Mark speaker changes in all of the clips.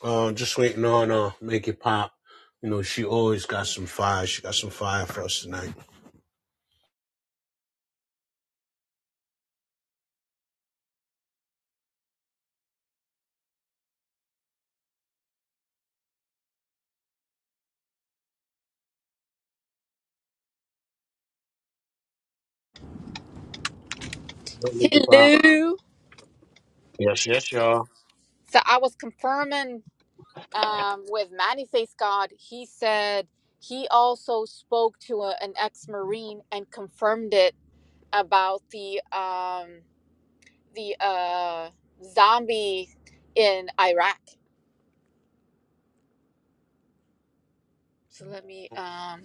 Speaker 1: Uh, just waiting on uh, make it pop. You know, she always got some fire. She got some fire for us tonight.
Speaker 2: Hello.
Speaker 1: Yeah.
Speaker 2: So I was confirming um, with Manny Face God. He said he also spoke to a, an ex Marine and confirmed it about the um, the uh, zombie in Iraq. So let me. Um,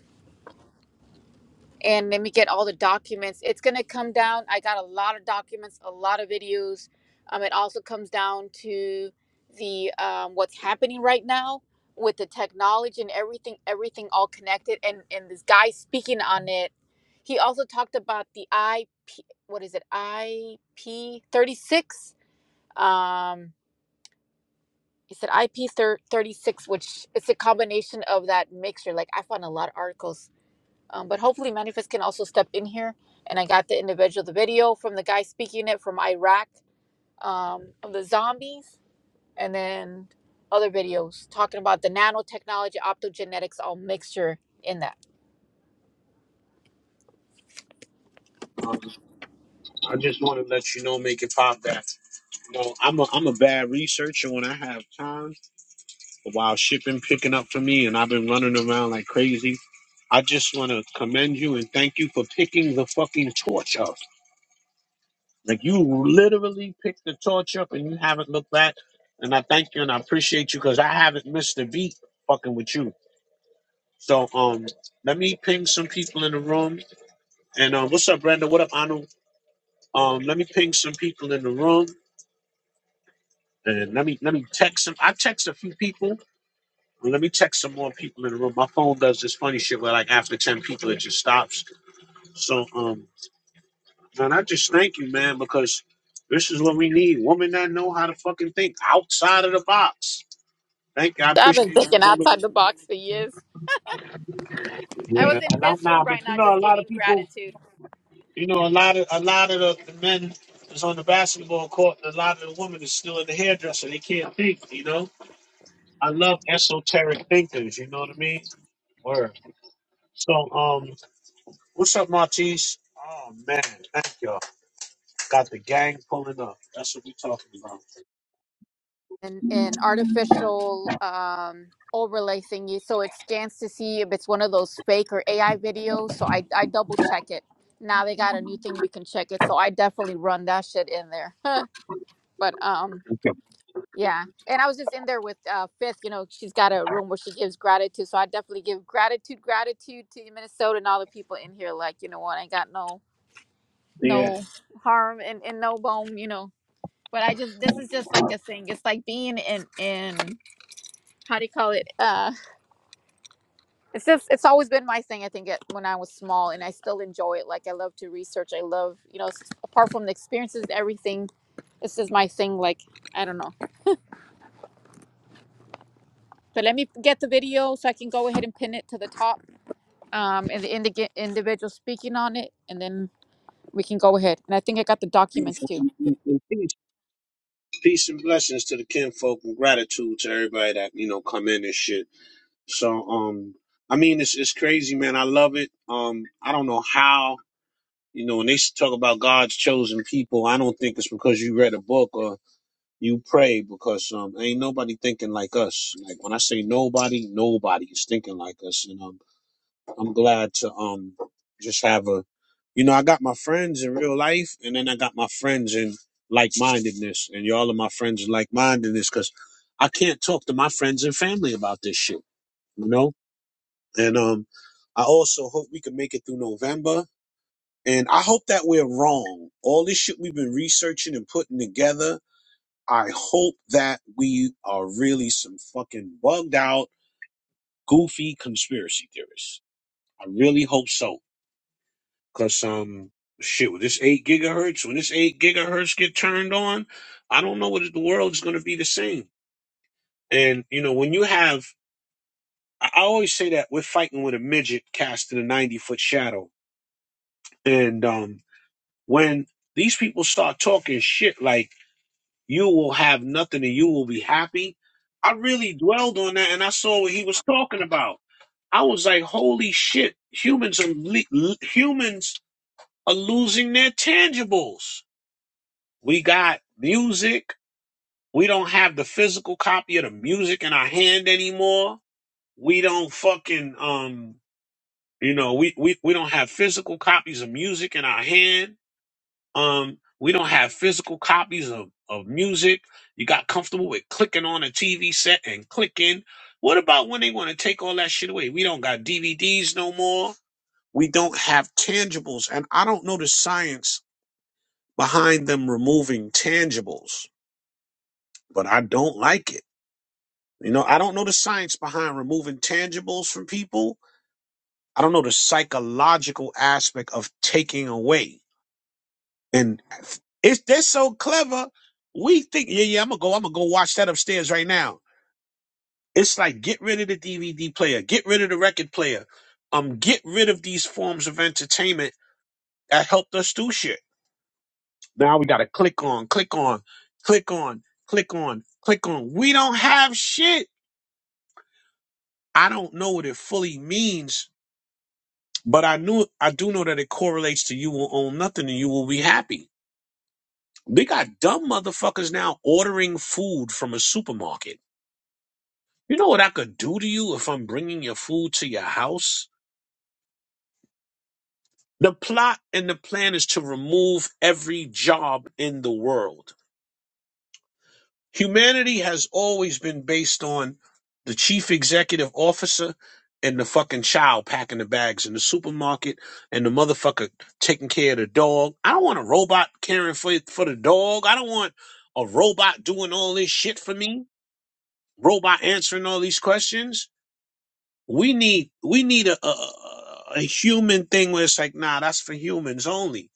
Speaker 2: and let me get all the documents. It's gonna come down. I got a lot of documents, a lot of videos. Um, it also comes down to the um, what's happening right now with the technology and everything, everything all connected. And and this guy speaking on it, he also talked about the IP. What is it? IP thirty six. Um, he said IP thirty six, which it's a combination of that mixture. Like I found a lot of articles um, but hopefully, Manifest can also step in here. And I got the individual, the video from the guy speaking it from Iraq, um, of the zombies, and then other videos talking about the nanotechnology, optogenetics, all mixture in that.
Speaker 1: Um, I just want to let you know, make it pop that. You know, I'm a I'm a bad researcher when I have time. While shipping picking up for me, and I've been running around like crazy. I just want to commend you and thank you for picking the fucking torch up. Like you literally picked the torch up and you haven't looked back. And I thank you and I appreciate you because I haven't missed a beat fucking with you. So um let me ping some people in the room. And um what's up, Brenda? What up, Anu? Um let me ping some people in the room and let me let me text some I text a few people. and Let me text some more people in the room. My phone does this funny shit where like after ten people it just stops. So um man, I just thank you, man, because this is what we need. Women that know how to fucking think outside of the box Thank you. I
Speaker 2: So I've been
Speaker 1: appreciate you.
Speaker 2: thinking outside the box for years. I was
Speaker 1: Yeah.
Speaker 2: in
Speaker 1: A lot
Speaker 2: Fist Room
Speaker 1: now, but
Speaker 2: right
Speaker 1: you
Speaker 2: now
Speaker 1: know, a
Speaker 2: just
Speaker 1: lot of
Speaker 2: giving
Speaker 1: people,
Speaker 2: gratitude.
Speaker 1: you know, a lot of a lot of the, the men is on the basketball court, and a lot of the women is still in the hairdresser. They can't think, you know. I love esoteric thinkers. You know what I mean? Word. So, um, what's up, Martise? Oh man, thank y'all. Got the gang pulling up. That's what we talking about.
Speaker 2: An and artificial um, overlay thingy, so it scans to see if it's one of those fake or AI videos. So I, I double check it. Now they got a new thing you can check it, so I definitely run that shit in there. but um,
Speaker 1: Okay.
Speaker 2: yeah, and I was just in there with uh, Fifth. You know, she's got a room where she gives gratitude, so I definitely give gratitude, gratitude to Minnesota and all the people in here. Like, you know what? I got no
Speaker 1: Yeah,
Speaker 2: no harm and and no bone. You know, but I just this is just like a thing. It's like being in in how do you call it? Uh, it's just, it's always been my thing. I think it, when I was small, and I still enjoy it. Like I love to research. I love you know, s- apart from the experiences, everything. This is my thing. Like I don't know, but let me get the video so I can go ahead and pin it to the top. Um, and the indi- individual speaking on it, and then we can go ahead. And I think I got the documents
Speaker 1: beautiful.
Speaker 2: too.
Speaker 1: Peace, peace and blessings to the kinfolk, and gratitude to everybody that you know come in and shit. So um I mean it's it's crazy, man. I love it. Um I don't know how, you know, when they talk about God's chosen people, I don't think it's because you read a book or you pray because um ain't nobody thinking like us. Like when I say nobody, nobody is thinking like us. And um I'm glad to um just have a you know, I got my friends in real life and then I got my friends in like mindedness and y'all are my friends in like mindedness because I can't talk to my friends and family about this shit. You know? And um, I also hope we can make it through November. And I hope that we're wrong. All this shit we've been researching and putting together, I hope that we are really some fucking bugged out, goofy conspiracy theorists. I really hope so. Cause um shit, with this eight gigahertz, when this eight gigahertz get turned on, I don't know whether the world's gonna be the same. And you know, when you have I I always say that we're fighting with a midget casting a ninety foot shadow. And um When these people start talking shit like you will have nothing and you will be happy, I really dwelled on that and I saw what he was talking about. I was like, holy shit, humans are le- l- humans are losing their tangibles. We got music. We don't have the physical copy of the music in our hand anymore. We don't fucking um, you know, we we, we don't have physical copies of music in our hand Um, we don't have physical copies of, of music. You got comfortable with clicking on a TV set and clicking. What about when they want to take all that shit away? We don't got DVDs no more. We don't have tangibles. And I don't know the science behind them removing tangibles, but I don't like it. You know, I don't know the science behind removing tangibles from people. I don't know the psychological aspect of taking away. And it's they're so clever. We think, yeah, yeah, I'm gonna go, I'm gonna go watch that upstairs right now. It's like get rid of the DVD player, get rid of the record player, um, get rid of these forms of entertainment that helped us do shit. Now we gotta click on, click on, click on, click on, click on. We don't have shit. I don't know what it fully means, but I knew I do know that it correlates to you will own nothing and you will be happy. We got dumb motherfuckers now ordering food from a supermarket You know what I could do to you if I'm bringing your food to your house? The plot and the plan is to remove every job in the world. Humanity has always been based on the chief executive officer and the fucking child packing the bags in the supermarket and the motherfucker taking care of the dog. I don't want a robot caring for for the dog. I don't want a robot doing all this shit for me. Robot answering all these questions. we need we need a, a a human thing where it's like nah that's for humans only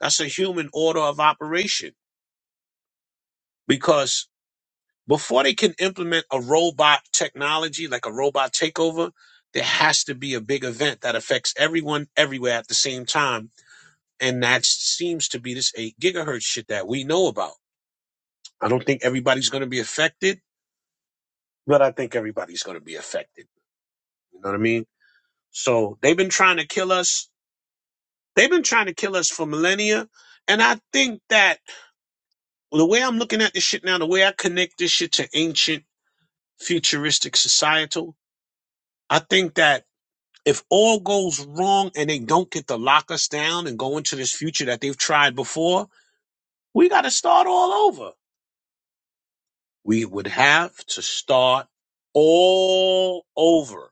Speaker 1: that's a human order of operation because before they can implement a robot technology like a robot takeover there has to be a big event that affects everyone everywhere at the same time and that seems to be this 8 gigahertz shit that we know about i don't think everybody's going to be affected but i think everybody's going to be affected you know what i mean so they've been trying to kill us They've been trying to kill us for millennia. And I think that the way I'm looking at this shit now, the way I connect this shit to ancient futuristic societal, I think that if all goes wrong and they don't get to lock us down and go into this future that they've tried before, we got to start all over. We would have to start all over.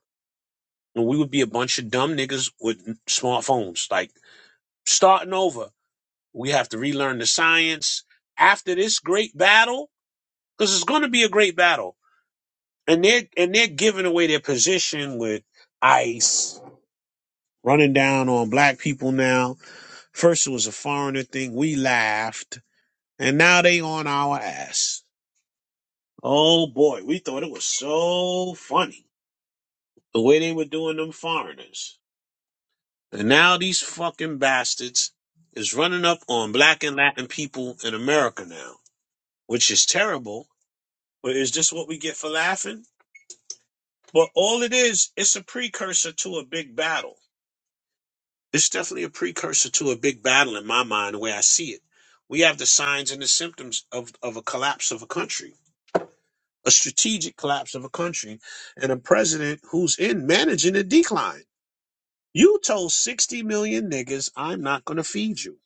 Speaker 1: And we would be a bunch of dumb niggas with smartphones, like starting over. We have to relearn the science. After this great battle, because it's going to be a great battle. And they're and they're giving away their position with ICE running down on black people now. First it was a foreigner thing, we laughed, and now they on our ass. Oh boy, we thought it was so funny the way they were doing them foreigners, and now these fucking bastards is running up on black and Latin people in America now, which is terrible. But is this what we get for laughing? But all it is, it's a precursor to a big battle. It's definitely a precursor to a big battle in my mind, the way I see it. We have the signs and the symptoms of, of a collapse of a country, a strategic collapse of a country, and a president who's in managing a decline. You told 60 million niggas, I'm not going to feed you.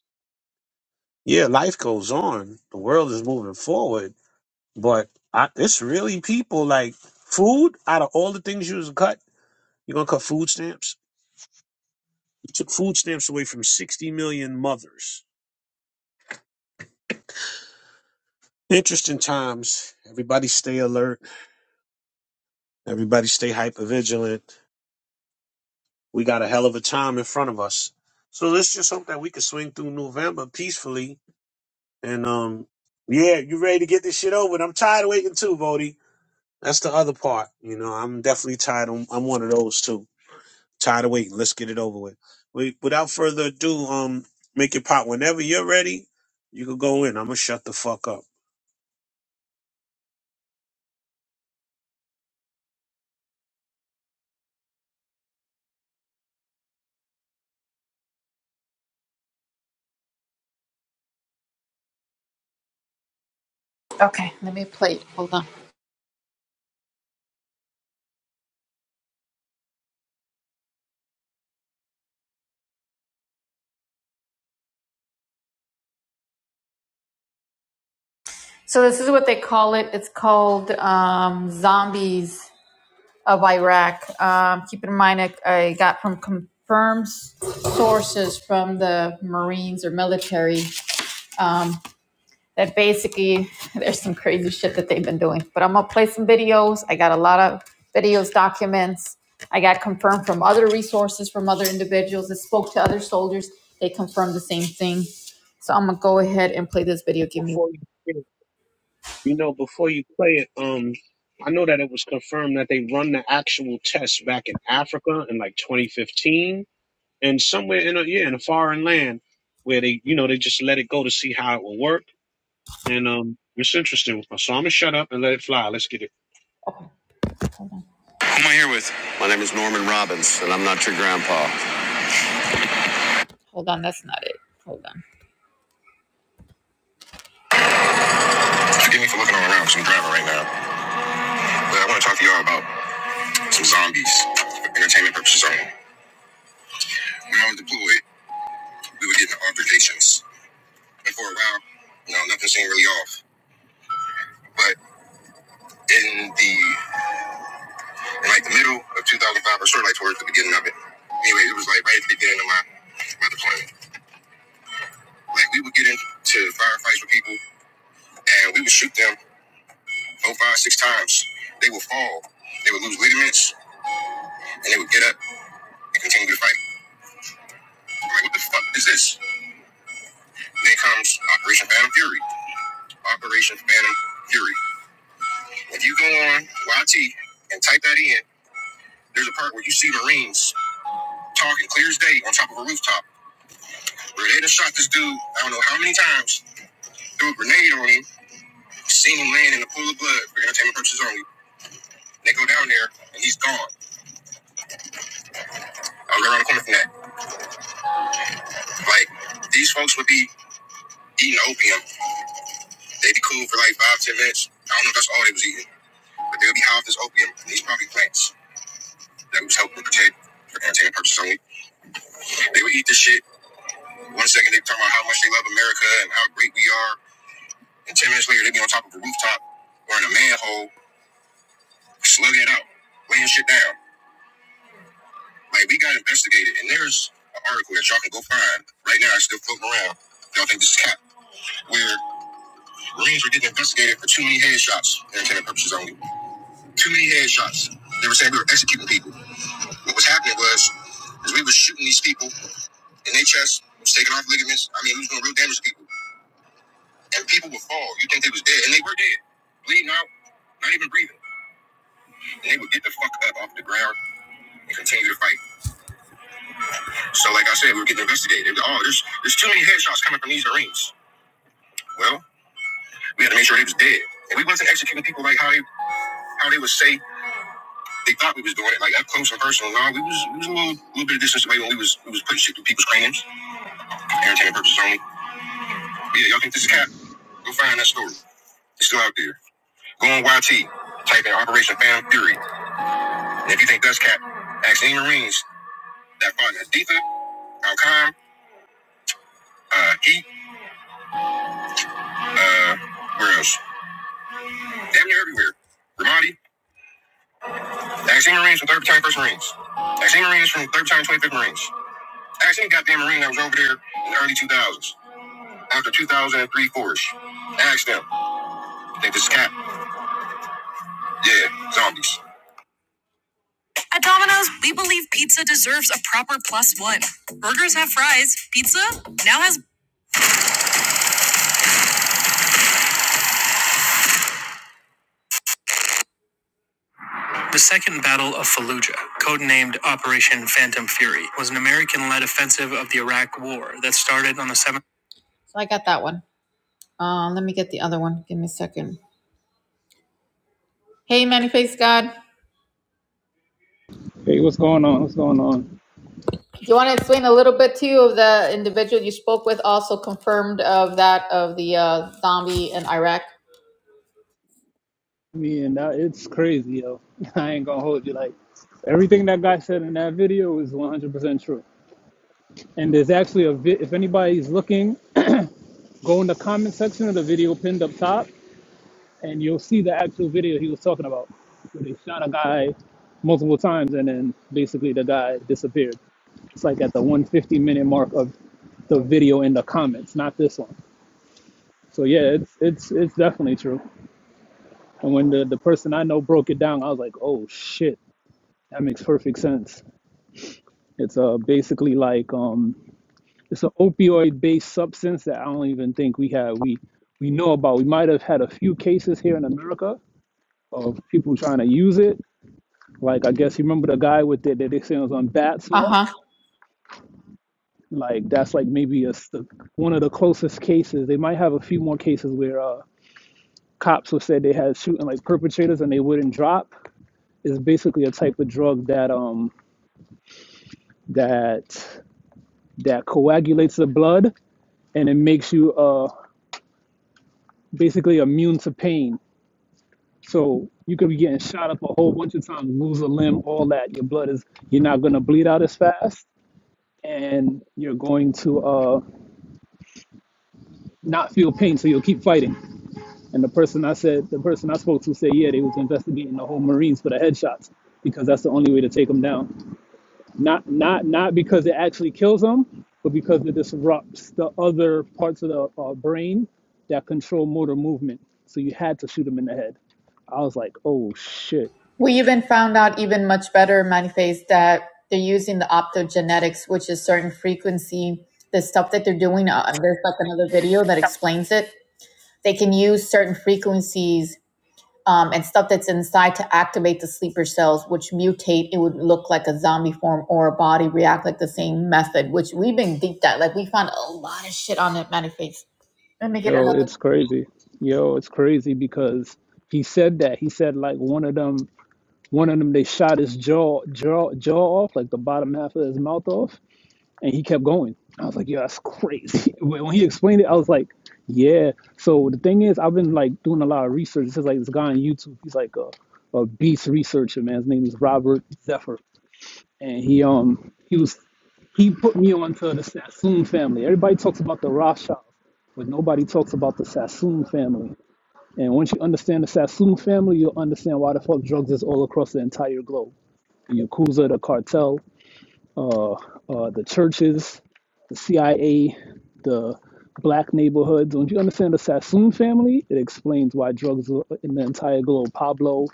Speaker 1: Yeah, life goes on. The world is moving forward, but I, it's really people like food out of all the things you was cut, you're going to cut food stamps? It took food stamps away from 60 million mothers. Interesting times. Everybody stay alert. Everybody stay hypervigilant. We got a hell of a time in front of us. So let's just hope that we can swing through November peacefully. And um, yeah, you ready to get this shit over? And I'm tired of waiting too, Vody. That's the other part. You know, I'm definitely tired. I'm, I'm one of those too. Tired of waiting. Let's get it over with. We, without further ado, um, make it pop. Whenever you're ready, you can go in. I'm gonna shut the fuck up.
Speaker 2: Okay. Let me play. it. Hold on. So this is what they call it. It's called um, zombies. of Iraq. Um, keep in mind, I, I got from confirmed sources from the Marines or military um, that basically there's some crazy shit that they've been doing. But I'm gonna play some videos. I got a lot of videos, documents. I got confirmed from other resources, from other individuals that spoke to other soldiers. They confirmed the same thing. So I'm gonna go ahead and play this video. Give me.
Speaker 1: Before you, you know, before you play it, um, I know that it was confirmed that they run the actual test back in Africa in like 2015. and somewhere in a yeah in a foreign land where they you know they just let it go to see how it will work and um it's interesting so i'm gonna shut up and let it fly let's get it
Speaker 2: Okay, hold on. Who am I here with? My name is Norman Robbins, and I'm not your grandpa. Hold on, that's not it. Hold on. Forgive me for looking all around because I'm driving right now. But I want to talk to y'all about some zombies for entertainment purposes only. When I was deployed, we were getting altercations. And for a while, you know, nothing seemed really off. But in the, in like the middle of 2005, or sort of like towards the beginning of it, anyway, it was like right at the beginning of my, my deployment. Like we would get into firefights with people and we would shoot them four, five, six times. They would fall, they would lose ligaments, and they would get up and continue to fight. What the fuck is this? Then comes Operation Phantom Fury. Operation Phantom Fury. If you go on YT and type that in, there's a part where you see Marines talking clear as day on top of a rooftop. Where they done shot this dude, I don't know how many times, threw a grenade on him, seen him laying in a pool of blood for entertainment purposes only. They go down there and he's gone. I was around the corner from that. Like, these folks would be eating opium. They'd be cool for like five, ten minutes. I don't know if that's all they was eating, but they would be high off this opium and these probably plants. that was helping protect for entertainment purposes only. They would eat this shit. One second they talking about how much they love America and how great we are, and ten minutes later they be on top of a rooftop or in a manhole slugging it out, laying shit down. Like we got investigated, and there's an article that y'all can go find right now. It's still floating around. Y'all think this is cap? Where Marines were getting investigated for too many headshots, for entertainment purposes only. Too many headshots. They were saying we were executing people. What was happening was, is we were shooting these people in their chest, was taking off ligaments. I mean, we was doing real damage to people. And people would fall. You think they was dead, and they were dead, bleeding out, not even breathing. And they would get the fuck up off the ground and continue to fight. So, like I said, we were getting investigated. Oh, there's there's too many headshots coming from these Marines. Well, we had to make sure they was dead, and we wasn't executing people like how they how they would say they thought we was doing it, like up close and personal. No, we was we was a little, little bit of distance away when we was we was putting shit through people's craniums, entertainment purposes only. But yeah, y'all think this is cap? Go find that story. It's still out there. Go on YT. Type in Operation Fan Fury. And if you think that's cap, ask any Marines that fought in Aditha, Al-Qam, uh, Heat, uh, where else? Damn near everywhere. Ramadi. Ask any Marines from 3rd Battalion 1st Marines. Ask any Marines from 3rd Battalion 25th Marines. Ask any goddamn Marine that was over there in the early 2000s. After 2003 force. Ask them. Think this is cap? Yeah, zombies. At Domino's, we believe pizza deserves a proper plus one. Burgers have fries. Pizza now has The Second Battle of Fallujah, codenamed Operation Phantom Fury, was an American-led offensive of the Iraq War that started on the 7th. So I got that one. Um, let me get the other one. Give me a second. Hey, Manny God.
Speaker 3: Hey, what's going on? What's going on?
Speaker 2: Do you want to explain a little bit to you of the individual you spoke with, also confirmed of that of the uh, zombie in Iraq?
Speaker 3: Man, that, it's crazy, yo. I ain't gonna hold you. Like everything that guy said in that video is 100% true. And there's actually a vi- if anybody's looking, go in the comment section of the video pinned up top, and you'll see the actual video he was talking about. Where they shot a guy multiple times, and then basically the guy disappeared. It's like at the 150 minute mark of the video in the comments, not this one. So yeah, it's it's it's definitely true. And when the, the person I know broke it down, I was like, oh shit, that makes perfect sense. It's uh basically like um it's an opioid based substance that I don't even think we have we we know about. We might have had a few cases here in America of people trying to use it. Like I guess you remember the guy with the, that they say was on bat
Speaker 2: Uh huh.
Speaker 3: salts. Like that's like maybe a s- one of the closest cases. They might have a few more cases where uh cops have said they had shooting like perpetrators and they wouldn't drop. It's basically a type of drug that um that that coagulates the blood and it makes you uh, basically immune to pain. So you could be getting shot up a whole bunch of times, lose a limb, all that. Your blood is you're not gonna bleed out as fast, and you're going to uh, not feel pain, so you'll keep fighting. And the person I said, the person I spoke to said, yeah, they was investigating the whole Marines for the headshots because that's the only way to take them down. Not not not because it actually kills them, but because it disrupts the other parts of the uh, brain that control motor movement. So you had to shoot him in the head. I was like, oh shit,
Speaker 2: We even found out even much better, Manifest, that they're using the optogenetics, which is certain frequency. The stuff that they're doing, uh, there's like another video that explains it. They can use certain frequencies um, and stuff that's inside to activate the sleeper cells, which mutate. It would look like a zombie form or a body react like the same method, which we've been deep dive. Like we found a lot of shit on that manifest. Let me get
Speaker 3: yo,
Speaker 2: another. one.
Speaker 3: it's crazy, yo, it's crazy because he said that he said like one of them, one of them they shot his jaw jaw jaw off, like the bottom half of his mouth off and he kept going. I was like, yeah, that's crazy. When when he explained it, I was like, yeah. So the thing is, I've been like doing a lot of research. This is like this guy on YouTube. He's like a, a beast researcher, man. His name is Robert Zephyr, and he um he was he put me on to the Sassoon family. Everybody talks about the Rothschilds, but nobody talks about the Sassoon family. And once you understand the Sassoon family, you'll understand why the fuck drugs is all across the entire globe. The Yakuza, the cartel, uh, the churches, the CIA, the black neighborhoods. When you understand the Sassoon family, it explains why drugs are in the entire globe. Pablo,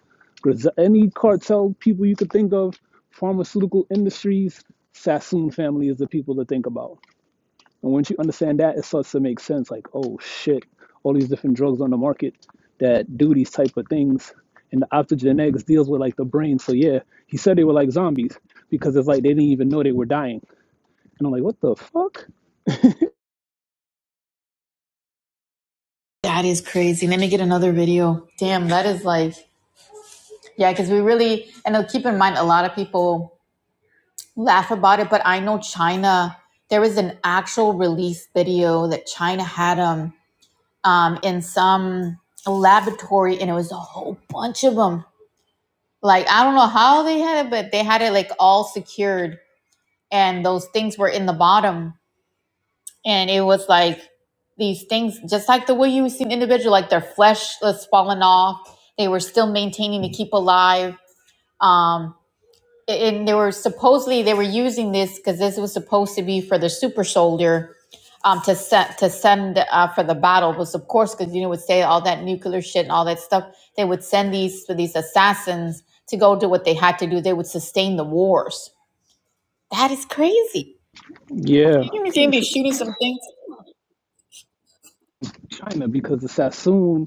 Speaker 3: any cartel people you could think of, pharmaceutical industries, Sassoon family is the people to think about. And once you understand that, it starts to make sense. Like, oh shit, all these different drugs on the market that do these type of things. And the optogenetics deals with like the brain. So yeah, he said they were like zombies because it's like they didn't even know they were dying and I'm like, what the fuck?
Speaker 2: That is crazy. Let me get another video. Damn, that is like, yeah, because we really, and uh, keep in mind, a lot of people laugh about it, but I know China, there was an actual release video that China had. Um, um, in some laboratory, and it was a whole bunch of them. Like I don't know how they had it, but they had it like all secured, and those things were in the bottom, and it was like these things, just like the way you see an individual, like their flesh was falling off. They were still maintaining to keep alive. Um, and they were supposedly they were using this because this was supposed to be for the super soldier um, to send to send uh, for the battle was of course because you know would say all that nuclear shit and all that stuff they would send these for these assassins to go do what they had to do they would sustain the wars that is crazy
Speaker 3: Yeah,
Speaker 2: you know Jamie
Speaker 3: it's
Speaker 2: shooting some things
Speaker 3: China because the Sassoon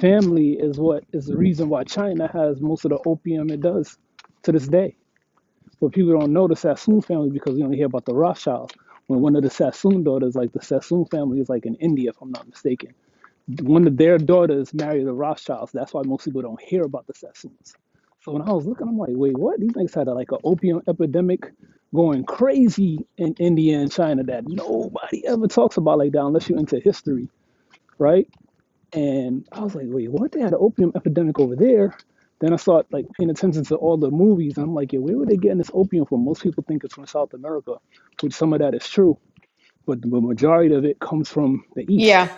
Speaker 3: family is what is the reason why China has most of the opium it does to this day. But people don't know the Sassoon family because we only hear about the Rothschilds. When one of the Sassoon daughters, like the Sassoon family, is like in India, if I'm not mistaken. one of their daughters married the Rothschilds. That's why most people don't hear about the Sassoons. So when I was looking, I'm like, wait, what? These things had a, like an opium epidemic going crazy in India and China that nobody ever talks about like that unless you're into history, right? And I was like, wait, what? They had an opium epidemic over there. Then I started like paying attention to all the movies. And I'm like, yeah, where were they getting this opium from? Most people think it's from South America, which some of that is true, but the majority of it comes from the East
Speaker 2: yeah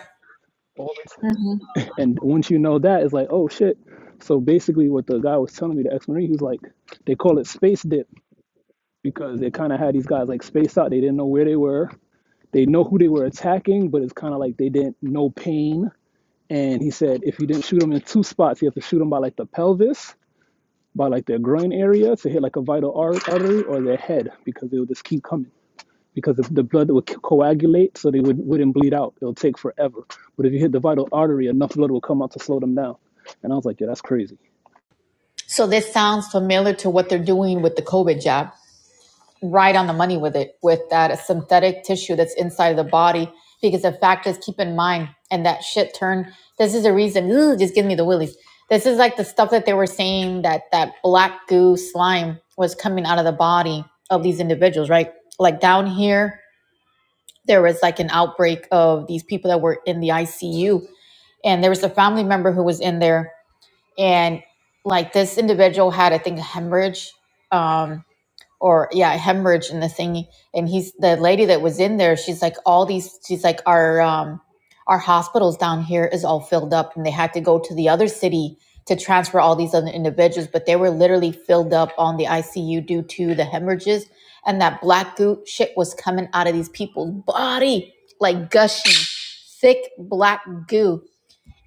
Speaker 3: All these
Speaker 2: hmm
Speaker 3: and once you know that, it's like, oh shit. So basically, what the guy was telling me, the ex Marine, he was like, they call it space dip because they kind of had these guys like spaced out. They didn't know where they were. They know who they were attacking, but it's kind of like they didn't know pain. And he said, if you didn't shoot them in two spots, you have to shoot them by like the pelvis, by like their groin area to hit like a vital artery or their head because they would just keep coming because the, the blood would coagulate so they would, wouldn't bleed out. It'll take forever. But if you hit the vital artery, enough blood will come out to slow them down. And I was like, yeah, that's crazy.
Speaker 2: so this sounds familiar to what they're doing with the COVID jab right on the money with it with that synthetic tissue that's inside of the body because the fact is keep in mind and that shit turn this is the reason ooh, just give me the willies this is like the stuff that they were saying that that black goo slime was coming out of the body of these individuals right like down here there was like an outbreak of these people that were in the icu and there was a family member who was in there and like this individual had i think a hemorrhage Um, or yeah, hemorrhage and the thing. And he's the lady that was in there. She's like, all these. She's like, our um, our hospitals down here is all filled up, and they had to go to the other city to transfer all these other individuals. But they were literally filled up on the ICU due to the hemorrhages, and that black goo shit was coming out of these people's body like gushing, thick black goo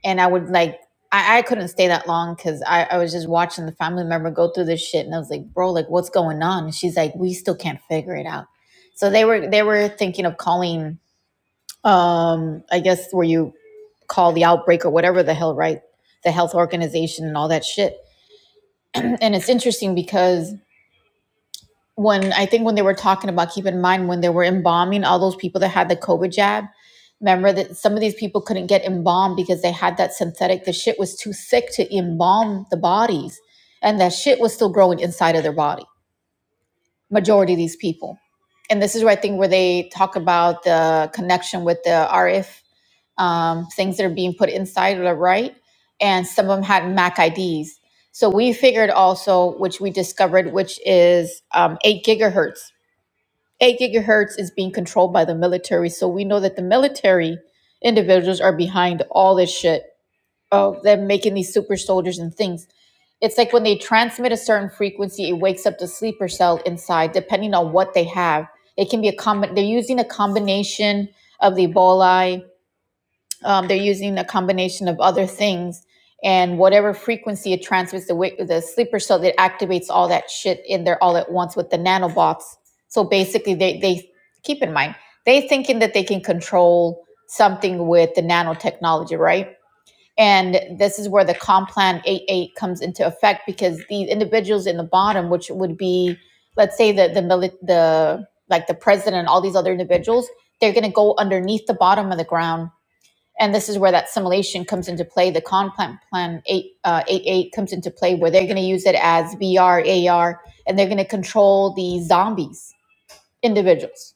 Speaker 2: and I would like I, I couldn't stay that long because I, I was just watching the family member go through this shit and I was like, bro, like what's going on? And she's like, we still can't figure it out. So they were they were thinking of calling um I guess where you call the outbreak or whatever the hell, right? The health organization and all that shit. and it's interesting because when I think when they were talking about keep in mind when they were embalming all those people that had the COVID jab. Remember that some of these people couldn't get embalmed because they had that synthetic. The shit was too thick to embalm the bodies, and that shit was still growing inside of their body. Majority of these people, and this is where I think where they talk about the connection with the RF um, things that are being put inside of the right, and some of them had MAC IDs. So we figured also, which we discovered, which is um, eight gigahertz 8 gigahertz is being controlled by the military. So we know that the military individuals are behind all this shit of them making these super soldiers and things. It's like when they transmit a certain frequency, it wakes up the sleeper cell inside, depending on what they have. It can be a com- they're using a combination of the Ebola um, they're using a combination of other things and whatever frequency it transmits the, wake, the sleeper cell that activates all that shit in there all at once with the nanobots so basically they, they keep in mind they thinking that they can control something with the nanotechnology right and this is where the complan 88 comes into effect because these individuals in the bottom which would be let's say the the, the like the president all these other individuals they're going to go underneath the bottom of the ground and this is where that simulation comes into play. The con plan plan eight uh, eight eight comes into play, where they're going to use it as VR AR, and they're going to control the zombies individuals.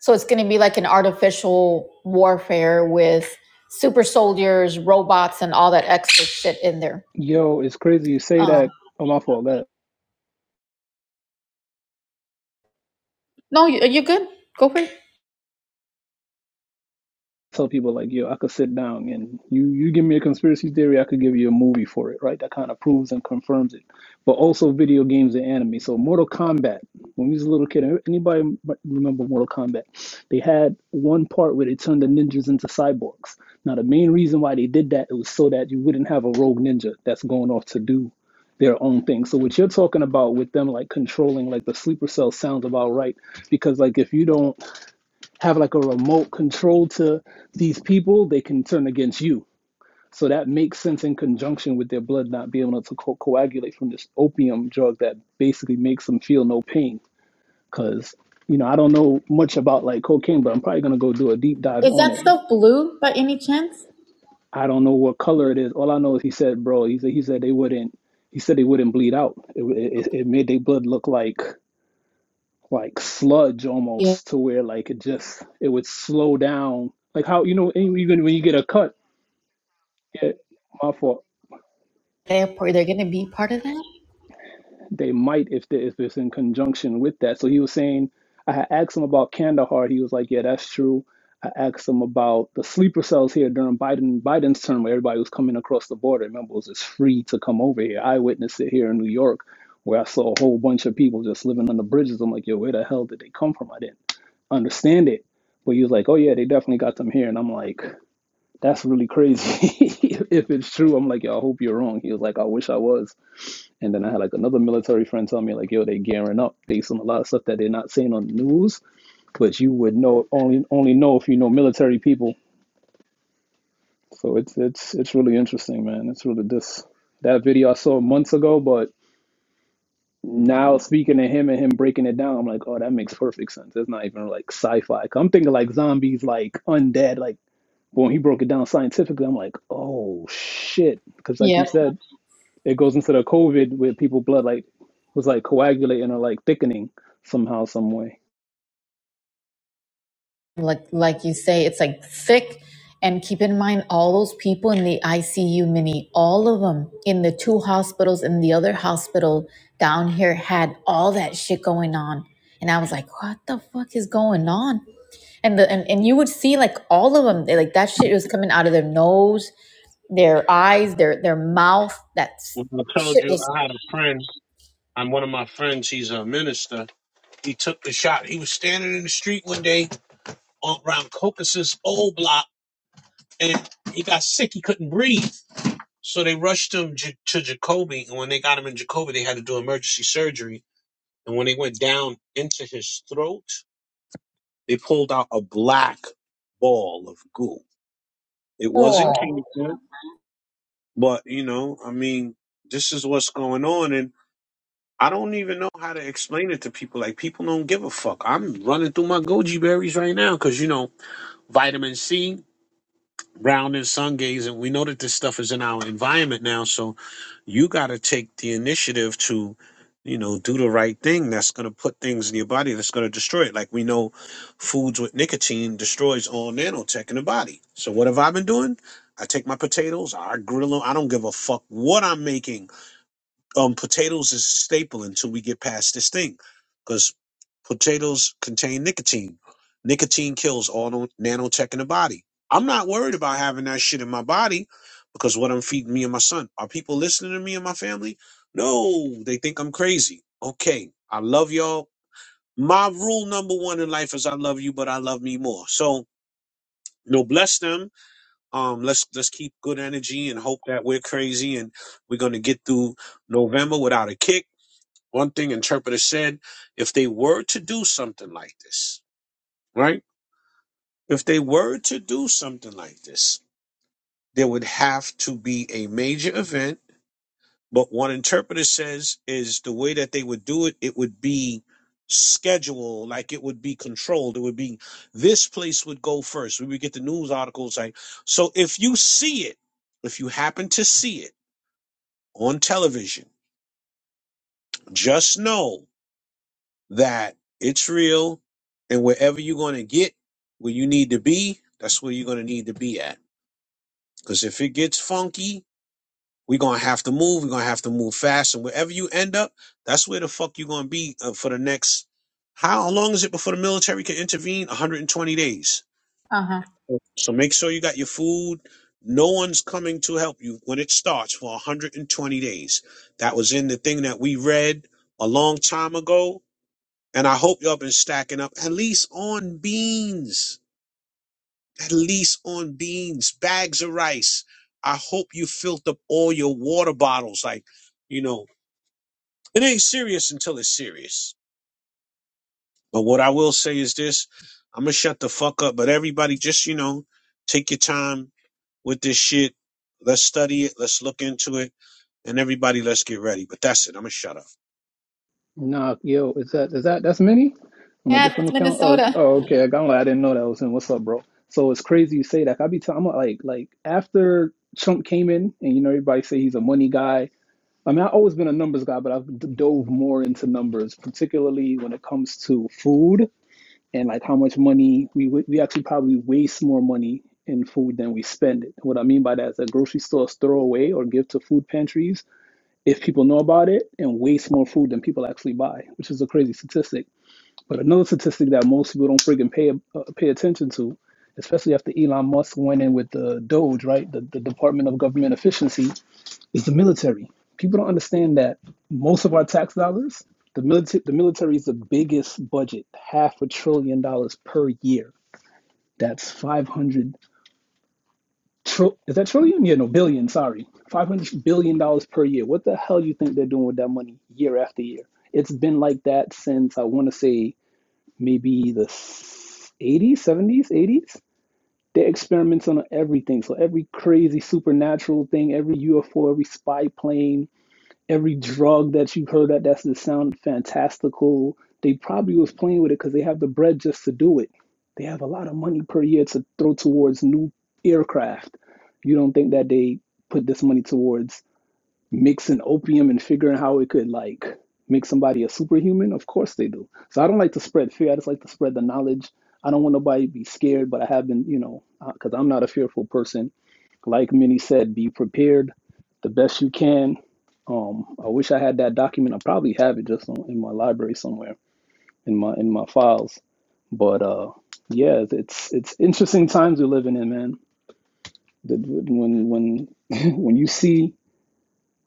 Speaker 2: So it's going to be like an artificial warfare with super soldiers, robots, and all that extra shit in there.
Speaker 3: Yo, it's crazy you say
Speaker 2: Uh,
Speaker 3: that. Oh, my fault. Go ahead.
Speaker 2: no, you, you're good. Go for it.
Speaker 3: tell people like, yo, I could sit down and you you give me a conspiracy theory, I could give you a movie for it, right? That kind of proves and confirms it. But also video games and anime. So Mortal Kombat. When we was a little kid, anybody m- remember Mortal Kombat? They had one part where they turned the ninjas into cyborgs. Now the main reason why they did that it was so that you wouldn't have a rogue ninja that's going off to do their own thing. So what you're talking about with them like controlling like the sleeper cell sounds about right because like if you don't have like a remote control to these people, they can turn against you. So that makes sense in conjunction with their blood not being able to co- coagulate from this opium drug that basically makes them feel no pain. Because, you know, I don't know much about like cocaine, but I'm probably going to go do a deep dive
Speaker 2: Is
Speaker 3: on
Speaker 2: that
Speaker 3: it.
Speaker 2: stuff blue by any chance?
Speaker 3: I don't know what color it is. All I know is he said, bro, he said, he said they wouldn't, he said they wouldn't bleed out. It, it, it made their blood look like like sludge
Speaker 2: Yeah,
Speaker 3: almost to where like it just it would slow down like how you know and even when you get a cut yeah, my fault
Speaker 2: they're, they're going to be part of that.
Speaker 3: they might if they, if it's in conjunction with that so he was saying I had asked him about Kandahar he was like yeah that's true I asked him about the sleeper cells here during Biden Biden's term where everybody was coming across the border remember it was just free to come over here I witnessed it here in New York where I saw a whole bunch of people just living on the bridges I'm like yo where the hell did they come from I didn't understand it. But he was like, oh yeah, they definitely got them here. And I'm like, that's really crazy. if it's true, I'm like, yo, I hope you're wrong. He was like, I wish I was. And then I had like another military friend tell me like, yo, they gearing up based on a lot of stuff that they're not saying on the news, but you would know only only know if you know military people. So it's it's it's really interesting, man. It's really this that video I saw months ago, but now speaking to him and him breaking it down, I'm like, oh, that makes perfect sense. It's not even like sci-fi. I'm thinking like zombies, like undead, like when he broke it down scientifically, I'm like, oh shit, because like you
Speaker 2: Yep.
Speaker 3: said, it goes into the COVID where people blood like was like coagulating or like thickening somehow, some way.
Speaker 2: like like you say it's like thick and keep in mind all those people in the ICU mini all of them in the two hospitals and the other hospital down here had all that shit going on and I was like what the fuck is going on and the and, and you would see like all of them they like that shit was coming out of their nose their eyes their their mouth that s-
Speaker 1: when i told
Speaker 2: shit
Speaker 1: you
Speaker 2: was
Speaker 1: i had a friend I'm one of my friends he's a minister he took the shot he was standing in the street one day on around caucasus old block and he got sick he couldn't breathe so they rushed him J- to jacoby and when they got him in jacoby they had to do emergency surgery and when they went down into his throat They pulled out a black ball of goo. It wasn't
Speaker 2: oh
Speaker 1: cancer, but you know, I mean, this is what's going on, and I don't even know how to explain it to people. Like people don't give a fuck. I'm running through my goji berries right now because you know vitamin C, brown and sun gaze, and we know that this stuff is in our environment now. So you got to take the initiative to you know do the right thing that's going to put things in your body that's going to destroy it like we know foods with nicotine destroys all nanotech in the body so what have i been doing i take my potatoes i grill them i don't give a fuck what i'm making um potatoes is a staple until we get past this thing because potatoes contain nicotine nicotine kills all no- nanotech in the body i'm not worried about having that shit in my body because what i'm feeding me and my son are people listening to me and my family no they think i'm crazy okay i love y'all my rule number one in life is i love you but i love me more so you know bless them um let's let's keep good energy and hope that we're crazy and we're gonna get through november without a kick one thing interpreter said, if they were to do something like this, right? If they were to do something like this, there would have to be a major event. But one interpreter says is the way that they would do it, it would be scheduled, like it would be controlled. It would be this place would go first. We would get the news articles like so if you see it, if you happen to see it on television, just know that it's real and wherever you're going to get where you need to be, that's where you're going to need to be at. Because if it gets funky, we're going to have to move. We're going to have to move fast. And wherever you end up, that's where the fuck you're going to be uh, for the next. How long is it before the military can intervene? 120 days.
Speaker 2: uh-huh
Speaker 1: So make sure you got your food. No one's coming to help you when it starts for 120 days. That was in the thing that we read a long time ago and I hope y'all been stacking up at least on beans, at least on beans, bags of rice. I hope you filled up all your water bottles. Like, you know, it ain't serious until it's serious. But what I will say is this I'm going to shut the fuck up. But everybody, just, you know, take your time with this shit. Let's study it. Let's look into it. And everybody, let's get ready. But that's it. I'm going to shut up.
Speaker 3: Nah, yo, is that is that that's many on a
Speaker 2: yeah
Speaker 3: different
Speaker 2: it's
Speaker 3: account? Oh,
Speaker 2: Minnesota
Speaker 3: oh okay, I got I didn't know that was in. What's up, bro? So it's crazy you say that. I be telling, I'm like like after Trump came in, and you know everybody say he's a money guy. I mean, I've always been a numbers guy, but I've d- dove more into numbers, particularly when it comes to food and like how much money we wa- we actually probably waste more money in food than we spend it. What I mean by that is that grocery stores throw away or give to food pantries if people know about it and waste more food than people actually buy, which is a crazy statistic. But another statistic that most people don't friggin' pay uh, pay attention to, especially after Elon Musk went in with the Doge, right, the, the Department of Government Efficiency, is the military. People don't understand that most of our tax dollars, the military, the military is the biggest budget, half a trillion dollars per year. That's 500 is that trillion? Yeah, no, billion, sorry. 500 billion dollars per year. What the hell do you think they're doing with that money year after year? It's been like that since I want to say maybe the 80s, 70s, 80s. They experiment on everything. So every crazy supernatural thing, every UFO, every spy plane, every drug that you've heard that that's gonna sound fantastical. They probably was playing with it because they have the bread just to do it. They have a lot of money per year to throw towards new aircraft. You don't think that they put this money towards mixing opium and figuring how it could like make somebody a superhuman? Of course they do. So I don't like to spread fear. I just like to spread the knowledge. I don't want nobody to be scared, but I have been, you know, because I'm not a fearful person like Minnie said, be prepared the best you can. Um, I wish I had that document. I probably have it just on, in my library somewhere in my in my files. But uh, yeah, it's it's interesting times we're living in, man. The- When when when you see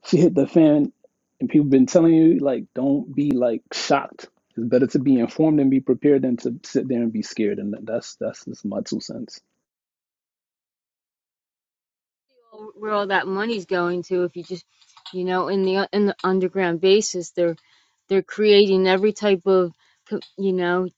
Speaker 3: she hit the fan, and people been telling you like, don't be like shocked. It's better to be informed and be prepared than to sit there and be scared. And that's that's just my two cents.
Speaker 4: where all that money's going to if you just you know in the in the underground basis they're they're creating every type of you know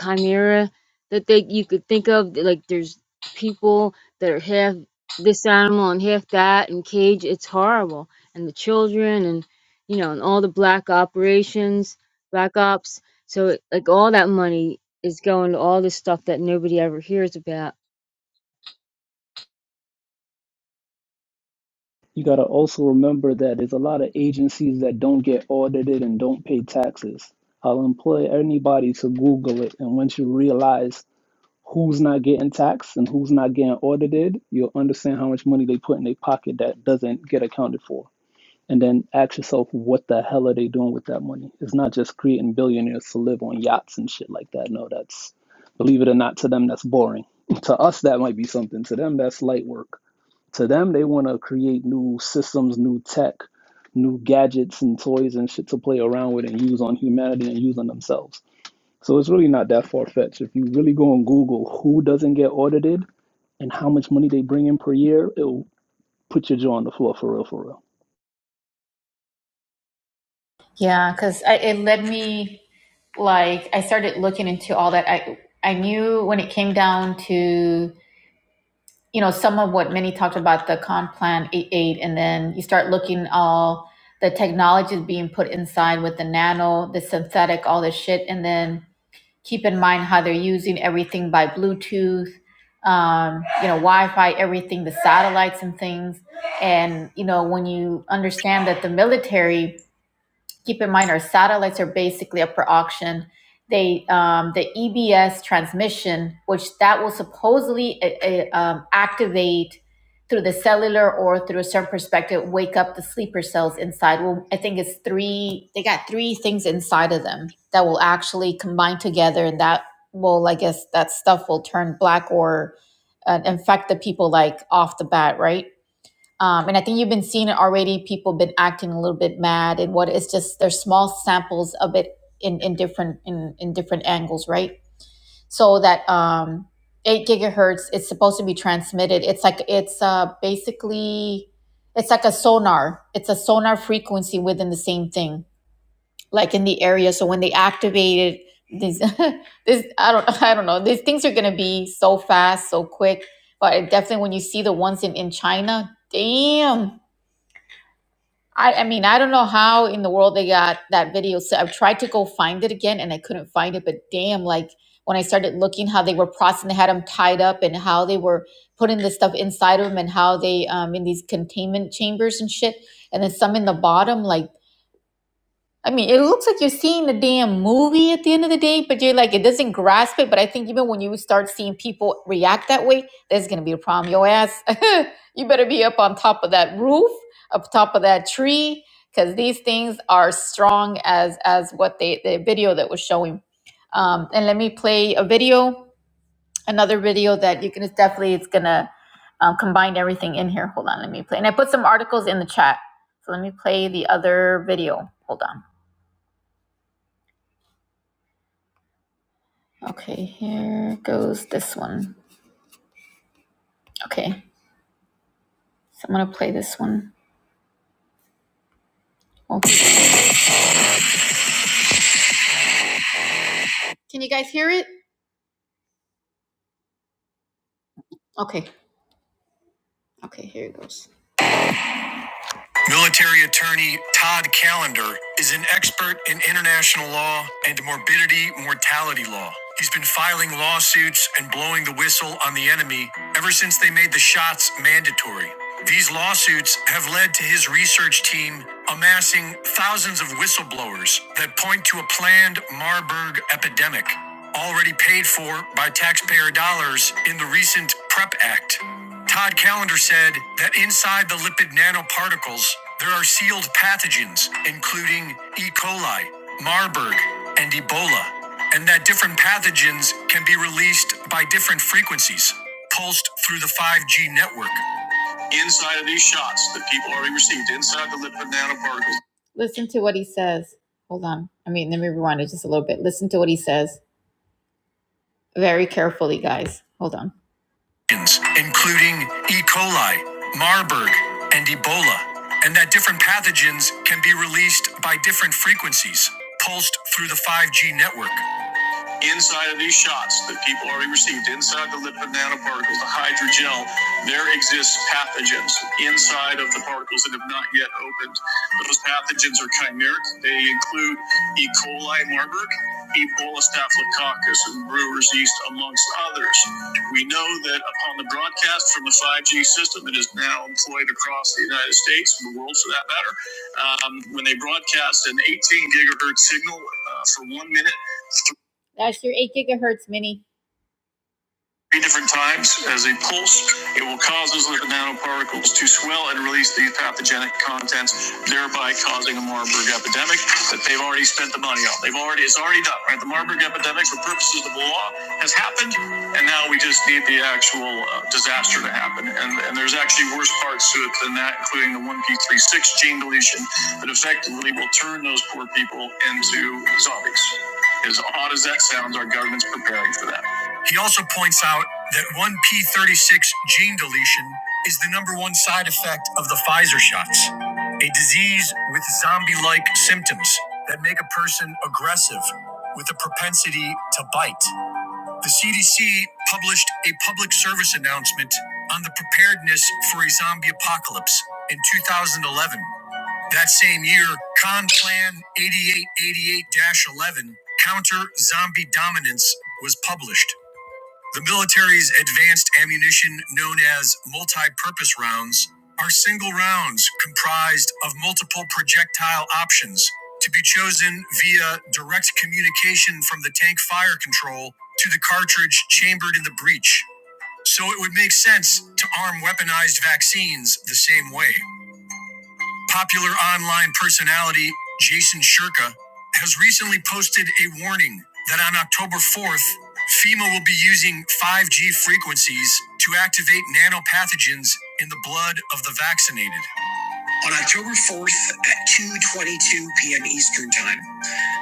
Speaker 4: chimera that they you could think of like there's people that are half this animal and half that and cage it's horrible and the children and you know and all the black operations black ops so it, like all that money is going to all this stuff that nobody ever hears about
Speaker 3: you got to also remember that there's a lot of agencies that don't get audited and don't pay taxes. I'll employ anybody to Google it, and once you realize who's not getting taxed and who's not getting audited, you'll understand how much money they put in their pocket that doesn't get accounted for. And then ask yourself, what the hell are they doing with that money? It's not just creating billionaires to live on yachts and shit like that. No, that's, believe it or not, to them, that's boring. To us, that might be something. To them, that's light work. To them, they want to create new systems, new tech, new gadgets and toys and shit to play around with and use on humanity and use on themselves. So it's really not that far fetched. If you really go on Google who doesn't get audited and how much money they bring in per year, it'll put your jaw on the floor for real, for real.
Speaker 2: Yeah, because it led me, like, I started looking into all that. I I knew when it came down to, you know, some of what Minnie talked about, the comp plan Eight, eight, and then you start looking all the technologies being put inside with the nano, the synthetic, all this shit, and then keep in mind how they're using everything by Bluetooth, um, you know, Wi-Fi, everything, the satellites and things. And, you know, when you understand that the military– keep in mind our satellites are basically up for auction. They um, the EBS transmission, which that will supposedly uh, uh, um, activate through the cellular or through a certain perspective, wake up the sleeper cells inside. Well, I think it's three. They got three things inside of them that will actually combine together, and that will, I guess, that stuff will turn black or uh, infect the people like off the bat, right? Um, and I think you've been seeing it already. People been acting a little bit mad, and what it's just there's small samples of it in in different in in different angles, right? So that um, eight gigahertz, it's supposed to be transmitted. It's like it's uh, basically it's like a sonar. It's a sonar frequency within the same thing, like in the area. So when they activate it, these this I don't I don't know. These things are gonna be so fast, so quick. But definitely when you see the ones in in China, damn I, I mean, I don't know how in the world they got that video. So I've tried to go find it again and I couldn't find it. But damn, like when I started looking how they were processing, they had them tied up and how they were putting this stuff inside of them and how they um in these containment chambers and shit. And then some in the bottom, like I mean, it looks like you're seeing a damn movie at the end of the day, but you're like, it doesn't grasp it. But I think even when you start seeing people react that way, that's going to be a problem. Your ass, you better be up on top of that roof, up top of that tree, because these things are strong as as what they the video that was showing. Um, and let me play a video, another video that you can it's definitely it's gonna um, combine everything in here. Hold on, let me play. And I put some articles in the chat, so let me play the other video. Hold on. Okay, here goes this one. Okay, so I'm gonna play this one. Okay. Can you guys hear it? Okay, okay, here it goes. Military attorney Todd Callender is an expert in international law and morbidity mortality law. He's been filing lawsuits and blowing the whistle on the enemy ever since they made the shots mandatory. These lawsuits have led to his research team amassing thousands of whistleblowers that point to a planned Marburg epidemic already paid for by taxpayer dollars in the recent PrEP Act. Todd Callender said that inside the lipid nanoparticles, there are sealed pathogens, including E. coli, Marburg, and Ebola, and that different pathogens can be released by different frequencies, pulsed through the 5G network. Listen to what he says. Hold on. I mean, let me rewind it just a little bit. Listen to what he says very carefully, guys. Hold on. including E. coli, Marburg, and Ebola, and that different pathogens can be released by different frequencies, pulsed through the 5G network. Inside of these shots that people already received, inside the lipid nanoparticles, the hydrogel, there exists pathogens inside of the particles that have not yet opened. Those pathogens are chimeric. They include E. coli, Marburg, Ebola, Staphylococcus, and Brewer's yeast, amongst others. We know that upon the broadcast from the 5G system that is now employed across the United States and the world, for that matter, um, when they broadcast an 18 gigahertz signal uh, for one minute. That's your 8 gigahertz mini three different times as a pulse. It will cause those lipid nanoparticles to swell and release these pathogenic contents, thereby causing a Marburg epidemic that they've already spent the money on. They've already, it's already done, right? The Marburg epidemic, for purposes of the law, has happened, and now we just need the actual uh, disaster to happen. And, and there's actually worse parts to it than that, including the 1p36 gene deletion that effectively will turn those poor people into zombies. As odd as that sounds, our government's preparing for that. He also points out that one P36 gene deletion is the number one side effect of the Pfizer shots, a disease with zombie like symptoms that make a person aggressive with a propensity to bite. The CDC published a public service announcement on the preparedness for a zombie apocalypse in 2011. That same year, Con Plan 8888 11, Counter Zombie Dominance, was published. The military's advanced ammunition, known as multi purpose rounds, are single rounds comprised of multiple projectile options to be chosen via direct communication from the tank fire control to the cartridge chambered in the breech. So it would make sense to arm weaponized vaccines the same way. Popular online personality Jason Shirka has recently posted a warning that on October 4th, FEMA will be using 5G frequencies to activate nanopathogens in the blood of the vaccinated. On October 4th at 2:22 p.m. Eastern Time,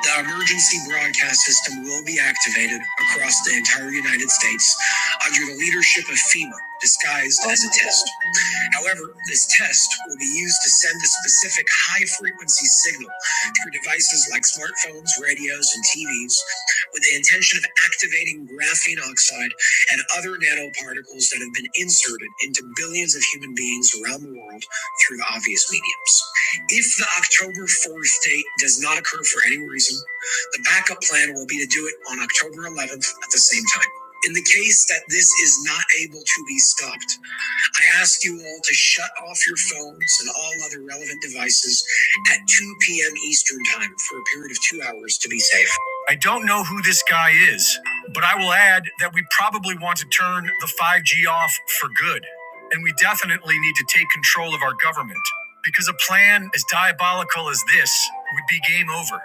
Speaker 2: the emergency broadcast system will be activated across the entire United States under the leadership of FEMA, disguised as a test. However, this test will be used to send a specific high frequency signal through devices like smartphones, radios, and TVs with the intention of activating graphene oxide and other nanoparticles that have been inserted into billions of human beings around the world through the obvious mediums. If the October 4th date does not occur for any reason, the backup plan will be to do it on October 11th at the same time. In the case that this is not able to be stopped, I ask you all to shut off your phones and all other relevant devices at 2 p.m. Eastern Time for a period of two hours to be safe. I don't know who this guy is, but I will add that we probably want to turn the 5G off for good. And we definitely need to take control of our government, because a plan as diabolical as this would be game over.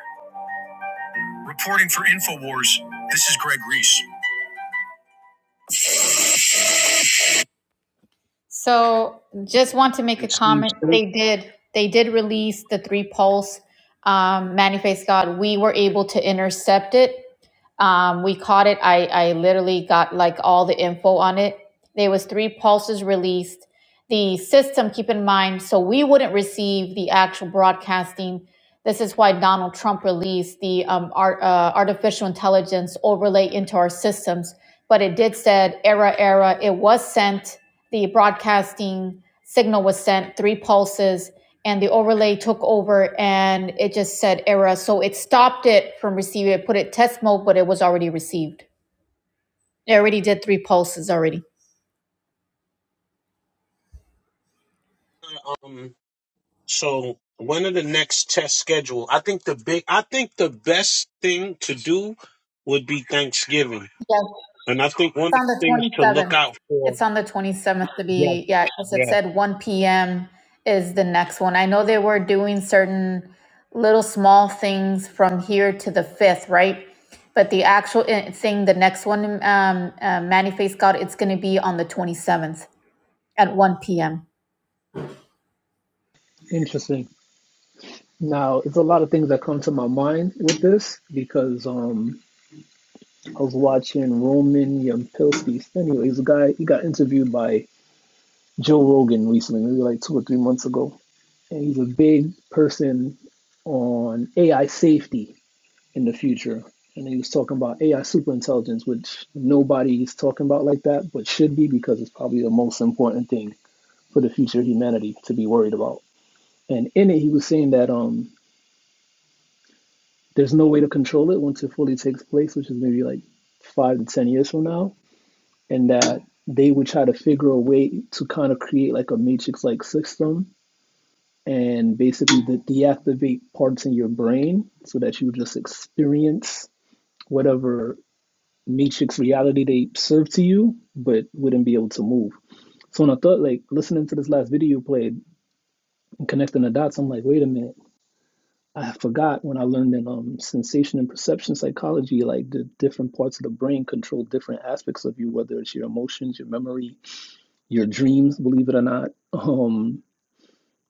Speaker 2: Reporting for InfoWars, this is Greg Reese. So just want to make a
Speaker 1: And see
Speaker 2: comment.
Speaker 1: you
Speaker 2: They did. They did release the three pulse um, manifest God. We were able to intercept it um, we caught it. I, I literally got like all the info on it. There was three pulses released. The system, keep in mind, so we wouldn't receive the actual broadcasting. This is why Donald Trump released the um, art, uh, artificial intelligence overlay into our systems. But it did said error, error. It was sent. The broadcasting signal was sent three pulses and the overlay took over and it just said error. So it stopped it from receiving. It put it test mode, but it was already received. It already did three pulses already.
Speaker 1: soon. So when are the next test scheduled? I think the big, I think the best thing to do would be Thanksgiving,
Speaker 2: Yes,
Speaker 1: and I think one
Speaker 2: it's
Speaker 1: of
Speaker 2: on
Speaker 1: the
Speaker 2: the
Speaker 1: things
Speaker 2: twenty
Speaker 1: to look
Speaker 2: seventh.
Speaker 1: out for.
Speaker 2: It's on the twenty seventh to
Speaker 1: Yes,
Speaker 2: be yeah, because it
Speaker 1: yes.
Speaker 2: said one p.m. is the next one. I know they were doing certain little small things from here to the fifth, right? But the actual eh, thing, the next one, um, uh, Manny Face God, it's going to be on the twenty seventh at one p.m.
Speaker 3: Interesting. Now, it's a lot of things that come to my mind with this because um, I was watching Roman Yampilsky. Anyways, he's a guy, he got interviewed by Joe Rogan recently, maybe like two or three months ago. and he's a big person on AI safety in the future. And he was talking about AI superintelligence, which nobody is talking about like that, but should be because it's probably the most important thing for the future of humanity to be worried about. And in it, he was saying that um, there's no way to control it once it fully takes place, which is maybe like five to 10 years from now. And that they would try to figure a way to kind of create like a matrix like system and basically to deactivate parts in your brain so that you just experience whatever matrix reality they serve to you, but wouldn't be able to move. So when I thought like listening to this last video you played and connecting the dots, I'm like, wait a minute. I forgot when I learned in um, sensation and perception psychology, like the different parts of the brain control different aspects of you, whether it's your emotions, your memory, your dreams, believe it or not. Um,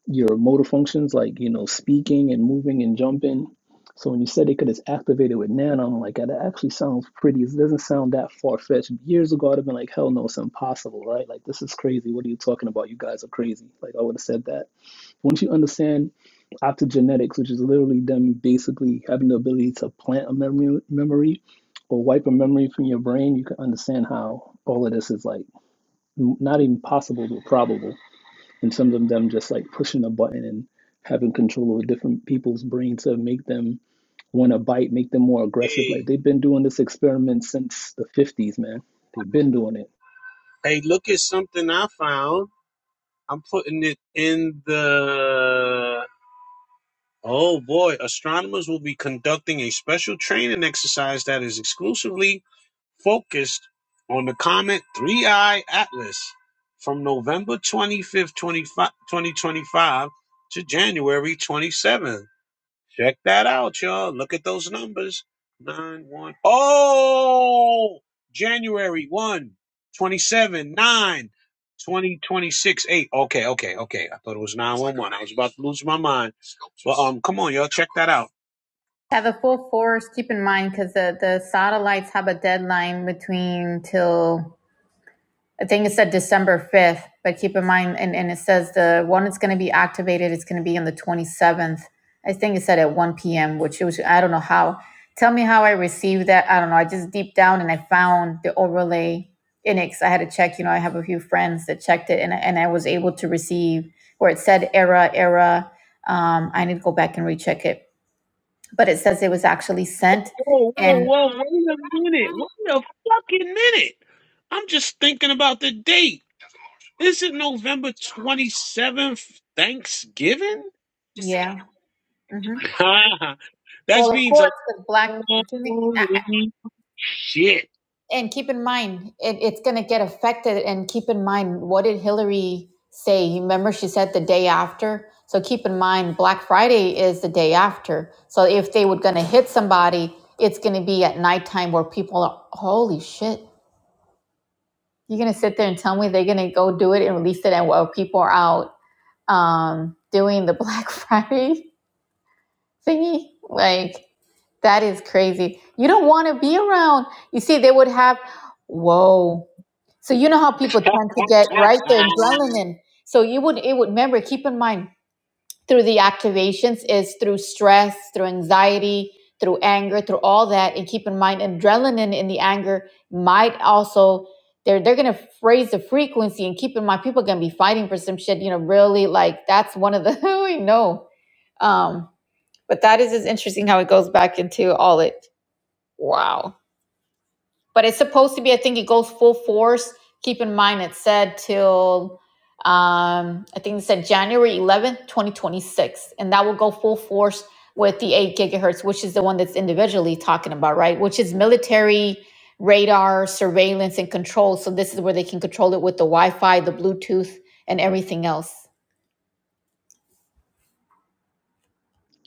Speaker 3: your motor functions like you know speaking and moving and jumping so when you said they could have activated with nano i'm like "Ah, that actually sounds pretty it doesn't sound that far-fetched years ago i'd have been like hell no it's impossible right like this is crazy what are you talking about you guys are crazy like i would have said that once you understand optogenetics which is literally them basically having the ability to plant a memory memory or wipe a memory from your brain you can understand how all of this is like not even possible but probable and some of them just like pushing a button and having control over different people's brains to make them want to bite, make them more aggressive. Like
Speaker 1: Hey,
Speaker 3: they've been doing this experiment since the 50s, man. They've been doing it.
Speaker 1: hey, look at something I found. I'm putting it in the. Oh boy, astronomers will be conducting a special training exercise that is exclusively focused on the comet Three I Atlas from November 25th, 25 2025 to January 27th. Check that out, y'all. Look at those numbers. 9, 1. Oh! January 1, 27, 9, twenty, twenty-six, 8. Okay, okay, okay. I thought it was 911. I was about to lose my mind. But um, come on, y'all. Check that out.
Speaker 2: have the full force. Keep in mind because the the satellites have a deadline between till I think it said December fifth. But keep in mind, and, and it says the one that's going to be activated is going to be on the twenty seventh. I think it said at one p.m., which it was I don't know how. Tell me how I received that. I don't know. I just deep down and I found the overlay in it 'cause I had to check. You know, I have a few friends that checked it, and and I was able to receive where it said era era. Um, I need to go back and recheck it but it says it was actually sent
Speaker 1: Whoa, whoa,
Speaker 2: and
Speaker 1: whoa, wait a minute. Wait a fucking minute. I'm just thinking about the date. Is it November 27th, Thanksgiving?
Speaker 2: yeah hmm
Speaker 1: that
Speaker 2: well of
Speaker 1: means a
Speaker 2: course because black
Speaker 1: holy shit.
Speaker 2: and keep in mind it, it's going to get affected and keep in mind what did hillary say You remember she said the day after so keep in mind black friday is the day after so if they were going to hit somebody it's going to be at nighttime where people are holy shit you're going to sit there and tell me they're going to go do it and release it and while people are out um, doing the black friday thingy like That is crazy. You don't want to be around. You see, they would have, whoa. So you know how people tend to get right there adrenaline. So you would it would remember, keep in mind, through the activations is through stress, through anxiety, through anger, through all that. And keep in mind adrenaline in the anger might also they're they're gonna raise the frequency and keep in mind people are gonna be fighting for some shit, you know, really like that's one of the we know. Um but that is just interesting how it goes back into all it. Wow. But it's supposed to be, I think it goes full force. Keep in mind, it said till, um, I think it said January 11th, 2026. And that will go full force with the 8 gigahertz, which is the one that's individually talking about, right? Which is military radar surveillance and control. So this is where they can control it with the Wi Fi, the Bluetooth, and everything else.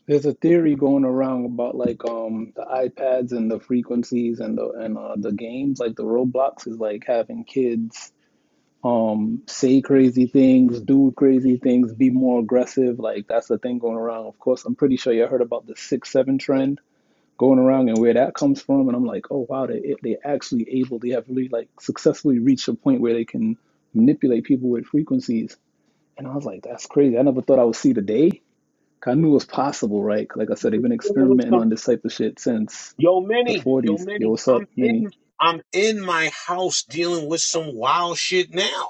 Speaker 3: There's a theory going around about like um the iPads and the frequencies and the and uh, the games like the Roblox is like having kids um say crazy things, do crazy things, be more aggressive. Like that's the thing going around. Of course, I'm pretty sure you heard about the six seven trend going around and where that comes from. And I'm like, oh wow, they they actually able, they have really like successfully reached a point where they can manipulate people with frequencies. And I was like, that's crazy. I never thought I would see the day. 'Cause I knew it was possible, right? 'Cause Like I said, they've been
Speaker 1: Dealing with
Speaker 3: experimenting
Speaker 1: some-
Speaker 3: on this type of shit since
Speaker 1: yo,
Speaker 3: the
Speaker 1: Minnie, yo,
Speaker 3: 40s. Yo,
Speaker 1: Minnie,
Speaker 3: what's up,
Speaker 1: I'm in,
Speaker 3: Minnie?
Speaker 1: I'm in my house dealing with some wild shit now.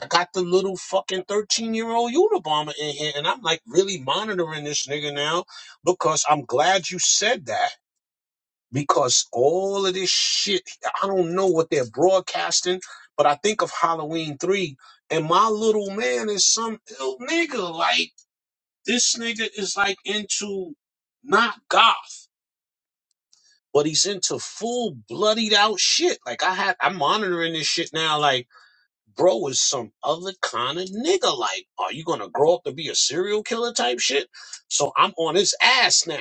Speaker 1: I got the little fucking 13 year old Unabomber in here, and I'm like really monitoring this nigga now because I'm glad you said that. Because all of this shit, I don't know what they're broadcasting, but I think of Halloween 3, and my little man is some ill nigga. Like, this nigga is like into not goth, but he's into full bloodied out shit. Like, I had, I'm monitoring this shit now. Like, bro is some other kind of nigga. Like, are you gonna grow up to be a serial killer type shit? So I'm on his ass now.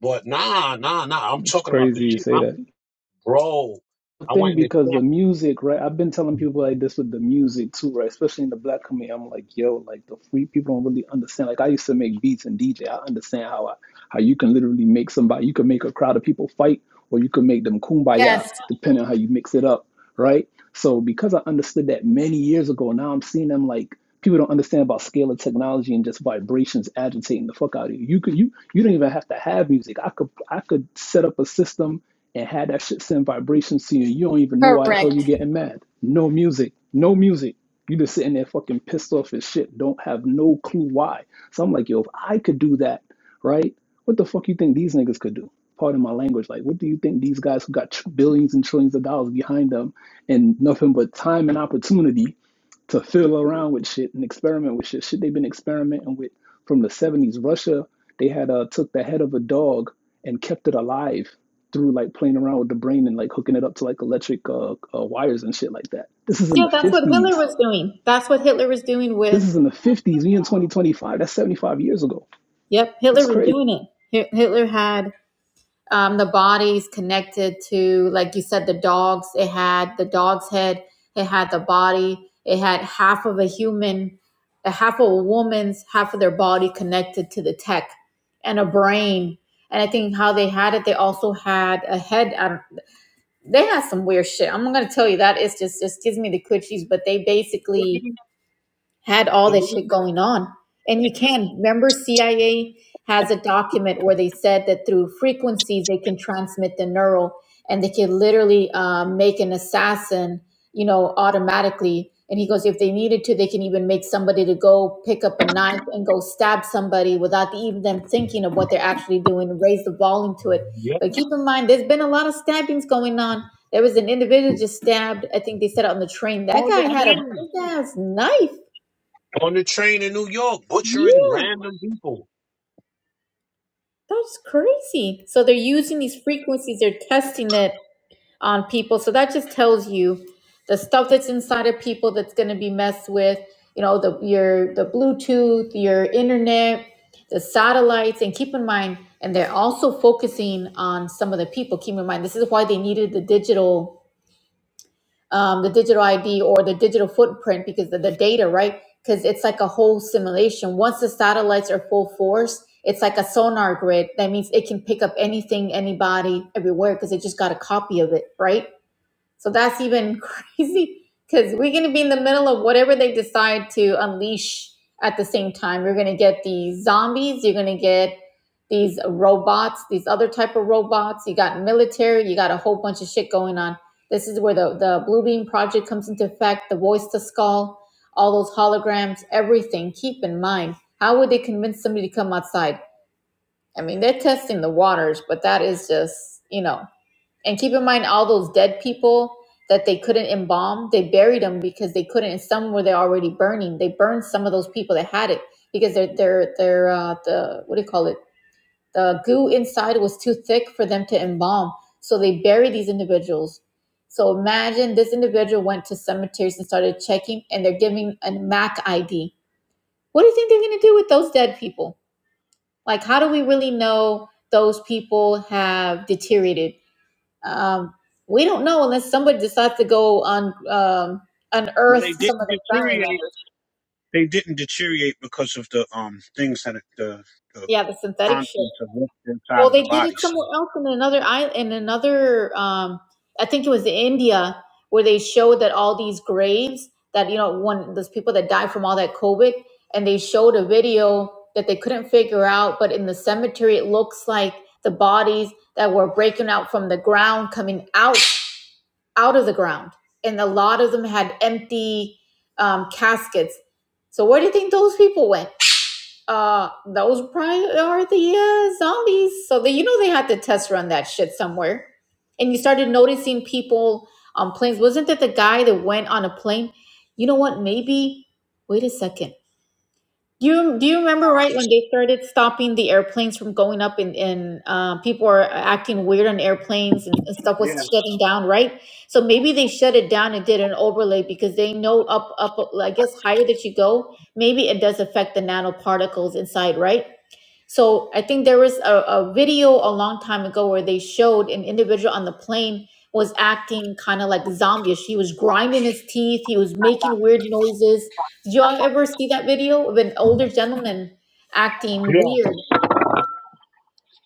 Speaker 1: But nah, nah, nah. I'm
Speaker 3: It's
Speaker 1: talking about the
Speaker 3: crazy you
Speaker 1: shit.
Speaker 3: say
Speaker 1: I'm
Speaker 3: that.
Speaker 1: bro. I
Speaker 3: thing
Speaker 1: went in the
Speaker 3: because the music, right? I've been telling people like this with the music too, right? Especially in the black community, I'm like, yo, like the free people don't really understand. Like I used to make beats and DJ. I understand how I, how you can literally make somebody, you can make a crowd of people fight, or you can make them kumbaya,
Speaker 2: Yes,
Speaker 3: depending on how you mix it up right? So because I understood that many years ago, now I'm seeing them like people don't understand about scale of technology and just vibrations agitating the fuck out of you. You could you you don't even have to have music. I could I could set up a system and have that shit send vibrations to you. You don't even know why the hell you are
Speaker 2: correct.
Speaker 3: getting mad. No music. No music. You just sitting there fucking pissed off as shit. Don't have no clue why. So I'm like, yo, if I could do that, right? What the fuck you think these niggas could do? Pardon my language. Like, what do you think these guys who got tr- billions and trillions of dollars behind them and nothing but time and opportunity to fiddle around with shit and experiment with shit? Shit they've been experimenting with from the 70s. Russia, they had uh, took the head of a dog and kept it alive through like playing around with the brain and like hooking it up to like electric uh, uh, wires and shit like that. This is in
Speaker 2: Yeah,
Speaker 3: the
Speaker 2: that's what Hitler
Speaker 3: 50s.
Speaker 2: was doing. That's what Hitler was doing with,
Speaker 3: This is in the 50s. We in 2025. That's 75 years ago.
Speaker 2: yep,
Speaker 3: That's
Speaker 2: Hitler was
Speaker 3: crazy.
Speaker 2: doing it. Hi- Hitler had um, the bodies connected to, like you said, the dogs. It had the dog's head. It had the body. It had half of a human, a half of a woman's, half of their body connected to the tech, and a brain. And I think how they had it, they also had a head. I They had some weird shit. I'm gonna tell you that it's just just gives me the coochies. But they basically
Speaker 1: movie,
Speaker 2: had all
Speaker 1: the
Speaker 2: this shit
Speaker 1: movie.
Speaker 2: going on. And you can remember CIA has a document where they said that through frequencies they can transmit the neural and they can literally um, make an assassin, you know, automatically. And he goes, if they needed to, they can even make somebody to go pick up a knife and go stab somebody without even them thinking of what they're actually doing, raise the volume to it.
Speaker 1: Yep.
Speaker 2: But keep in mind, there's been a lot of stabbings going on. There was an individual just stabbed. I think they said on the train. That
Speaker 1: On
Speaker 2: guy
Speaker 1: the
Speaker 2: had a
Speaker 1: train.
Speaker 2: big ass knife
Speaker 1: On the train in New York, butchering
Speaker 2: yeah,
Speaker 1: random people.
Speaker 2: that's crazy. So they're using these frequencies, they're testing it on people. So that just tells you the stuff that's inside of people that's going to be messed with, you know, the your the Bluetooth, your internet, the satellites, and keep in mind, and they're also focusing on some of the people. Keep in mind, this is why they needed the digital um, the digital ID or the digital footprint because of the data, right? Because it's like a whole simulation. Once the satellites are full force, it's like a sonar grid. That means it can pick up anything, anybody, everywhere because it just got a copy of it, right? So that's even crazy because we're going to be in the middle of whatever they decide to unleash at the same time. You're going to get these zombies, you're going to get these robots, these other type of robots. You got military, you got a whole bunch of shit going on. This is where the, the Blue Beam Project comes into effect, the voice to skull, all those holograms, everything. Keep in mind, how would they convince somebody to come outside? I mean, they're testing the waters, but that is just, you know, and keep in mind all those dead people that they couldn't embalm, they buried them because they couldn't. And some were they already burning. They burned some of those people that had it because their their their uh, the what do you call it? The goo inside was too thick for them to embalm. So they buried these individuals. So imagine this individual went to cemeteries and started checking, and they're giving a MAC ID. What do you think they're going to do with those dead people? Like, how do we really know those people have deteriorated? Um, we don't know unless somebody decides to go on um,
Speaker 1: Well, they
Speaker 2: unearth some
Speaker 1: didn't
Speaker 2: of their family
Speaker 1: deteriorate.
Speaker 2: members.
Speaker 1: They didn't deteriorate because of the um things that it- the the
Speaker 2: Yeah, the synthetic shit.
Speaker 1: contents of what's inside
Speaker 2: Well,
Speaker 1: of
Speaker 2: they
Speaker 1: the
Speaker 2: did it
Speaker 1: body. So
Speaker 2: somewhere else in another island, in another. Um, I think it was India where they showed that all these graves that you know one those people that died from all that COVID, and they showed a video that they couldn't figure out, but in the cemetery it looks like the bodies that were breaking out from the ground coming out out of the ground, and a lot of them had empty um, caskets. So where do you think those people went? Uh, those probably are the uh, zombies. So they, you know they had to test run that shit somewhere. And you started noticing people on planes. Wasn't that the guy that went on a plane? You know what? Maybe. Wait a second. Do you do you remember right when they started stopping the airplanes from going up and and uh, people are acting weird on airplanes and, and stuff was
Speaker 1: yeah,
Speaker 2: shutting down, right? So maybe they shut it down and did an overlay because they know up up I guess higher that you go, maybe it does affect the nanoparticles inside, right? So I think there was a, a video a long time ago where they showed an individual on the plane was acting kind of like zombie. He was grinding his teeth. He was making weird noises. Did y'all ever see that video of an older gentleman acting
Speaker 1: yeah,
Speaker 2: weird?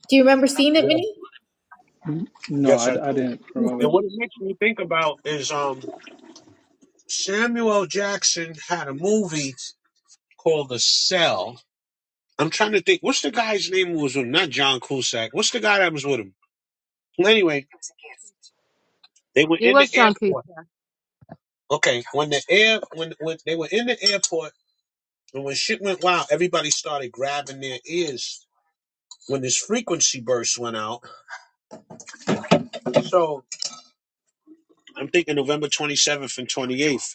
Speaker 2: Do you remember seeing it,
Speaker 1: yeah.
Speaker 2: Minnie?
Speaker 3: No,
Speaker 1: Yes,
Speaker 3: I,
Speaker 1: I
Speaker 3: I
Speaker 1: do.
Speaker 3: didn't remember
Speaker 1: And what it makes me think about is um Samuel Jackson had a movie called The Cell. I'm trying to think what's the guy's name who was with him? not John Cusack. What's the guy that was with him? Well, anyway, they were
Speaker 4: it
Speaker 1: in the
Speaker 4: was john Creed
Speaker 1: airport. Okay, when the air when when they were in the airport and when shit went wild, everybody started grabbing their ears when this frequency burst went out. So I'm thinking November 27th and 28th.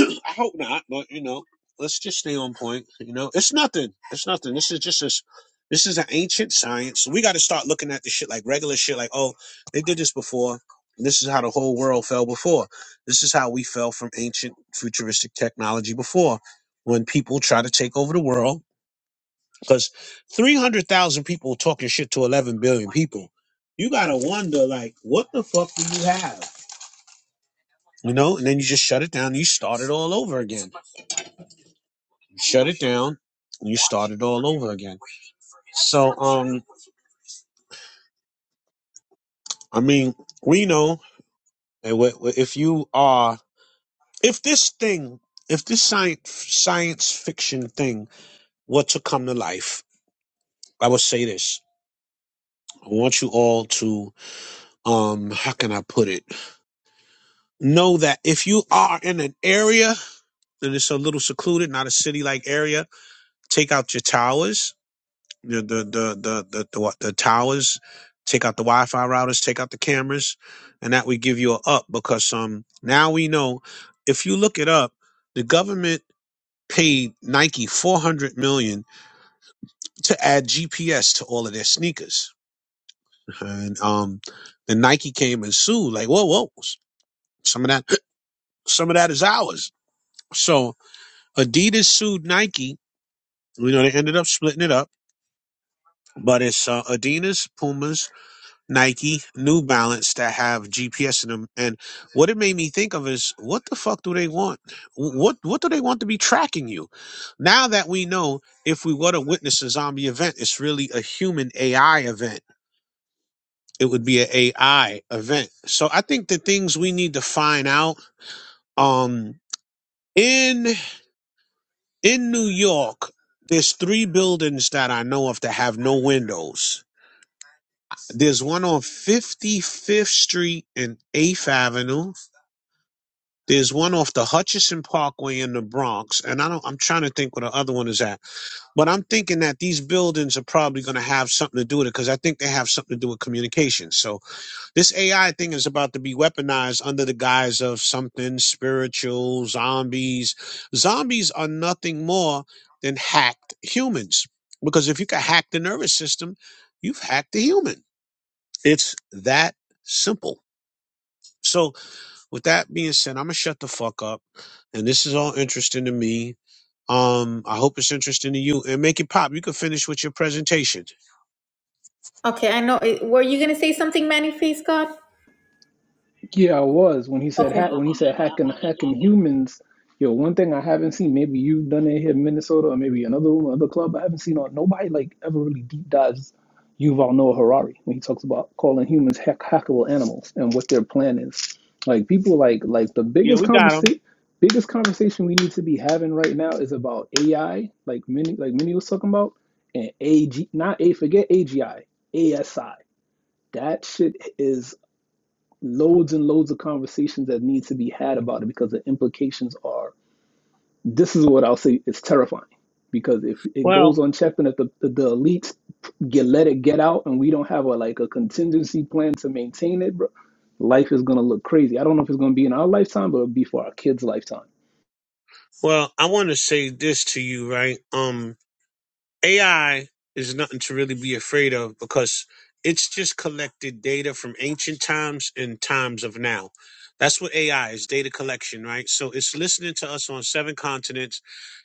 Speaker 1: I hope not, but you know, let's just stay on point. You know, it's nothing. It's nothing. This is just this. This is an ancient science. we got to start looking at the shit like regular shit. Like, oh, they did this before. This is how the whole world fell before. This is how we fell from ancient futuristic technology before, when people try to take over the world. Because three hundred thousand people talking shit to eleven billion people, you gotta wonder like, what the fuck do you have? You know, and then you just shut it down. you start it all over again shut it down and you start it all over again so um i mean we know if you are if this thing if this science science fiction thing were to come to life i would say this i want you all to um how can i put it know that if you are in an area and it's a little secluded not a city like area take out your towers the the the the the, the, wa- the towers, take out the Wi-Fi routers, take out the cameras, and that would give you a up because um now we know if you look it up, the government paid Nike four hundred million to add GPS to all of their sneakers, and um then Nike came and sued like whoa whoa some of that some of that is ours. So Adidas sued Nike. You know they ended up splitting it up, but it's uh, Adidas, Pumas, Nike, New Balance that have GPS in them. And what it made me think of is what the fuck do they want? Wh- What what do they want to be tracking you? Now that we know if we were to witness a zombie event, it's really a human AI event. It would be an AI event. So I think the things we need to find out um in in New York, there's three buildings that I know of that have no windows. There's one on 55th Street and 8th Avenue. There's one off the Hutchinson Parkway in the Bronx, and I don't. I'm trying to think where the other one is at, but I'm thinking that these buildings are probably going to have something to do with it because I think they have something to do with communication. So this AI thing is about to be weaponized under the guise of something spiritual, zombies. Zombies are nothing more than hacked humans because if you can hack the nervous system, you've hacked the human. It's that simple. So with that being said, I'm gonna shut the fuck up. And this is all interesting to me. Um, I hope it's interesting to you. And make it pop. You can finish with your presentation.
Speaker 2: Okay, I know. eh, Were you gonna say something, Manny Face God?
Speaker 3: Yeah, I was when he said
Speaker 2: Okay.
Speaker 3: ha- when he said hacking hacking humans. Yo, one thing I haven't seen, maybe you've done it here in Minnesota, or maybe another room, another club. I haven't seen on nobody like ever really deep dives Yuval Noah Harari when he talks about calling humans hack hackable animals and what their plan is. Like people like like the
Speaker 1: Yeah,
Speaker 3: biggest
Speaker 1: we got him.
Speaker 3: conversation biggest conversation we need to be having right now is about AI, like many like many was talking about, and AG not A forget AGI, ASI. That shit is loads and loads of conversations that need to be had about it because the implications are this is what I'll say it's terrifying because if it
Speaker 1: Well,
Speaker 3: goes unchecked and if the, the, the elites get let it get out and we don't have a like a contingency plan to maintain it bro life is gonna look crazy I don't know if it's gonna be in our lifetime but it'll be for our kids lifetime
Speaker 1: well, I want to say this to you, right? Um, AI is nothing to really be afraid of because it's just collected data from ancient times and times of now. That's what AI is data collection, right? So it's listening to us on seven continents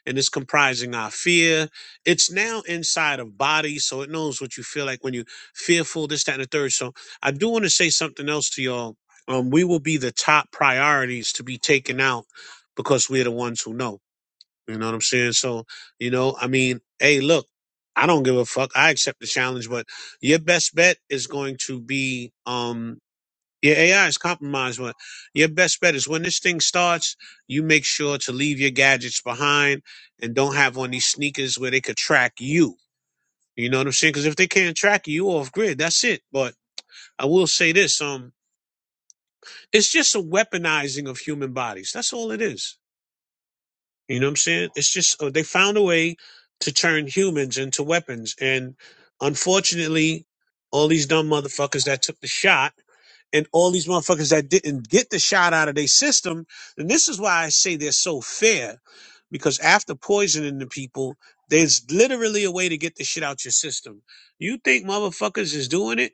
Speaker 1: and it's comprising our fear. It's now inside of bodies, so it knows what you feel like when you're fearful, this, that, and the third. So I do want to say something else to y'all. Um, we will be the top priorities to be taken out because we're the ones who know. You know what I'm saying? So, you know, I mean, hey, look, I don't give a fuck. I accept the challenge, but your best bet is going to be um your AI is compromised, but your best bet is when this thing starts, you make sure to leave your gadgets behind and don't have on these sneakers where they could track you. You know what I'm saying? Because if they can't track you off grid, that's it. But I will say this: um, it's just a weaponizing of human bodies. That's all it is. You know what I'm saying? It's just uh, they found a way to turn humans into weapons, and unfortunately, all these dumb motherfuckers that took the shot and all these motherfuckers that didn't get the shot out of their system. And this is why I say they're so fair, because after poisoning the people, there's literally a way to get the shit out your system. You think motherfuckers is doing it?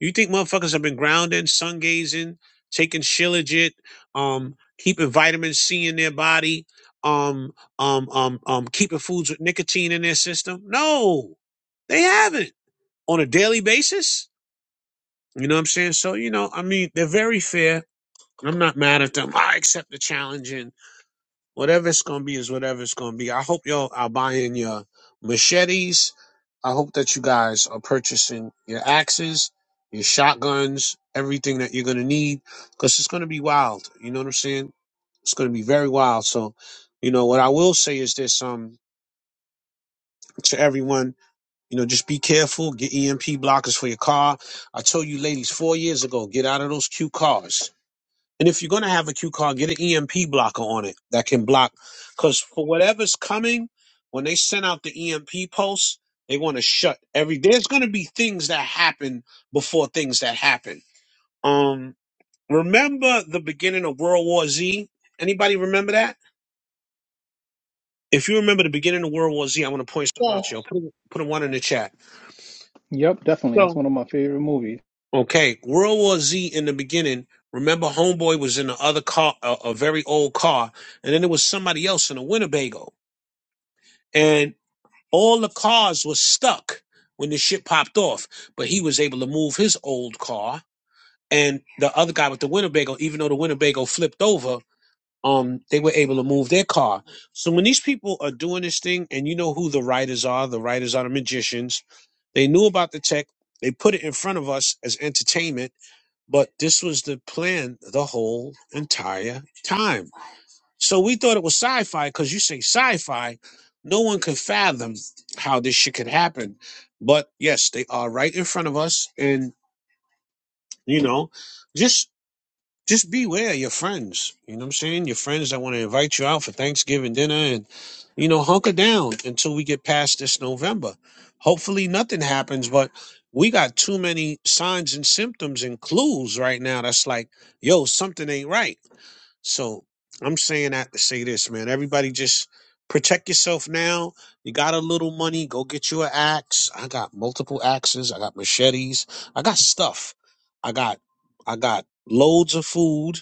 Speaker 1: You think motherfuckers have been grounding, sun gazing, taking shilajit, um, keeping vitamin C in their body, um, um, um, um, keeping foods with nicotine in their system? No, they haven't on a daily basis. You know what I'm saying? So, you know, I mean, they're very fair. I'm not mad at them. I accept the challenge and whatever it's going to be is whatever it's going to be. I hope y'all are buying your machetes. I hope that you guys are purchasing your axes, your shotguns, everything that you're going to need because it's going to be wild. You know what I'm saying? It's going to be very wild. So, you know, what I will say is this, um, to everyone, you know, just be careful. Get EMP blockers for your car. I told you ladies four years ago, get out of those cute cars And if you're going to have a cue card, get an EMP blocker on it that can block. Because for whatever's coming, when they send out the EMP pulse, they want to shut every. There's going to be things that happen before things that happen. Um, remember the beginning of World War Z? Anybody remember that? If you remember the beginning of World War Z, I want to point something
Speaker 2: Yeah.
Speaker 1: out to you. Put, a- put a one in the chat.
Speaker 3: yep definitely that's
Speaker 1: So,
Speaker 3: one of my favorite movies
Speaker 1: okay, World War Z in the beginning. Remember, Homeboy was in the other car, a, a very old car, and then there was somebody else in a Winnebago and all the cars were stuck when the shit popped off. But he was able to move his old car, and the other guy with the Winnebago, even though the Winnebago flipped over, um, they were able to move their car. So when these people are doing this thing, and you know who the writers are, the writers are the magicians. They knew about the tech. They put it in front of us as entertainment, but this was the plan the whole entire time so we thought it was sci-fi because you say sci-fi, no one could fathom how this shit could happen. But yes, they are right in front of us, and you know, just just beware your friends. You know what I'm saying? Your friends that want to invite you out for Thanksgiving dinner, and you know, hunker down until we get past this November. Hopefully, nothing happens, but. We got too many signs and symptoms and clues right now that's like, yo, something ain't right so I'm saying that to say this, man. Everybody just protect yourself now. You got a little money, go get you an axe. I got multiple axes. I got machetes. I got stuff. I got I got loads of food.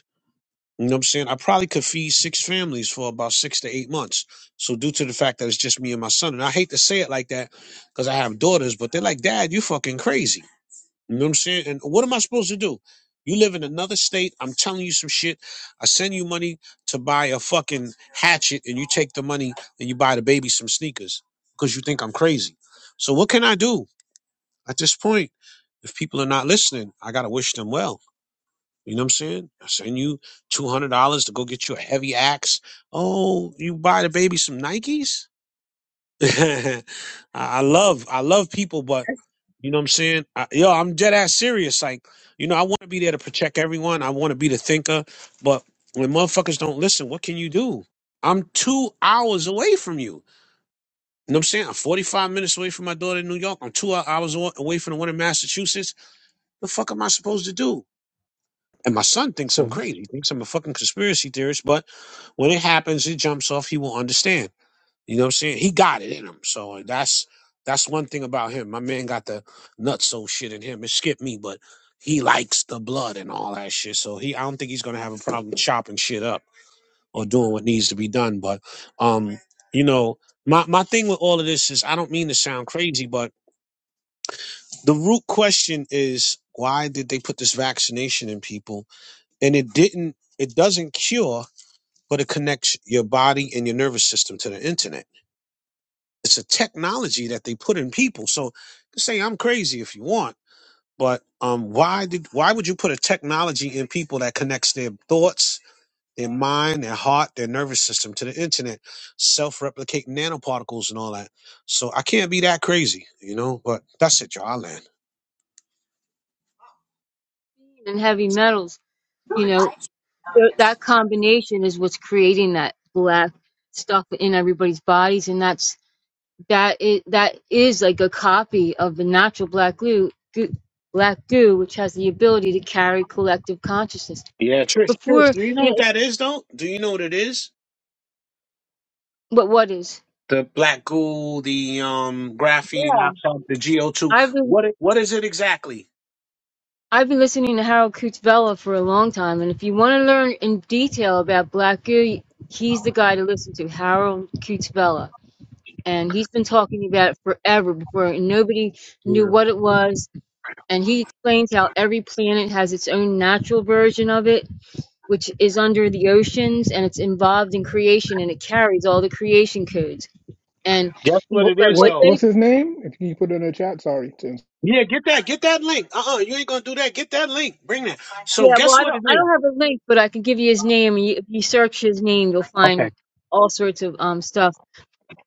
Speaker 1: You know what I'm saying? I probably could feed six families for about six to eight months. So due to the fact that it's just me and my son, and I hate to say it like that because I have daughters, but they're like, Dad, you fucking crazy. You know what I'm saying? And what am I supposed to do? You live in another state. I'm telling you some shit. I send you money to buy a fucking hatchet, and you take the money and you buy the baby some sneakers because you think I'm crazy. So what can I do at this point? If people are not listening, I gotta wish them well. You know what I'm saying? I send you two hundred dollars to go get you a heavy axe. Oh, you buy the baby some Nikes. I I love I love people, but. You know what I'm saying? I, yo, I'm dead ass serious. Like, you know, I want to be there to protect everyone. I want to be the thinker. But when motherfuckers don't listen, what can you do? I'm two hours away from you. You know what I'm saying? I'm 45 minutes away from my daughter in New York. I'm two hours awa- away from the one in Massachusetts. The fuck am I supposed to do? And my son thinks I'm
Speaker 3: So
Speaker 1: crazy. He thinks I'm a fucking conspiracy theorist. But when it happens, it jumps off. He will understand. You know what I'm saying? He got it in him. So that's that's one thing about him. My man got the nutso shit in him. It skipped me, but he likes the blood and all that shit. So he I don't think he's gonna have a problem chopping shit up or doing what needs to be done. But um, you know, my, my thing with all of this is I don't mean to sound crazy, but the root question is why did they put this vaccination in people? And it didn't it doesn't cure, but it connects your body and your nervous system to the internet It's a technology that they put in people. So you can say I'm crazy if you want, but um, why did why would you put a technology in people that connects their thoughts, their mind, their heart, their nervous system to the internet, self-replicating nanoparticles and all that? So I can't be that crazy, you know. But that's it, y'all. I land.
Speaker 4: and heavy metals you know th- that combination is what's creating that black stuff in everybody's bodies and that's that is that is like a copy of the natural black goo, goo black goo which has the ability to carry collective consciousness
Speaker 1: Yeah, Trish, Trish,
Speaker 4: before
Speaker 1: do you know
Speaker 4: you
Speaker 1: what
Speaker 4: know
Speaker 1: that is though? Do you know what it is?
Speaker 4: but what is
Speaker 1: The black goo, the um graphene
Speaker 4: yeah
Speaker 1: oxide, the GO two.
Speaker 4: i've been
Speaker 1: What it, what is it exactly?
Speaker 4: I've been listening to Harold Kutzvella for a long time, and if you want to learn in detail about black goo, he's the guy to listen to, Harold Kutzvella. and he's been talking about it forever before nobody knew
Speaker 1: Yeah.
Speaker 4: what it was and he explains how every planet has its own natural version of it which is under the oceans and it's involved in creation and it carries all the creation codes and
Speaker 1: Guess what
Speaker 3: what
Speaker 1: it
Speaker 4: but
Speaker 1: is
Speaker 4: what
Speaker 3: what
Speaker 1: though?
Speaker 4: they
Speaker 3: what's his name? If you can put it in the chat, sorry. Tim.
Speaker 1: Yeah, get that, get that link. Uh uh you ain't gonna do that. Get that link. Bring that. So
Speaker 4: yeah well
Speaker 1: guess
Speaker 4: i
Speaker 1: what
Speaker 4: don't
Speaker 1: it
Speaker 4: i
Speaker 1: is?
Speaker 4: don't have a link but i can give you his name and you, if you search his name you'll
Speaker 1: Okay,
Speaker 4: find all sorts of um stuff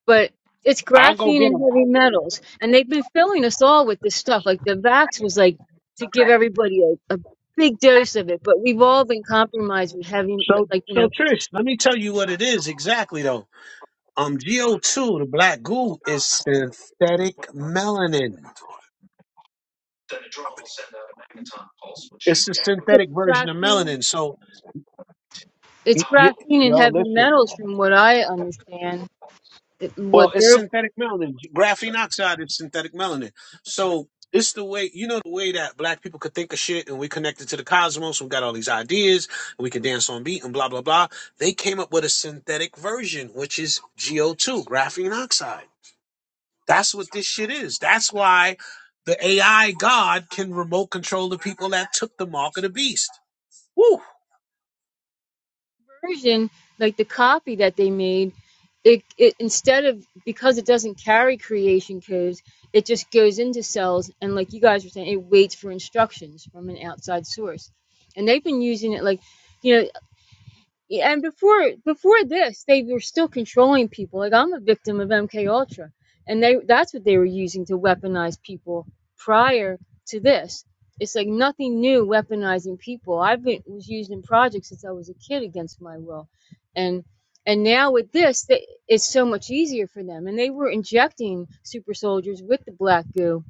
Speaker 4: but it's
Speaker 1: I'll go
Speaker 4: graphene
Speaker 1: get
Speaker 4: and
Speaker 1: them.
Speaker 4: heavy metals. And they've been filling us all with this stuff. Like the vax was like to give everybody a, a big dose of it, but we've all been compromised with heavy,
Speaker 1: So
Speaker 4: like, you
Speaker 1: so
Speaker 4: know,
Speaker 1: Trish, let me tell you what it is exactly though. Um, GO2, the black goo, is synthetic melanin. It's a
Speaker 4: it's
Speaker 1: synthetic version of
Speaker 4: graphene,
Speaker 1: melanin. So
Speaker 4: it's
Speaker 1: y- y-
Speaker 4: graphene and
Speaker 1: yo,
Speaker 4: heavy
Speaker 1: listen.
Speaker 4: metals from what I understand, that-
Speaker 1: Well,
Speaker 4: what
Speaker 1: it's
Speaker 4: they're
Speaker 1: synthetic melanin. Graphene oxide is synthetic melanin. So it's the way you know the way that black people could think of shit and we connected to the cosmos. We got all these ideas and we can dance on beat and blah blah blah. They came up with a synthetic version, which is GO2, graphene oxide. That's what this shit is. That's why the AI God can remote control the people that took the mark of the beast. Woo.
Speaker 4: version, like the copy that they made, it, it instead of because it doesn't carry creation codes, it just goes into cells and like you guys were saying, it waits for instructions from an outside source. And they've been using it like, you know, yeah, and before before this, they were still controlling people. Like I'm a victim of MK Ultra, and they that's what they were using to weaponize people prior to this. It's like nothing new weaponizing people. I've been was used in projects since I was a kid against my will, and and now with this, they, it's so much easier for them. And they were injecting super soldiers with the black goo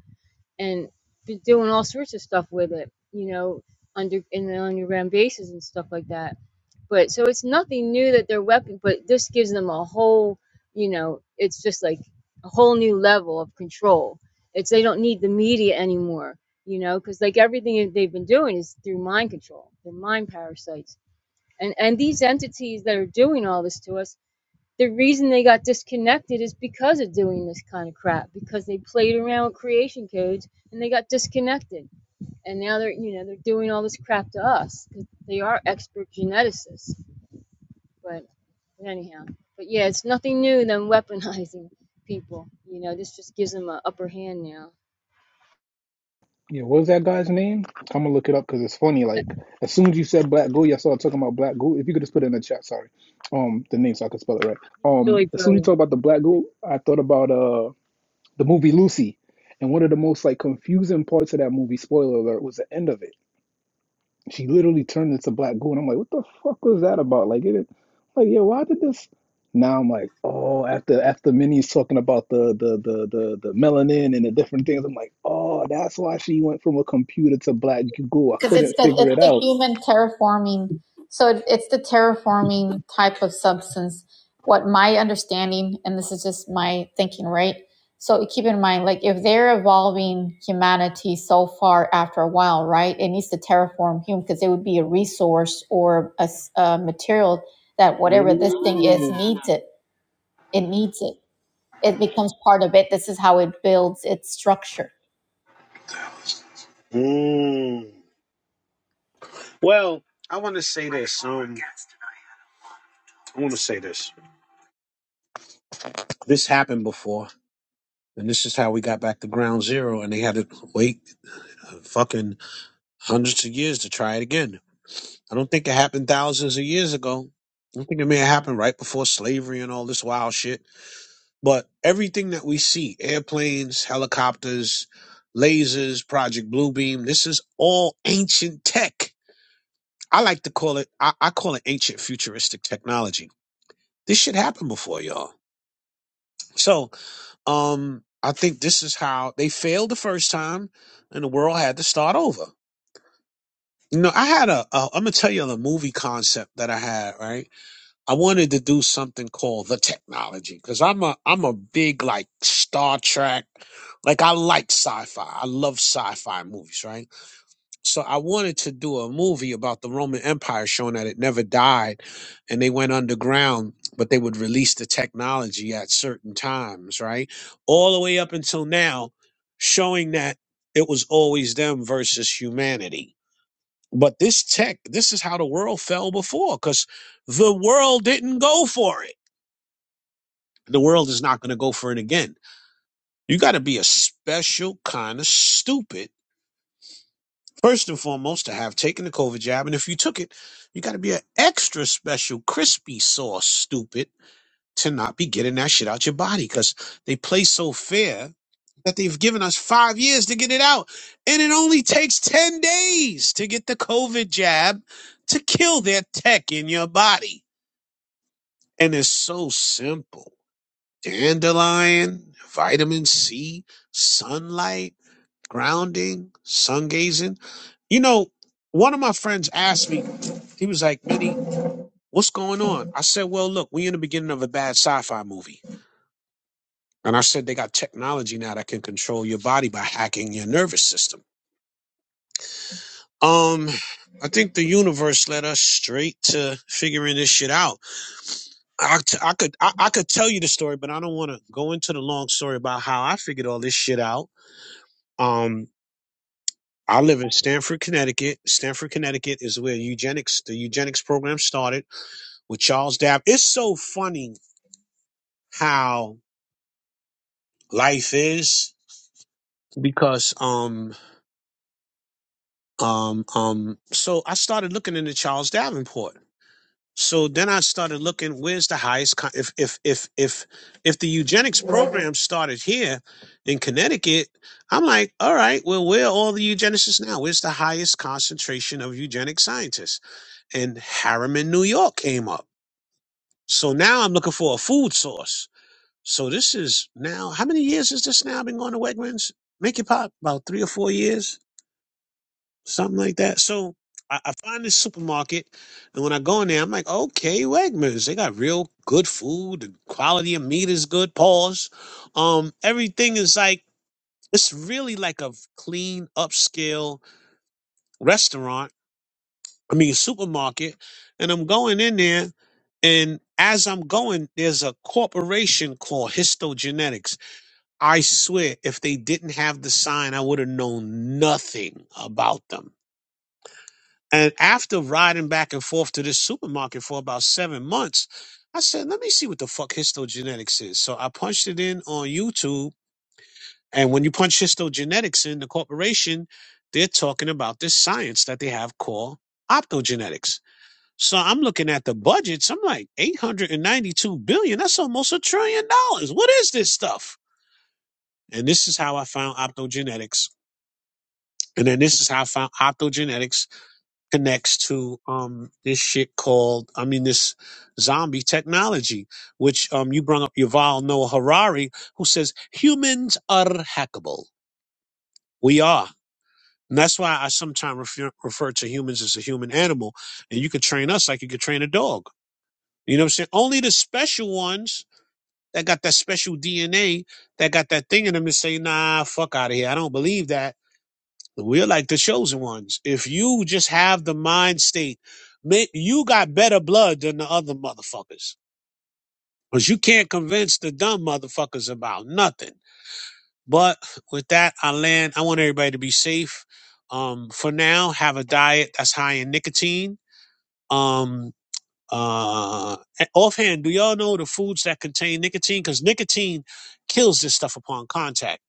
Speaker 4: and be doing all sorts of stuff with it, you know, under in the underground bases and stuff like that. But so it's nothing new that they're weapon, but this gives them a whole, you know, it's just like a whole new level of control. It's they don't need the media anymore, you know, because like everything they've been doing is through mind control, they're mind parasites, and and these entities that are doing all this to us the reason they got disconnected is because of doing this kind of crap because they played around with creation codes and they got disconnected and now they're you know they're doing all this crap to us. they are expert geneticists but anyhow but yeah it's nothing new than weaponizing people you know this just gives them an upper hand now
Speaker 3: Yeah, what was that guy's name? I'm gonna look it up because it's funny.
Speaker 4: he's
Speaker 3: Like as soon as you said Black Gold, yeah, I started talking about Black Gold. If you could just put it in the chat, sorry, um, the name so I could spell it right. Um,
Speaker 4: really
Speaker 3: as soon as you
Speaker 4: brilliant
Speaker 3: talk about the Black Gold, I thought about uh the movie Lucy, and one of the most like confusing parts of that movie, spoiler alert, was the end of it she literally turned into black goo, and I'm like, what the fuck was that about? Like, it, like, yeah, why did this? Now I'm like, oh, after after Minnie's talking about the the the the, the melanin and the different things, I'm like, oh, that's why she went from a computer to black goo. I
Speaker 2: because it's
Speaker 3: couldn't
Speaker 2: the
Speaker 3: figure
Speaker 2: it's
Speaker 3: it
Speaker 2: the
Speaker 3: out.
Speaker 2: human terraforming. So it, it's the terraforming type of substance. What my understanding, and this is just my thinking, right? So keep in mind, like if they're evolving humanity so far, after a while, right, it needs to terraform human because it would be a resource or a, s- a material that whatever this thing is
Speaker 1: Mm.
Speaker 2: needs it. It needs it it becomes part of it. This is how it builds its structure.
Speaker 1: Mm. Well, I want to say this. Um, I want to say this. This happened before, and this is how we got back to ground zero, and they had to wait uh, fucking hundreds of years to try it again. I don't think it happened thousands of years ago. I think it may have happened right before slavery and all this wild shit. But everything that we see airplanes, helicopters, lasers, Project Bluebeam this is all ancient tech. I like to call it, I, I call it ancient futuristic technology. This shit happened before, y'all. So um, I think this is how they failed the first time, and the world had to start over. You know, I had a, a I'm gonna tell you the movie concept that I had. Right, I wanted to do something called the technology because I'm a I'm a big like Star Trek, like I like sci-fi. I love sci-fi movies. Right so I wanted to do a movie about the Roman Empire showing that it never died and they went underground, but they would release the technology at certain times, right? All the way up until now, showing that it was always them versus humanity. But this tech, this is how the world fell before because the world didn't go for it. The world is not going to go for it again. You got to be a special kind of stupid First and foremost, to have taken the COVID jab, and if you took it, you got to be an extra special crispy sauce, stupid, to not be getting that shit out your body because they play so fair that they've given us five years to get it out. And it only takes 10 days to get the COVID jab to kill their tech in your body. And it's so simple dandelion, vitamin C, sunlight grounding, sun gazing. You know, one of my friends asked me, he was like, Minnie, what's going on? I said, Well, look, we in the beginning of a bad sci fi movie. And I said, They got technology now that can control your body by hacking your nervous system. Um, I think the universe led us straight to figuring this shit out. I, t- I could I, I could tell you the story, but I don't want to go into the long story about how I figured all this shit out. Um. I live in Stamford, Connecticut. Stamford, Connecticut is where eugenics, the eugenics program started with Charles Dab. It's so funny how life is because, um, um, um, so I started looking into Charles Davenport. So then I started looking, where's the highest, con- if, if, if, if, if the eugenics program started here in Connecticut, I'm like, all right, well, where are all the eugenicists now? Where's the highest concentration of eugenic scientists? and Harriman, New York came up. So now I'm looking for a food source. So this is now, how many years has this now been going to Wegmans? Make it pop about three or four years, something like that. So I, I find this supermarket, and when I go in there, I'm like, okay, Wegmans, they got real good food. The quality of meat is good. Pause. Um, everything is like, it's really like a clean, upscale restaurant I mean supermarket, and I'm going in there, and as I'm going, there's a corporation called Histogenetics. I swear, if they didn't have the sign, I would have known nothing about them. And after riding back and forth to this supermarket for about seven months, I said, let me see what the fuck histogenetics is. So I punched it in on YouTube. And when you punch histogenetics in the corporation, they're talking about this science that they have called optogenetics so I'm looking at the budgets. I'm like, 892 billion. That's almost a trillion dollars. What is this stuff? And this is how I found optogenetics. And then this is how I found optogenetics connects to um this shit called, I mean, this zombie technology, which um you brought up Yuval Noah Harari, who says humans are hackable. We are. And that's why I sometimes refer, refer to humans as a human animal. And you could train us like you could train a dog. You know what I'm saying? Only the special ones that got that special DNA, that got that thing in them to say, nah, fuck out of here. I don't believe that. We're like the chosen ones. If you just have the mind state, you got better blood than the other motherfuckers. Because you can't convince the dumb motherfuckers about nothing. But with that, I land. I want everybody to be safe. Um, for now, have a diet that's high in nicotine. Um, Uh, offhand, do y'all know the foods that contain nicotine? Because nicotine kills this stuff upon contact.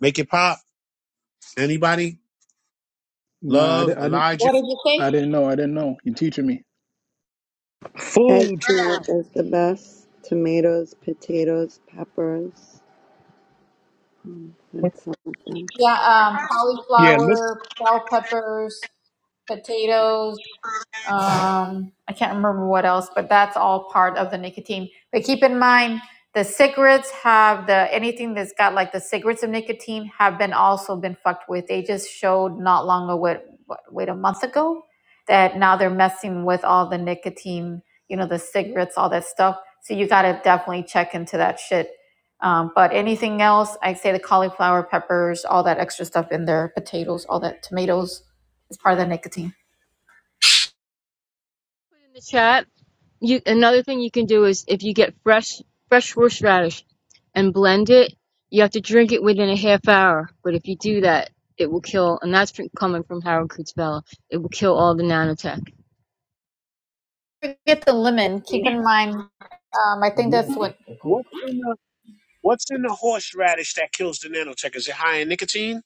Speaker 1: Make it pop. Anybody?
Speaker 3: Nah, I, di-
Speaker 1: Love
Speaker 3: I didn't
Speaker 1: Elijah.
Speaker 2: What did you say?
Speaker 3: I didn't know. I didn't know. You're teaching me.
Speaker 1: Foods.
Speaker 5: Eggplant is the best. Tomatoes, potatoes, peppers. That's some of them.
Speaker 2: Yeah, um,
Speaker 1: Yeah.
Speaker 2: cauliflower, bell peppers, potatoes. um, I can't remember what else, but that's all part of the nicotine. But keep in mind, the cigarettes have the anything that's got like the cigarettes of nicotine have been also been fucked with. They just showed not long ago, what, what wait a month ago, that now they're messing with all the nicotine, you know, the cigarettes, all that stuff. So you got to definitely check into that shit. Um, but anything else, I would say the cauliflower, peppers, all that extra stuff in there, potatoes, all that tomatoes is part of the nicotine.
Speaker 4: in the chat. You another thing you can do is if you get fresh fresh horseradish and blend it, you have to drink it within a half hour. But if you do that, it will kill. And that's from, coming from Harold Kurtzbella. It will kill all the nanotech.
Speaker 2: forget the lemon. Keep
Speaker 4: Nasty.
Speaker 2: in mind, um, I think
Speaker 1: Wha-
Speaker 2: that's what
Speaker 1: What's in the What's in the horseradish that kills the nanotech? Is it high in nicotine?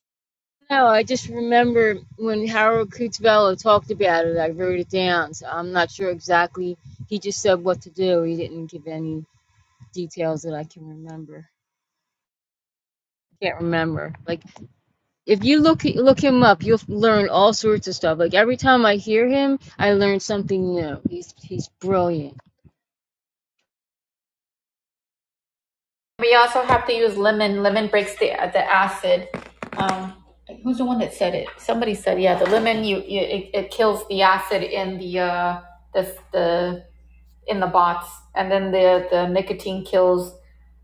Speaker 4: No, I just remember when Harold Kurtzbella talked about it. I wrote it down, so I'm not sure exactly. He just said what to do. He didn't give any details that I can remember. Can't remember. Like if you look look him up, you'll learn all sorts of stuff. Like every time I hear him, I learn something new. He's he's brilliant,
Speaker 2: we also have to use lemon. Lemon breaks the the acid. Um, who's the one that said it? Somebody said, yeah, the lemon you, you it, it kills the acid in the uh the the in the bots, and then the the nicotine kills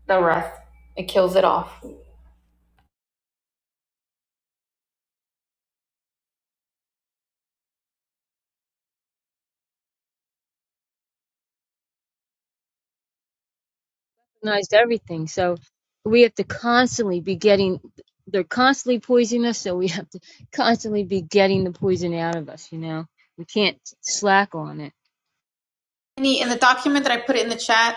Speaker 2: the rest. It kills it off.
Speaker 4: organized everything. So we have to constantly be getting. They're constantly poisoning us, so we have to constantly be getting the poison out of us. You know, we can't slack on it.
Speaker 2: In the, in the document that I put in the chat,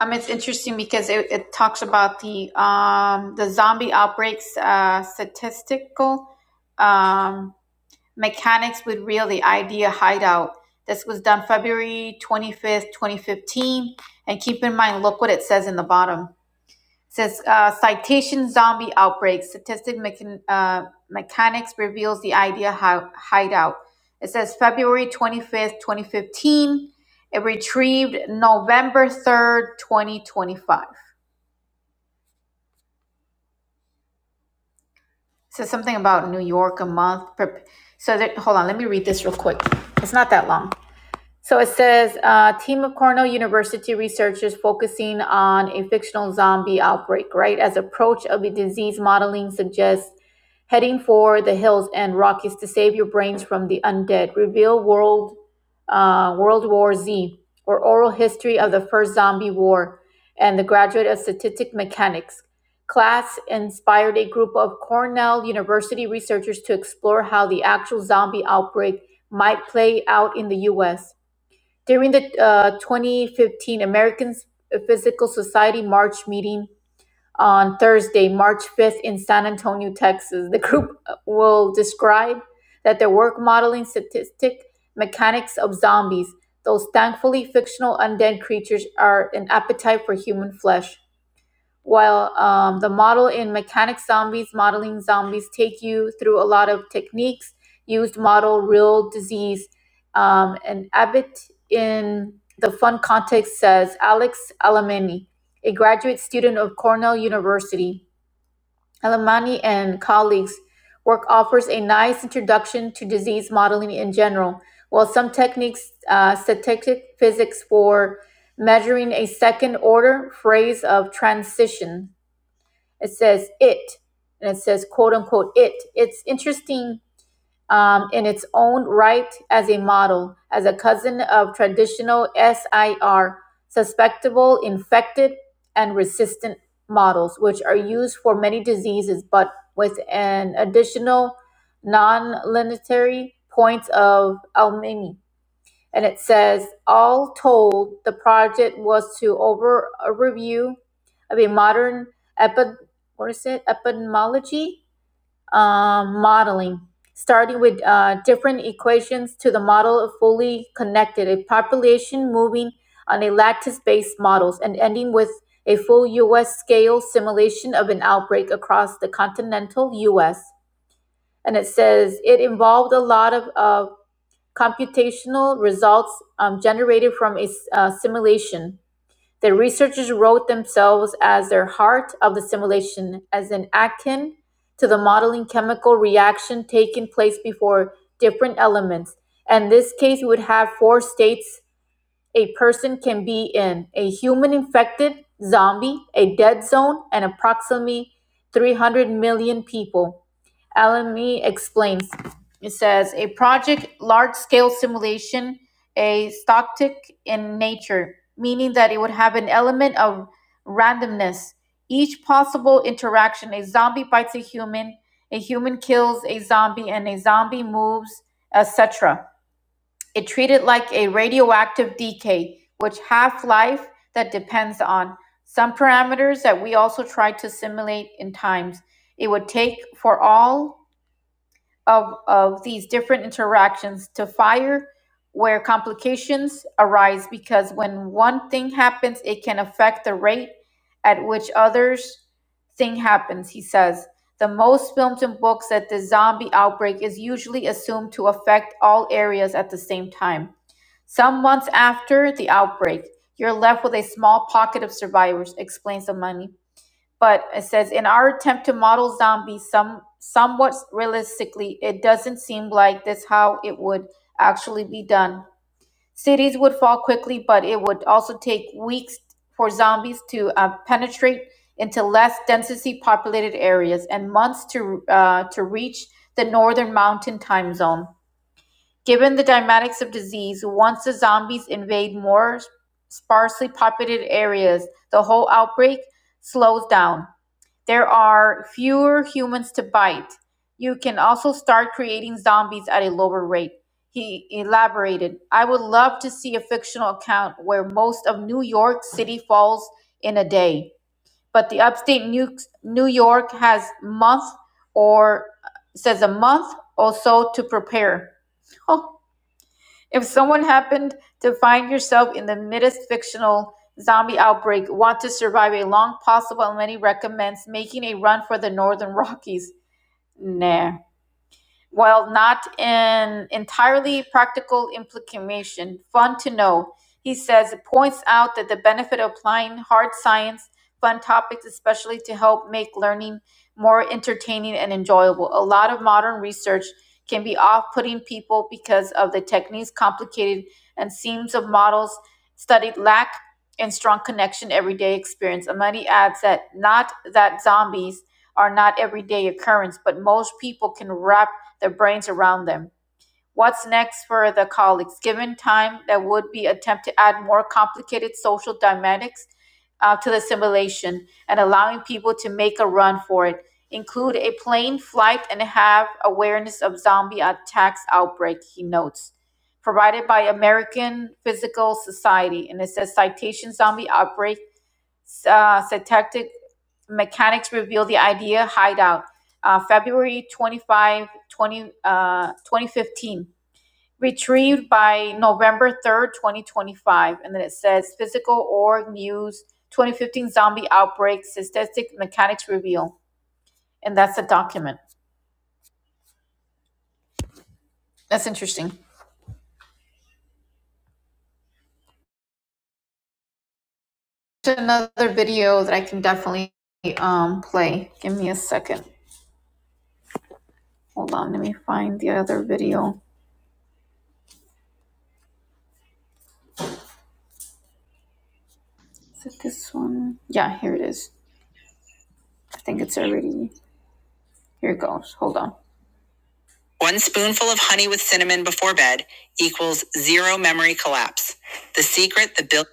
Speaker 2: Um, it's interesting because it, it talks about the um, the zombie outbreaks uh, statistical um, mechanics with real the idea hideout. This was done February twenty fifth, twenty fifteen, and keep in mind, look what it says in the bottom says uh, citation zombie outbreak statistic mechan- uh, mechanics reveals the idea how hideout it says february 25th 2015 it retrieved november 3rd 2025 says something about new york a month per- so that, hold on let me read this real quick it's not that long so it says uh, team of cornell university researchers focusing on a fictional zombie outbreak right as approach of a disease modeling suggests heading for the hills and Rockies to save your brains from the undead. Reveal World uh, World War Z or Oral History of the First Zombie War and the Graduate of Statistic Mechanics. Class inspired a group of Cornell University researchers to explore how the actual zombie outbreak might play out in the U.S. During the uh, 2015 American Physical Society March meeting, on Thursday, March 5th, in San Antonio, Texas. The group will describe that their work modeling statistic mechanics of zombies, those thankfully fictional undead creatures, are an appetite for human flesh. While um, the model in Mechanic Zombies, modeling zombies take you through a lot of techniques used model real disease. Um, and Abbott in the fun context says Alex Alamani, a graduate student of Cornell University. Alamani and colleagues work offers a nice introduction to disease modeling in general. While some techniques, uh, statistic physics for measuring a second order phrase of transition it says it, and it says quote unquote it. It's interesting um, in its own right as a model, as a cousin of traditional SIR, susceptible, infected, and resistant models, which are used for many diseases, but with an additional non-linear points of alchemy and it says, all told, the project was to over a review of a modern epi, what is it, epidemiology um, modeling, starting with uh, different equations to the model of fully connected, a population moving on a lattice-based models, and ending with a full U.S. scale simulation of an outbreak across the continental U.S. And it says it involved a lot of, of computational results um, generated from a uh, simulation. The researchers wrote themselves as their heart of the simulation, as an akin to the modeling chemical reaction taking place before different elements. In this case, we would have four states a person can be in a human infected, zombie, a dead zone, and approximately 300 million people. LME explains. It says a project large scale simulation, a stochastic in nature, meaning that it would have an element of randomness. Each possible interaction a zombie bites a human, a human kills a zombie, and a zombie moves, etc. It treated like a radioactive decay, which half life that depends on some parameters that we also try to simulate in times. It would take for all of, of these different interactions to fire where complications arise because when one thing happens it can affect the rate at which others thing happens he says the most films and books that the zombie outbreak is usually assumed to affect all areas at the same time some months after the outbreak you're left with a small pocket of survivors explains the money but it says in our attempt to model zombies some somewhat realistically it doesn't seem like this how it would actually be done cities would fall quickly but it would also take weeks for zombies to uh, penetrate into less densely populated areas and months to uh, to reach the northern mountain time zone given the dynamics of disease once the zombies invade more sparsely populated areas the whole outbreak slows down there are fewer humans to bite. You can also start creating zombies at a lower rate. He elaborated, I would love to see a fictional account where most of New York City falls in a day, but the upstate New, New York has month or says a month or so to prepare. If someone happened to find yourself in the midst fictional zombie outbreak, want to survive a long possible, and many recommends making a run for the Northern Rockies. Nah. While not an entirely practical implication, fun to know, he says it points out that the benefit of applying hard science, fun topics, especially to help make learning more entertaining and enjoyable. A lot of modern research can be off putting people because of the techniques, complicated and seams of models studied lack and strong connection everyday experience. Amadi adds that not that zombies are not everyday occurrence, but most people can wrap their brains around them. What's next for the colleagues? Given time, there would be an attempt to add more complicated social dynamics uh, to the simulation and allowing people to make a run for it. Include a plane flight and have awareness of zombie attacks outbreak, he notes. Provided by American Physical Society, and it says citation zombie outbreak uh, syntactic mechanics reveal the idea hideout uh, february 25 20, uh, 2015 retrieved by november 3rd 2025 and then it says physical org news 2015 zombie outbreak Syntactic mechanics reveal and that's the document that's interesting another video that i can definitely um, play give me a second hold on let me find the other video is it this one yeah here it is I think it's already, here it goes. Hold on. One spoonful of honey with cinnamon before bed equals zero memory collapse. Secret the bill.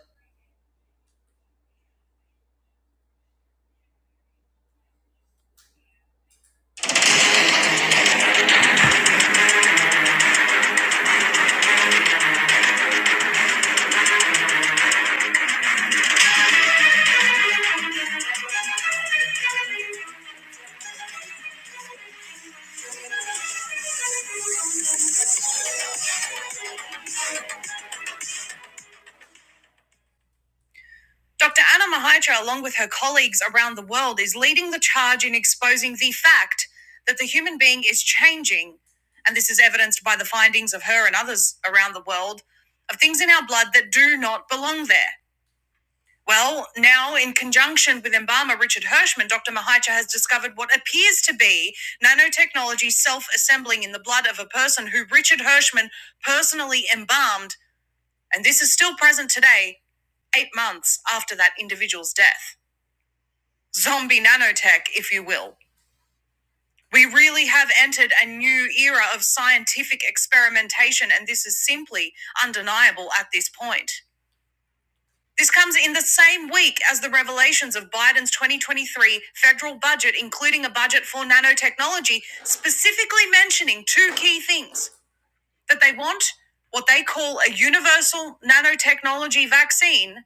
Speaker 2: Dr. Anna Mahitra, along with her colleagues around the world, is leading the charge in exposing the fact that the human being is changing. And this is evidenced by the findings of her and others around the world of things in our blood that do not belong there. Well, now in conjunction with embalmer Richard Hirschman, Dr. Mahicha has discovered what appears to be nanotechnology self assembling in the blood of a person who Richard Hirschman personally embalmed, and this is still present today, eight months after that individual's death. Zombie nanotech, if you will. We really have entered a new era of scientific experimentation, and this is simply undeniable at this point. This comes in the same week as the revelations of Biden's 2023 federal budget, including a budget for nanotechnology, specifically mentioning two key things that they want what they call a universal nanotechnology vaccine,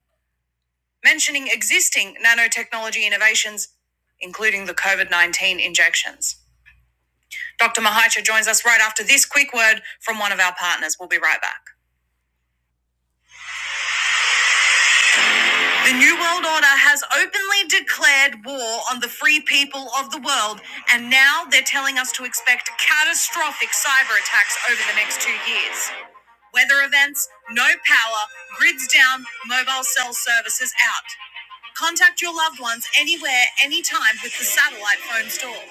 Speaker 2: mentioning existing nanotechnology innovations, including the COVID 19 injections. Dr. Mahicha joins us right after this quick word from one of our partners. We'll be right back. The New World Order has openly declared war on the free people of the world, and now they're telling us to expect catastrophic cyber attacks over the next two years. Weather events, no power, grids down, mobile cell services out. Contact your loved ones anywhere, anytime with the satellite phone store.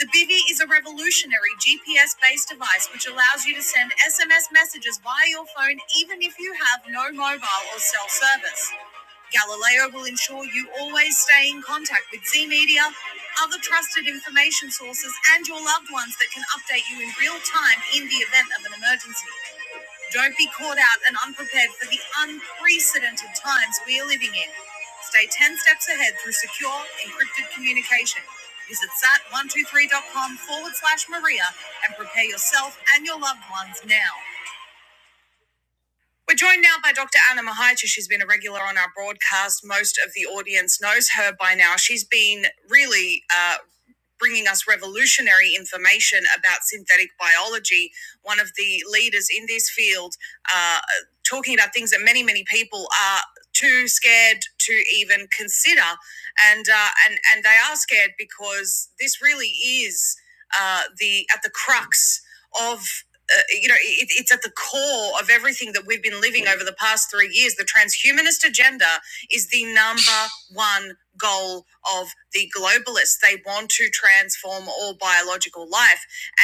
Speaker 2: The Bivvy is a revolutionary GPS based device which allows you to send SMS messages via your phone even if you have no mobile or cell service. Galileo will ensure you always stay in contact with Z Media, other trusted information sources, and your loved ones that can update you in real time in the event of an emergency. Don't be caught out and unprepared for the unprecedented times we are living in. Stay 10 steps ahead through secure, encrypted communication. Visit sat123.com forward slash Maria and prepare yourself and your loved ones now. We're joined now by Dr. Anna Mahaicha. She's been a regular on our broadcast. Most of the audience knows her by now. She's been really uh, bringing us revolutionary information about synthetic biology, one of the leaders in this field, uh, talking about things that many, many people are too scared to even consider. And, uh, and, and they are scared because this really is uh, the, at the crux of uh, you know, it, it's at the core of everything that we've been living over the past three years. The transhumanist agenda is the number one goal of the globalists. They want to transform all biological life.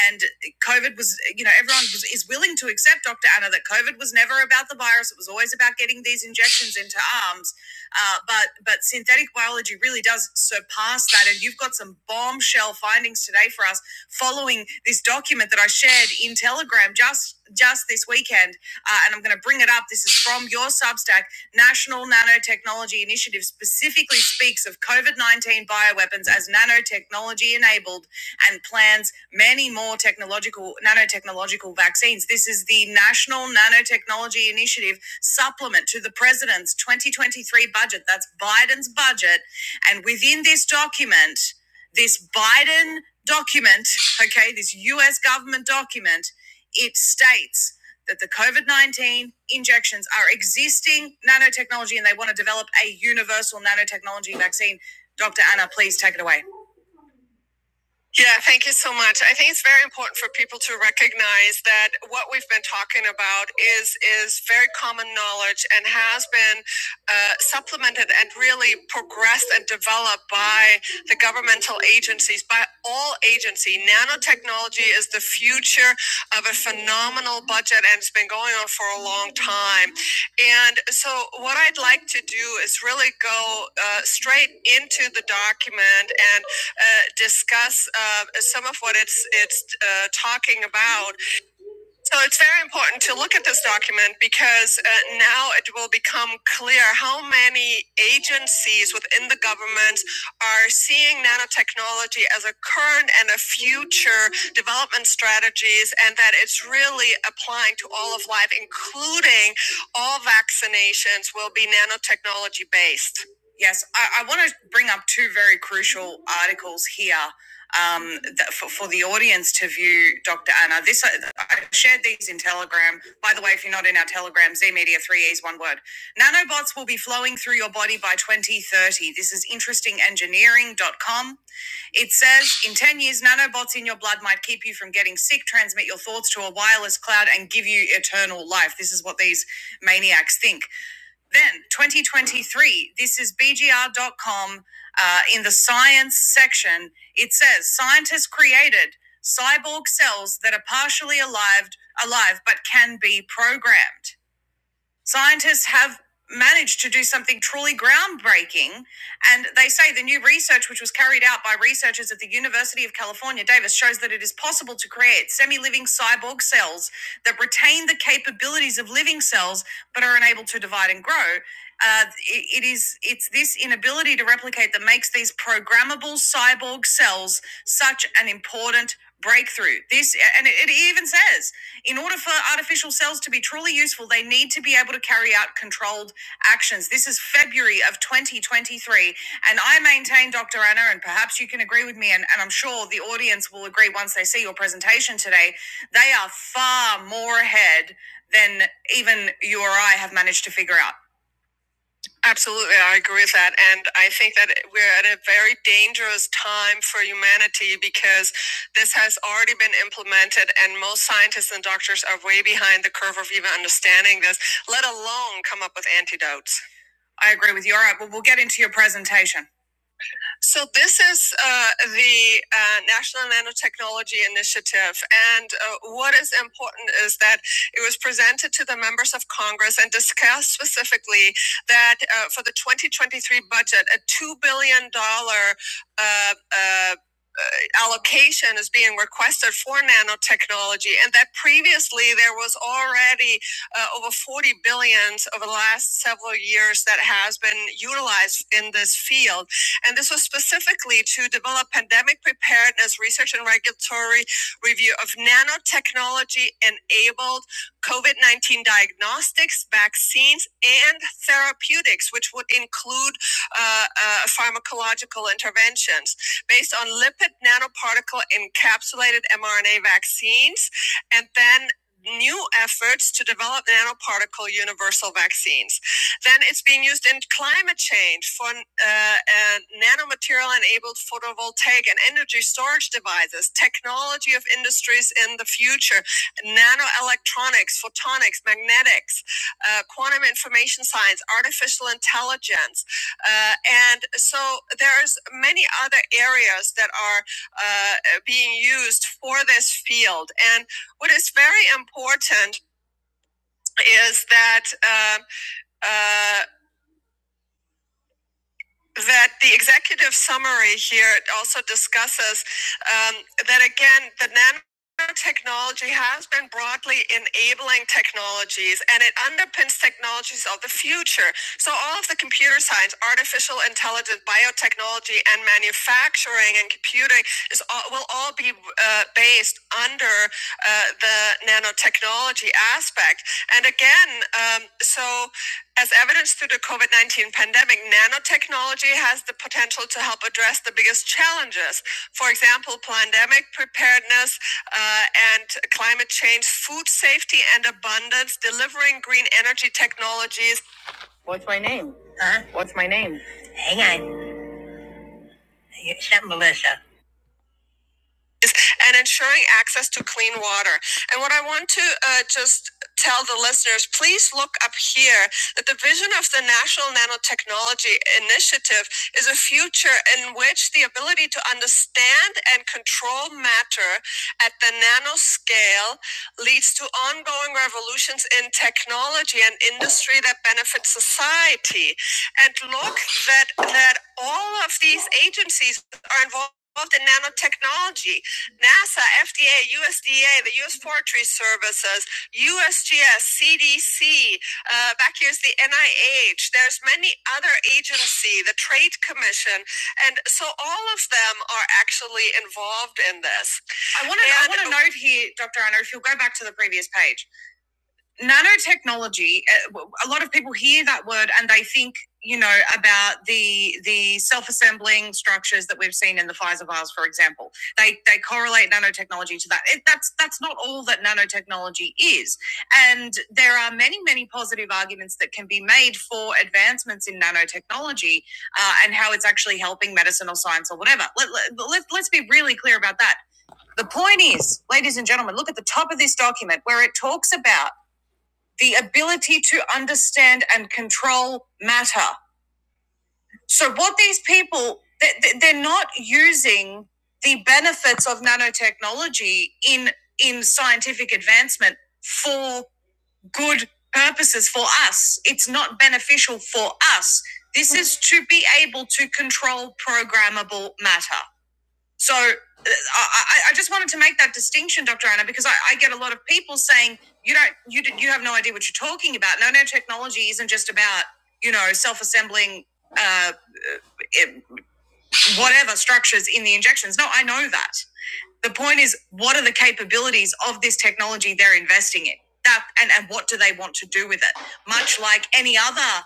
Speaker 2: And COVID was, you know, everyone was, is willing to accept, Dr. Anna, that COVID was never about the virus. It was always about getting these injections into arms. Uh, but but synthetic biology really does surpass that. And you've got some bombshell findings today for us following this document that I shared in Telegram just just this weekend uh, and I'm going to bring it up. This is from your Substack. National Nanotechnology Initiative specifically speaks of COVID 19 bioweapons as nanotechnology enabled and plans many more technological nanotechnological vaccines. This is the National Nanotechnology Initiative supplement to the president's 2023 budget. That's Biden's budget. And within this document, this Biden document, okay, this US government document, it states that the COVID 19 injections are existing nanotechnology and they want to develop a universal nanotechnology vaccine. Dr. Anna, please take it away. Thank you so much. I think it's very important for people to recognize that what we've been talking about is is very common knowledge and has been uh, supplemented and really progressed and developed by the governmental agencies, by all agency. Nanotechnology is the future of a phenomenal budget, and it's been going on for a long time. And so, what I'd like to do is really go uh, straight into the document and uh, discuss uh, some of what it's it's uh, talking about. So it's very important to look at this document because uh, now it will become clear how many agencies within the government are seeing nanotechnology as a current future development strategies and that it's really applying to all of life, including all vaccinations will be nanotechnology Yes, yes. I, I want to bring up two very crucial articles here um, that for, for the audience to view, Dr. Anna. This I I shared these in Telegram. By the way, if you're not in our Telegram, Z Media Three E's one word. Nanobots will be flowing through your body by 2030. This is interestingengineering.com. It says in 10 years, nanobots in your blood might keep you from getting sick, transmit your thoughts to a wireless cloud, and give you eternal life. This is what these maniacs think. Then 2023, this is BGR.com uh, in the science section. It says scientists created cyborg cells that are partially alive, alive but can be programmed. Scientists have managed to do something truly groundbreaking, and they say the new research, which was carried out by researchers at the University of California, Davis, shows that it is possible to create semi living cyborg cells that retain the capabilities of living cells but are unable to divide and grow. Uh, it, it is it's this inability to replicate that makes these programmable cyborg cells such an important breakthrough. This and it, it even says in order for artificial cells to be truly useful, they need to be able to carry out controlled actions. This is February of 2023. And I maintain, Dr. Anna, and perhaps you can agree with me, and, and I'm sure the audience will agree once they see your presentation today, they are far more ahead than even you or I have managed to figure out. Absolutely, I agree with that. And I think that we're at a very dangerous time for humanity because this has already been implemented, and most scientists and doctors are way behind the curve of even understanding this, let alone come up with antidotes. I agree with you. All right, well, we'll get into your presentation. So this is uh, the uh, National Nanotechnology Initiative, and uh, what is important is that it was presented to the members of Congress and discussed specifically that uh, for the 2023 budget, a two billion dollar uh, uh, allocation is being requested for nanotechnology, and that previously there was already uh, over 40 billion over the last several years that has been utilized in this field. And this was specifically to develop pandemic preparedness research and regulatory review of nanotechnology enabled COVID 19 diagnostics, vaccines, and therapeutics, which would include uh, uh, pharmacological interventions based on lipid nanoparticle encapsulated mRNA vaccines, and then new efforts to develop nanoparticle universal vaccines. Then it's being used in climate change for uh, uh, nanomaterial enabled photovoltaic and energy storage devices, technology of industries in the future, nanoelectronics, photonics, magnetics, uh, quantum information science, artificial intelligence uh, and so there's many other areas that are uh, being used for this field. And what is very important is that uh, uh, that the executive summary here also discusses um, that again the nanotechnology has been broadly enabling technologies and it underpins technologies of the future so all of the computer science artificial intelligence biotechnology and manufacturing and computing is all, will all be uh, based under uh, the nanotechnology aspect and again um, so as evidenced through the COVID 19 pandemic, nanotechnology has the potential to help address the biggest challenges. For example, pandemic preparedness uh, and climate change, food safety and abundance, delivering green energy technologies, and ensuring access to clean water. And what I want to uh, just tell the listeners please look up here that the vision of the National Nanotechnology Initiative is a future in which the ability to understand and control matter at the nanoscale leads to ongoing revolutions in technology and industry that benefit society. And look that that all of these agencies are involved in nanotechnology. NASA, FDA, USDA, the U.S. Forestry Services, USGS, CDC. Uh, back here's the NIH. There's many other agency, the Trade Commission, and so all of them are actually involved in this. I want to. I want to note here, Dr. Anna, if you'll go back to the previous page nanotechnology uh, A lot of people hear that word and they think you know about the the self-assembling structures that we've seen in the Pfizer vials for example they they correlate nanotechnology to that it, that's that's not all that nanotechnology is and there are many many positive arguments that can be made for advancements in nanotechnology uh, and how it's actually helping medicine or science or whatever let, let, let, let's be really clear about that the point is ladies and gentlemen look at the top of this document where it talks about the ability to understand and control matter. So, what these people, they- are not using the benefits of nanotechnology in, in scientific advancement for good purposes for us. It's not beneficial for us. This is to be able to control programmable matter. So uh, I, I just wanted to make that distinction, Dr. Anna, because I, I get a lot of people saying you don't, you you have no idea what you're talking about. No, no, technology isn't just about you know self-assembling uh, whatever structures in the injections. No, I know that. The point is, what are the capabilities of this technology they're investing in? That and, and what do they want to do with it? Much like any other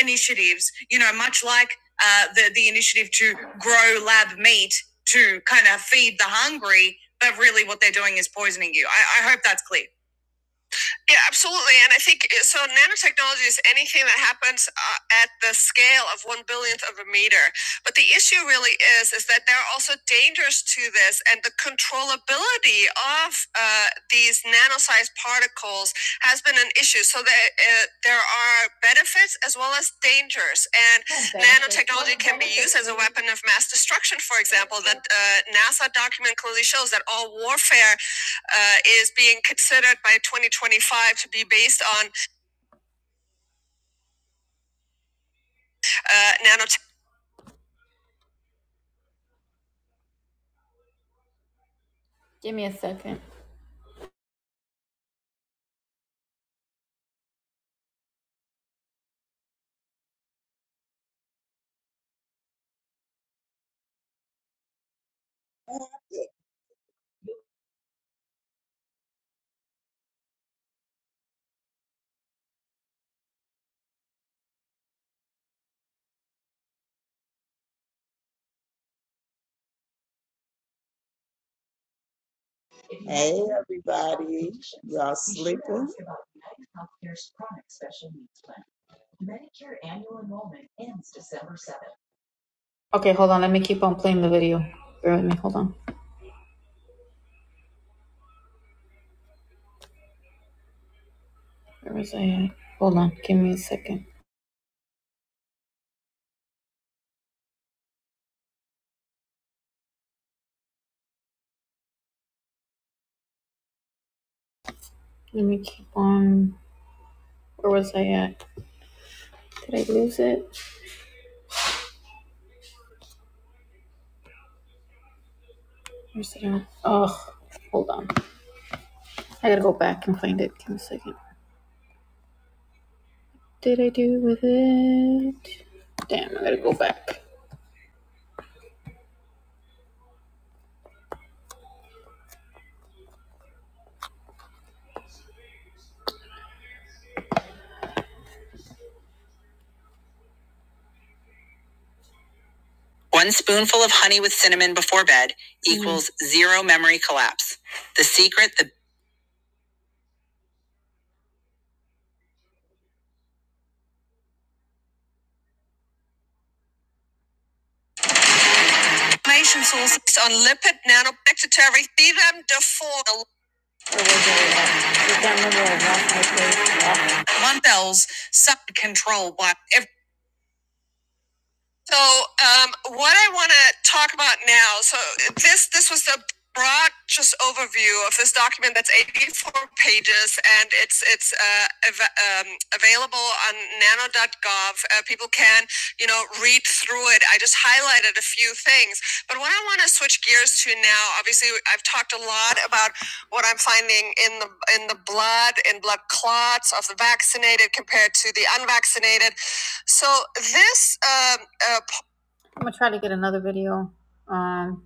Speaker 2: initiatives, you know, much like uh, the the initiative to grow lab meat to kind of feed the hungry, but really what they're doing is poisoning you. I, I hope that's clear. Yeah, absolutely. And I think uh, so. Nanotechnology is anything that happens uh, at the scale of one billionth of a meter. But the issue really is is that there are also dangers to this, and the controllability of uh, these nano-sized particles has been an issue. So there uh, there are benefits as well as dangers, and What nanotechnology can be used as a weapon of mass destruction. For example, that uh, NASA document clearly shows that all warfare uh, is being considered by 2025 to be based on uh, nanotech. Give me a second.
Speaker 6: Hey, everybody. Y'all sleeping?
Speaker 2: Okay, hold on. Let me keep on playing the video. Bear with me. Hold on. Where was I at? Hold on. Give me a second. Let me keep on. Where was I at? Did I lose it? Where's it at? Oh, hold on. I gotta go back and find it. Give me a second. Did I do with it? Damn, I gotta go back. One spoonful of honey with cinnamon before bed equals Mm. zero memory collapse. The secret the information sources on lipid nanobacteria, thetum deform one cells sub control by every So, um, what I want to talk about now. So, this this was the broad just overview of this document that's 84 pages, and it's it's uh, av- um, available on nano.gov. Uh, people can you know read through it. I just highlighted a few things, but what I want to switch gears to now, obviously, I've talked a lot about what I'm finding in the in the blood in blood clots of the vaccinated compared to the unvaccinated. So this um, uh, I'm gonna try to get another video. Um,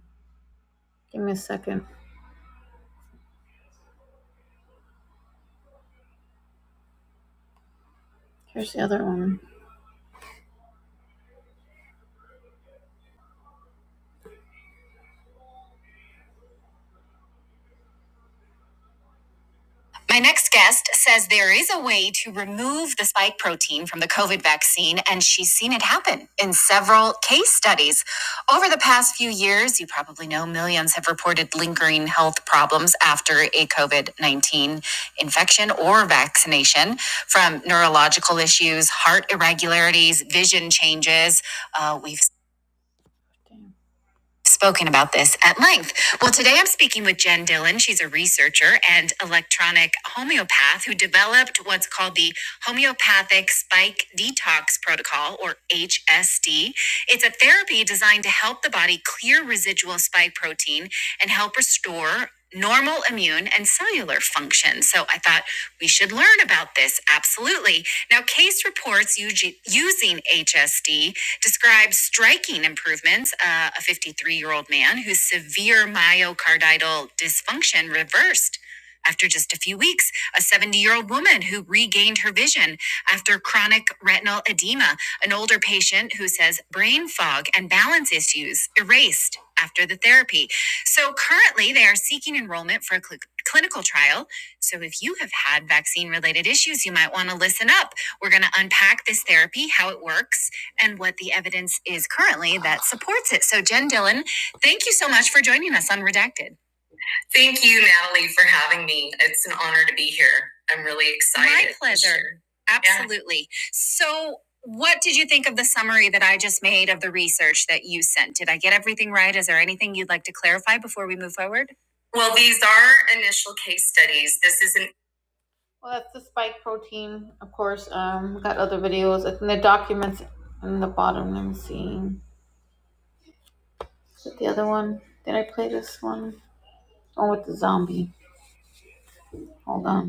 Speaker 2: give me a second. Here's the other one. My next guest says there is a way to remove the spike protein from the COVID vaccine, and she's seen it happen in several case studies. Over the past few years, you probably know millions have reported lingering health problems after a COVID 19 infection or vaccination, from neurological issues, heart irregularities, vision changes. Uh, we've spoken about this at length. Well, today I'm speaking with Jen Dillon. She's a researcher and electronic homeopath who developed what's called the Homeopathic Spike Detox Protocol, or HSD. It's a therapy designed to help the body clear residual spike protein and help restore normal immune and cellular function. So I thought we should learn about this. Absolutely. Now, case reports using HSD describe striking improvements. Uh, a 53 year old man whose severe myocardial dysfunction reversed. After just a few weeks, a 70 year old woman who regained her vision after chronic retinal edema, an older patient who says brain fog and balance issues erased after the therapy. So currently, they are seeking enrollment for a cl- clinical trial. So if you have had vaccine related issues, you might want to listen up. We're going to unpack this therapy, how it works, and what the evidence is currently that supports it. So, Jen Dillon, thank you so much for joining us on Redacted. I'm really excited. My pleasure. year. Yeah. Absolutely. So, what did you think of the summary that I just made of the research that you sent? Did I get everything right? Is there anything you'd like to clarify before we move forward? Well, these are initial case studies. This is not Well, that's the spike protein, of course. Um, we got other videos. I think the documents in the bottom. Let me see. Is it the other one? Did I play this one? Oh, with the zombie. Hold on.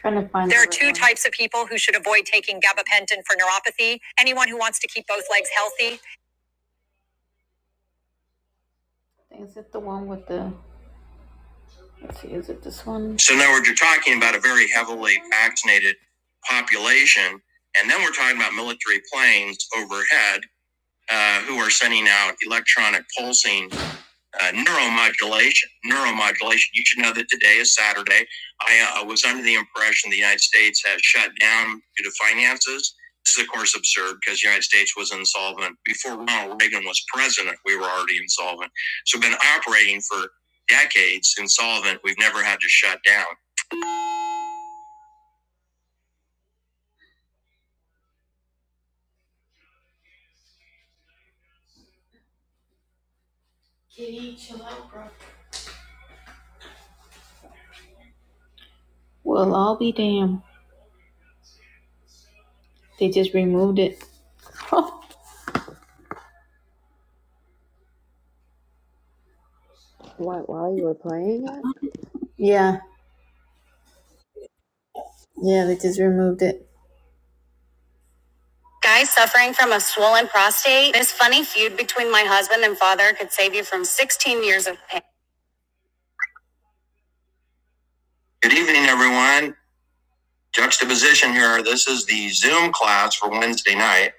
Speaker 2: Trying to find. There are right two types of people who should avoid taking gabapentin for neuropathy anyone who wants to keep both legs healthy. So now we're talking about a very heavily vaccinated population, and then we're talking about military planes overhead uh, who are sending out electronic pulsing uh, neuromodulation. Neuromodulation. You should know that today is Saturday. I uh, was under the impression the United States had shut down due to finances. This is, of course, absurd because the United States was insolvent. Before Ronald Reagan was president, we were already insolvent. So we've been operating for decades insolvent. We've never had to shut down. Well, I'll be damned. They just removed it.
Speaker 5: What, while you were playing it?
Speaker 2: yeah, yeah, they just removed it. Guy suffering from a swollen prostate. This funny feud between my husband and father could save you from 16 years of pain. Good evening, everyone. Juxtaposition here. This is the Zoom class for Wednesday night,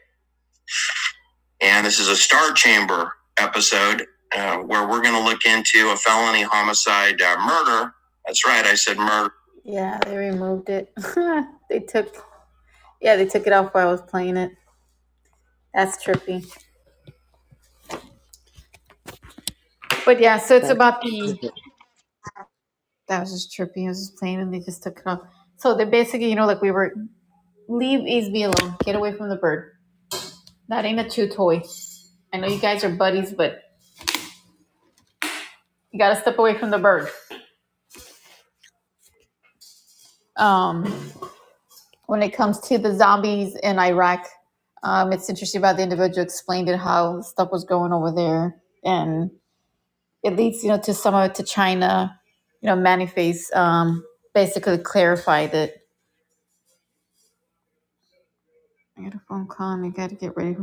Speaker 2: and this is a Star Chamber episode uh, where we're going to look into a felony homicide uh, murder. That's right, I said murder. Yeah, they removed it. they took, yeah, they took it off while I was playing it. That's trippy. But yeah, so it's
Speaker 5: That's
Speaker 2: about the that was just trippy. I was just playing and they just took it off. So they basically, you know, like we were, leave Easy alone. Get away from the bird. That ain't a chew toy. I know you guys are buddies, but you gotta step away from the bird. Um, when it comes to the zombies in Iraq, um, it's interesting about the individual explained it how stuff was going over there, and it leads, you know, to some of it to China. You know, Mannyface um, basically clarified that. I got a phone call. and I gotta get ready.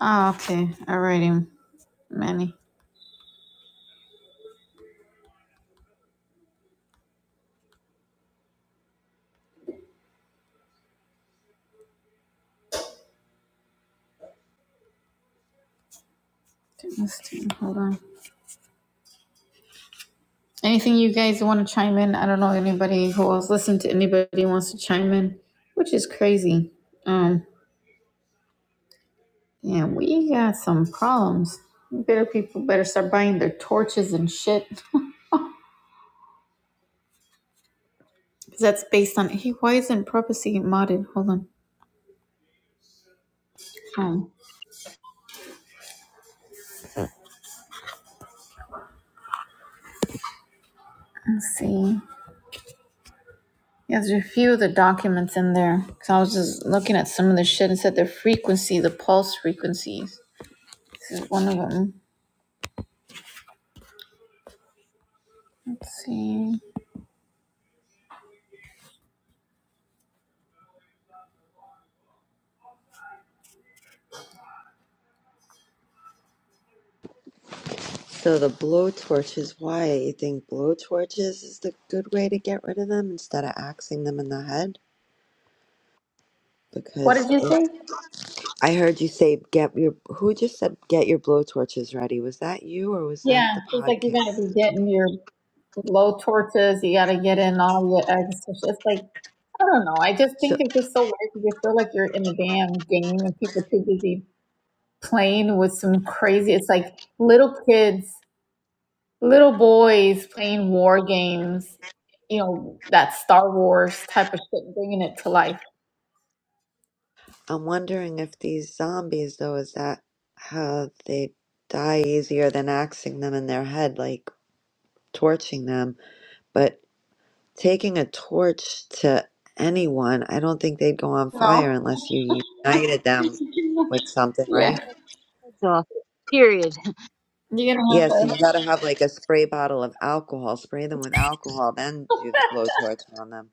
Speaker 2: Oh, okay, all righty, Manny. let Hold on. Anything you guys want to chime in? I don't know anybody who else listened to anybody wants to chime in, which is crazy. Um, yeah, we got some problems. Better people better start buying their torches and shit. Cause that's based on. Hey, why isn't prophecy modded? Hold on. Um, let's see. Yeah, there's a few of the documents in there. Cause I was just looking at some of the shit and said the frequency, the pulse frequencies. This is one of them. Let's see.
Speaker 5: So the blowtorch is why you think blowtorches is the good way to get rid of them instead of axing them in the head?
Speaker 2: What
Speaker 5: Because
Speaker 2: did you
Speaker 5: if
Speaker 2: say?
Speaker 5: I heard you say get your who just said get your blowtorches ready, was that you or was
Speaker 2: Yeah,
Speaker 5: that the
Speaker 2: she's like, you
Speaker 5: podcast?
Speaker 2: gotta be getting your low tortas, you gotta get in all your eggs. So she- It's like, I don't know. I just
Speaker 5: So
Speaker 2: think it's just so weird because you feel like you're in a damn game and people too busy playing with some crazy. It's like little kids, little boys playing war games, you know, that Star Wars type of shit, bringing it to life.
Speaker 5: I'm wondering if these zombies, though, is that how they die easier than axing them in their head, like torching them? But taking a torch to anyone, I don't think they'd go on fire
Speaker 2: No.
Speaker 5: unless you united them with something, right?
Speaker 2: yeah.
Speaker 4: Heads off. Period.
Speaker 2: You're gonna have
Speaker 5: Yeah, so
Speaker 2: to.
Speaker 5: you gotta have like a spray bottle of alcohol, spray them with alcohol, then do the blowtorch on them.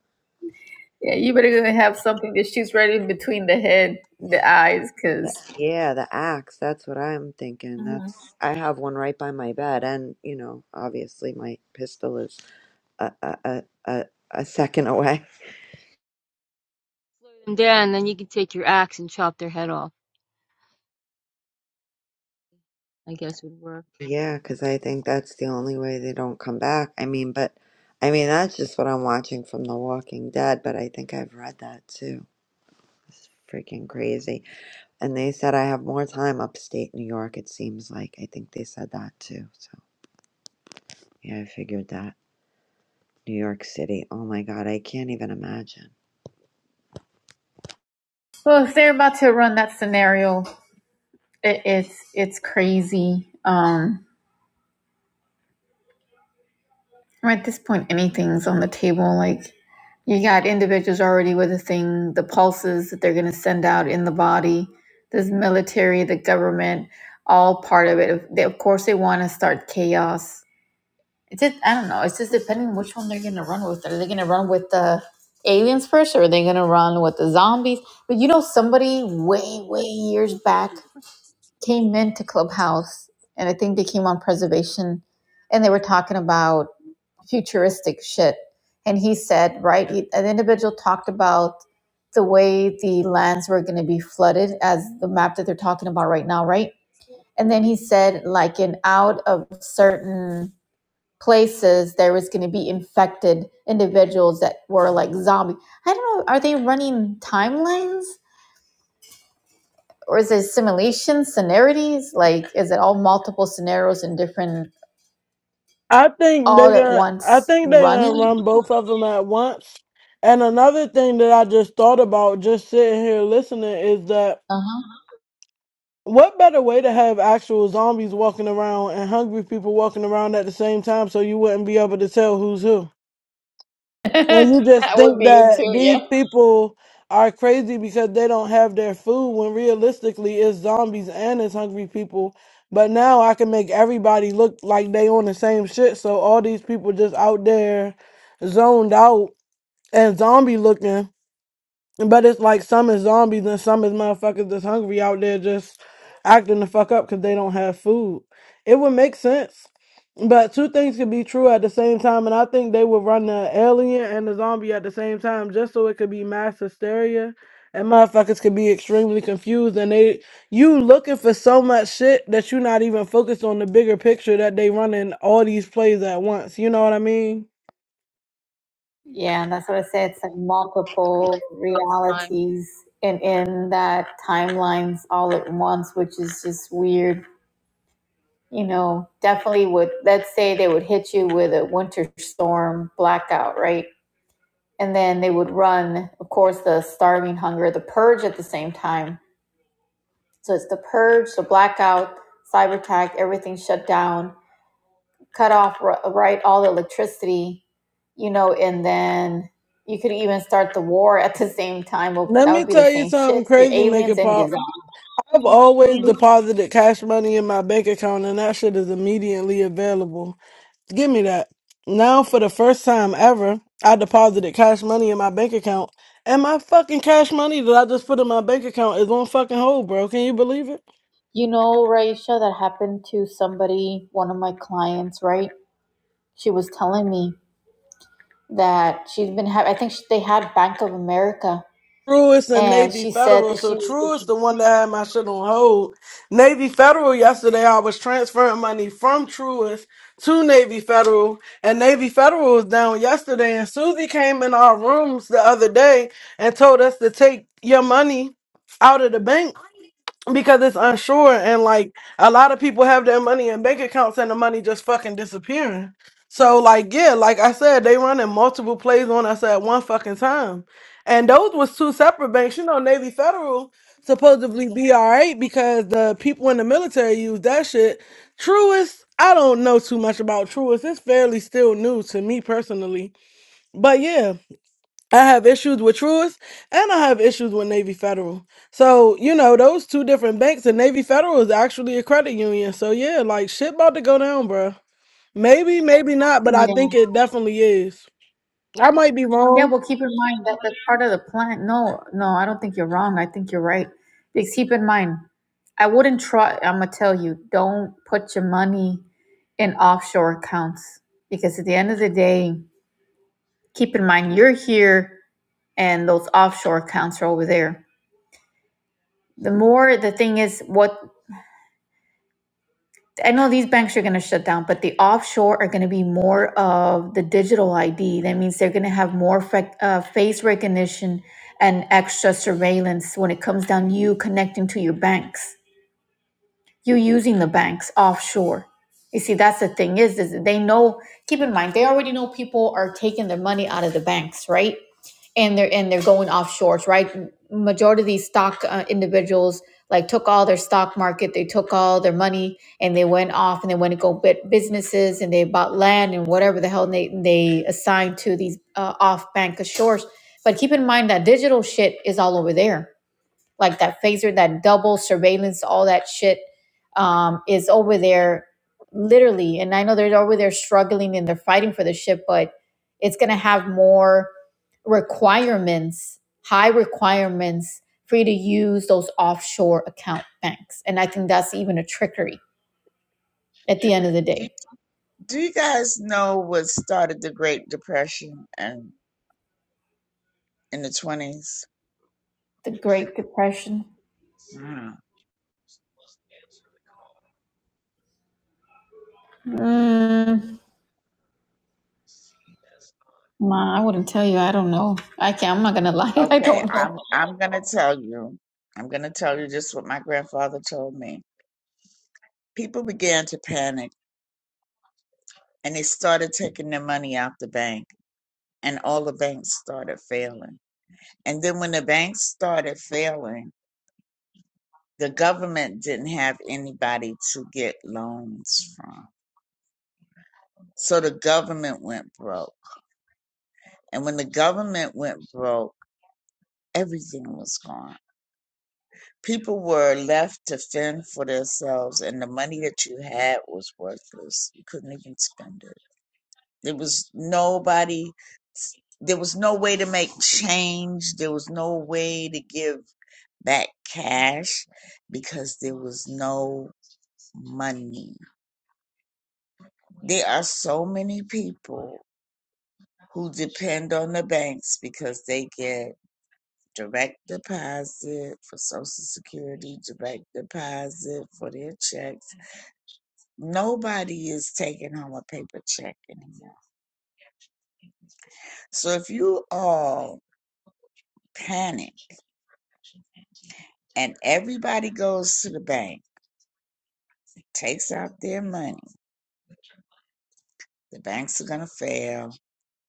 Speaker 2: Yeah, you better gonna have something that shoots right in between the head, the eyes,
Speaker 5: The-
Speaker 2: because.
Speaker 5: Yeah, the axe, that's what I'm thinking. That's I have one right by my bed and, you know, obviously my pistol is a a a, a second away.
Speaker 4: Slow them down, then you can take your axe and chop their head off. I guess would work
Speaker 5: Yeah, because I think that's the only way they don't come back. I mean, but I mean that's just what I'm watching from The Walking Dead. But I think I've read that too. It's freaking crazy. And they said I have more time upstate New York. It seems like I think they said that too. So yeah, I figured that. New York City. Oh my God, I can't even imagine.
Speaker 2: Well, if they're about to run that scenario, it, it's it's crazy. Um, at this point, anything's on the table. Like you got individuals already with the thing, the pulses that they're going to send out in the body. This military, the government, all part of it. They, of course, they want to start chaos. It's just I don't know. It's just depending which one they're going to run with. Are they going to run with the aliens first, or are they going to run with the zombies? But you know, somebody way way years back came into Clubhouse, and I think they came on preservation, and they were talking about futuristic shit. And he said, right, he, an individual talked about the way the lands were going to be flooded, as the map that they're talking about right now, right? And then he said, like, in out of certain places, there was going to be infected individuals that were like zombie. I don't know. Are they running timelines? or is it simulation scenarios? Like, is it all multiple scenarios and different
Speaker 7: I think
Speaker 2: all
Speaker 7: they're
Speaker 2: at
Speaker 7: gonna. I
Speaker 2: once
Speaker 7: think they're gonna
Speaker 2: running?
Speaker 7: run both of them at once. And another thing that I just thought about, just sitting here listening, is that
Speaker 2: Uh huh.
Speaker 7: what better way to have actual zombies walking around and hungry people walking around at the same time, so you wouldn't be able to tell who's who. Well, you just
Speaker 2: That would
Speaker 7: think
Speaker 2: be it
Speaker 7: that
Speaker 2: too,
Speaker 7: these
Speaker 2: yeah.
Speaker 7: people are crazy because they don't have their food when realistically it's zombies and it's hungry people. But now I can make everybody look like they on the same shit. So all these people just out there zoned out and zombie looking. But it's like some is zombies and some is motherfuckers that's hungry out there just acting the fuck up because they don't have food. It would make sense. But two things could be true at the same time, and I think they would run the alien and the zombie at the same time just so it could be mass hysteria. And motherfuckers could be extremely confused and they you looking for so much shit that you're not even focused on the bigger picture that they running all these plays at once. You know what I mean?
Speaker 2: yeah, and that's what I said. It's like multiple
Speaker 4: all the time.
Speaker 2: realities and in that timelines all at once, which is just weird. You know, definitely would, let's say they would hit you with a winter storm blackout, right? And then they would run, of course, the starving hunger, the purge at the same time So it's the purge, the blackout, cyber attack, everything shut down, cut off, right, all the electricity, you know, and then you could even start the war at the same time. Well,
Speaker 7: Let
Speaker 2: that
Speaker 7: me
Speaker 2: would be the
Speaker 7: tell you
Speaker 2: same
Speaker 7: something
Speaker 2: shit. Your
Speaker 7: crazy, make
Speaker 2: aliens
Speaker 7: it
Speaker 2: and
Speaker 7: pop.
Speaker 2: your zombies.
Speaker 7: I've always deposited cash money in my bank account and that shit is immediately available. Give me that. Now, for the first time ever, I deposited cash money in my bank account and my fucking cash money that I just put in my bank account is on fucking hold, bro. Can you believe it?
Speaker 2: You know, Raisha, that happened to somebody, one of my clients, right? She was telling me that she's been, having. I think she, they had Bank of America,
Speaker 7: Truist and
Speaker 2: and
Speaker 7: Navy
Speaker 2: she said
Speaker 7: Federal.
Speaker 2: that she
Speaker 7: So Truist,
Speaker 2: was,
Speaker 7: the one that had my shit on hold. Navy Federal yesterday, I was transferring money from Truist to Navy Federal, and Navy Federal was down yesterday. And Susie came in our rooms the other day and told us to take your money out of the bank because it's unsure and like a lot of people have their money in bank accounts and the money just fucking disappearing. So like yeah, like I said, they running multiple plays on us at one fucking time. And those was two separate banks. You know, Navy Federal supposedly be all right because the people in the military use that shit. Truist, I don't know too much about Truist. It's fairly still new to me personally. But yeah. I have issues with Truist and I have issues with Navy Federal. So, you know, those two different banks and Navy Federal is actually a credit union. So, yeah, like shit about to go down, bruh. Maybe, maybe not, but I
Speaker 2: yeah.
Speaker 7: think it definitely is. I might be
Speaker 2: Yeah,
Speaker 7: wrong.
Speaker 2: well, keep in mind that that's part of the plan. No, no, I don't think you're wrong. I think you're right. Because keep in mind, I wouldn't try. I'm gonna tell you, don't put your money in offshore accounts because at the end of the day, keep in mind you're here and those offshore accounts are over there. The more the thing is, what I know these banks are going to shut down, but the offshore are going to be more of the digital ID. That means they're going to have more fac- uh, face recognition and extra surveillance when it comes down to you connecting to your banks. You're using the banks offshore. You see, that's the thing is, is they know. Keep in mind, they already know people are taking their money out of the banks, right? And they're and they're going offshore, right? Majority of these stock uh, individuals like took all their stock market, they took all their money, and they went off and they went to go bit businesses and they bought land and whatever the hell they they assigned to these uh, off bank shores. But keep in mind that digital shit is all over there like that phaser, that double surveillance, all that shit um, is over there literally. And I know they're over there struggling and they're fighting for the ship, but it's going to have more requirements, high requirements for you to use those offshore account banks. And I think that's even a trickery at the end of the
Speaker 6: Do,
Speaker 2: day.
Speaker 6: do you guys know what started the Great Depression and in the 20s?
Speaker 2: The Great Depression. Mm, Ma, I wouldn't tell you. I don't know. I can't. I'm not gonna lie. I
Speaker 6: Okay,
Speaker 2: don't know.
Speaker 6: I'm I'm going to tell you. I'm going to tell you just what my grandfather told me. People began to panic and they started taking their money out the bank and all the banks started failing. And then when the banks started failing, the government didn't have anybody to get loans from. So the government went broke. And when the government went broke, everything was gone. People were left to fend for themselves, and the money that you had was worthless. You couldn't even spend it. There was nobody, there was no way to make change. There was no way to give back cash because there was no money. There are so many people who depend on the banks because they get direct deposit for Social Security, direct deposit for their checks. Nobody is taking home a paper check anymore. So if you all panic and everybody goes to the bank, takes out their money, the banks are going to fail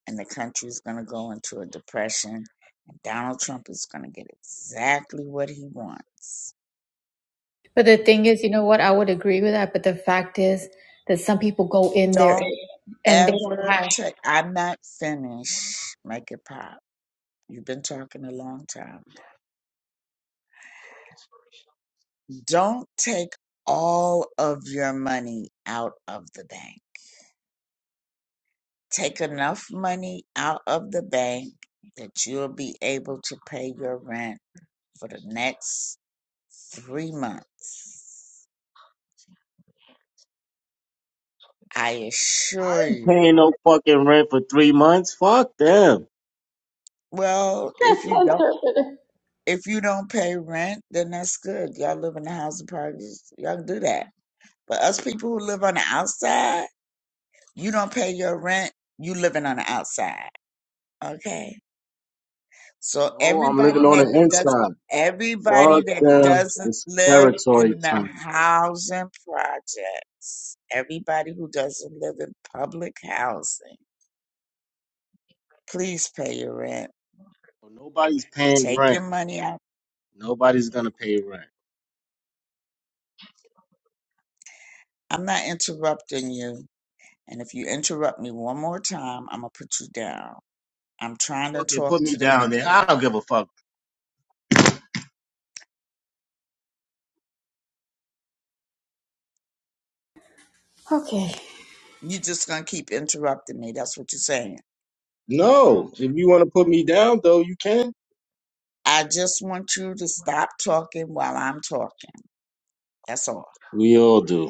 Speaker 6: and the country is going to go into a depression. And Donald Trump is going to get exactly what he wants.
Speaker 2: But the thing
Speaker 6: Okay.
Speaker 2: is, you know what? I would agree with that. But the fact is that some people go in there
Speaker 6: Don't
Speaker 2: and they don't
Speaker 6: ever
Speaker 2: have.
Speaker 6: take, I'm not finished. Make it pop You've been talking a long time. Don't take all of your money out of the bank. Take enough money out of the bank that you'll be able to pay your rent for the next three months. I assure you.
Speaker 8: paying no fucking rent for three months. Fuck them.
Speaker 6: Well, if you don't if you don't pay rent, then that's good. Y'all live in the housing parties, y'all can do that. But us people who live on the outside, you don't pay your rent, you living on the outside. Okay. So
Speaker 8: No, I'm
Speaker 6: everybody
Speaker 8: living on
Speaker 6: that
Speaker 8: the
Speaker 6: does
Speaker 8: inside.
Speaker 6: everybody
Speaker 8: Fuck
Speaker 6: that
Speaker 8: them.
Speaker 6: doesn't
Speaker 8: It's
Speaker 6: live
Speaker 8: territory
Speaker 6: in the
Speaker 8: time.
Speaker 6: housing projects, everybody who doesn't live in public housing, please pay your rent.
Speaker 8: So Nobody's paying
Speaker 6: Take
Speaker 8: rent.
Speaker 6: your money out.
Speaker 8: Nobody's gonna pay rent.
Speaker 6: I'm not interrupting you. And if you interrupt me one more time, I'm gonna put you down. I'm trying to
Speaker 8: Fucking
Speaker 6: talk
Speaker 8: put me
Speaker 6: to the
Speaker 8: down there.
Speaker 6: people.
Speaker 8: I don't give a fuck.
Speaker 2: Okay.
Speaker 6: You're just gonna keep interrupting me. That's what you're saying.
Speaker 8: No, if you want to put me down though, you can.
Speaker 6: I just want you to stop talking while I'm talking. That's all.
Speaker 8: We all do.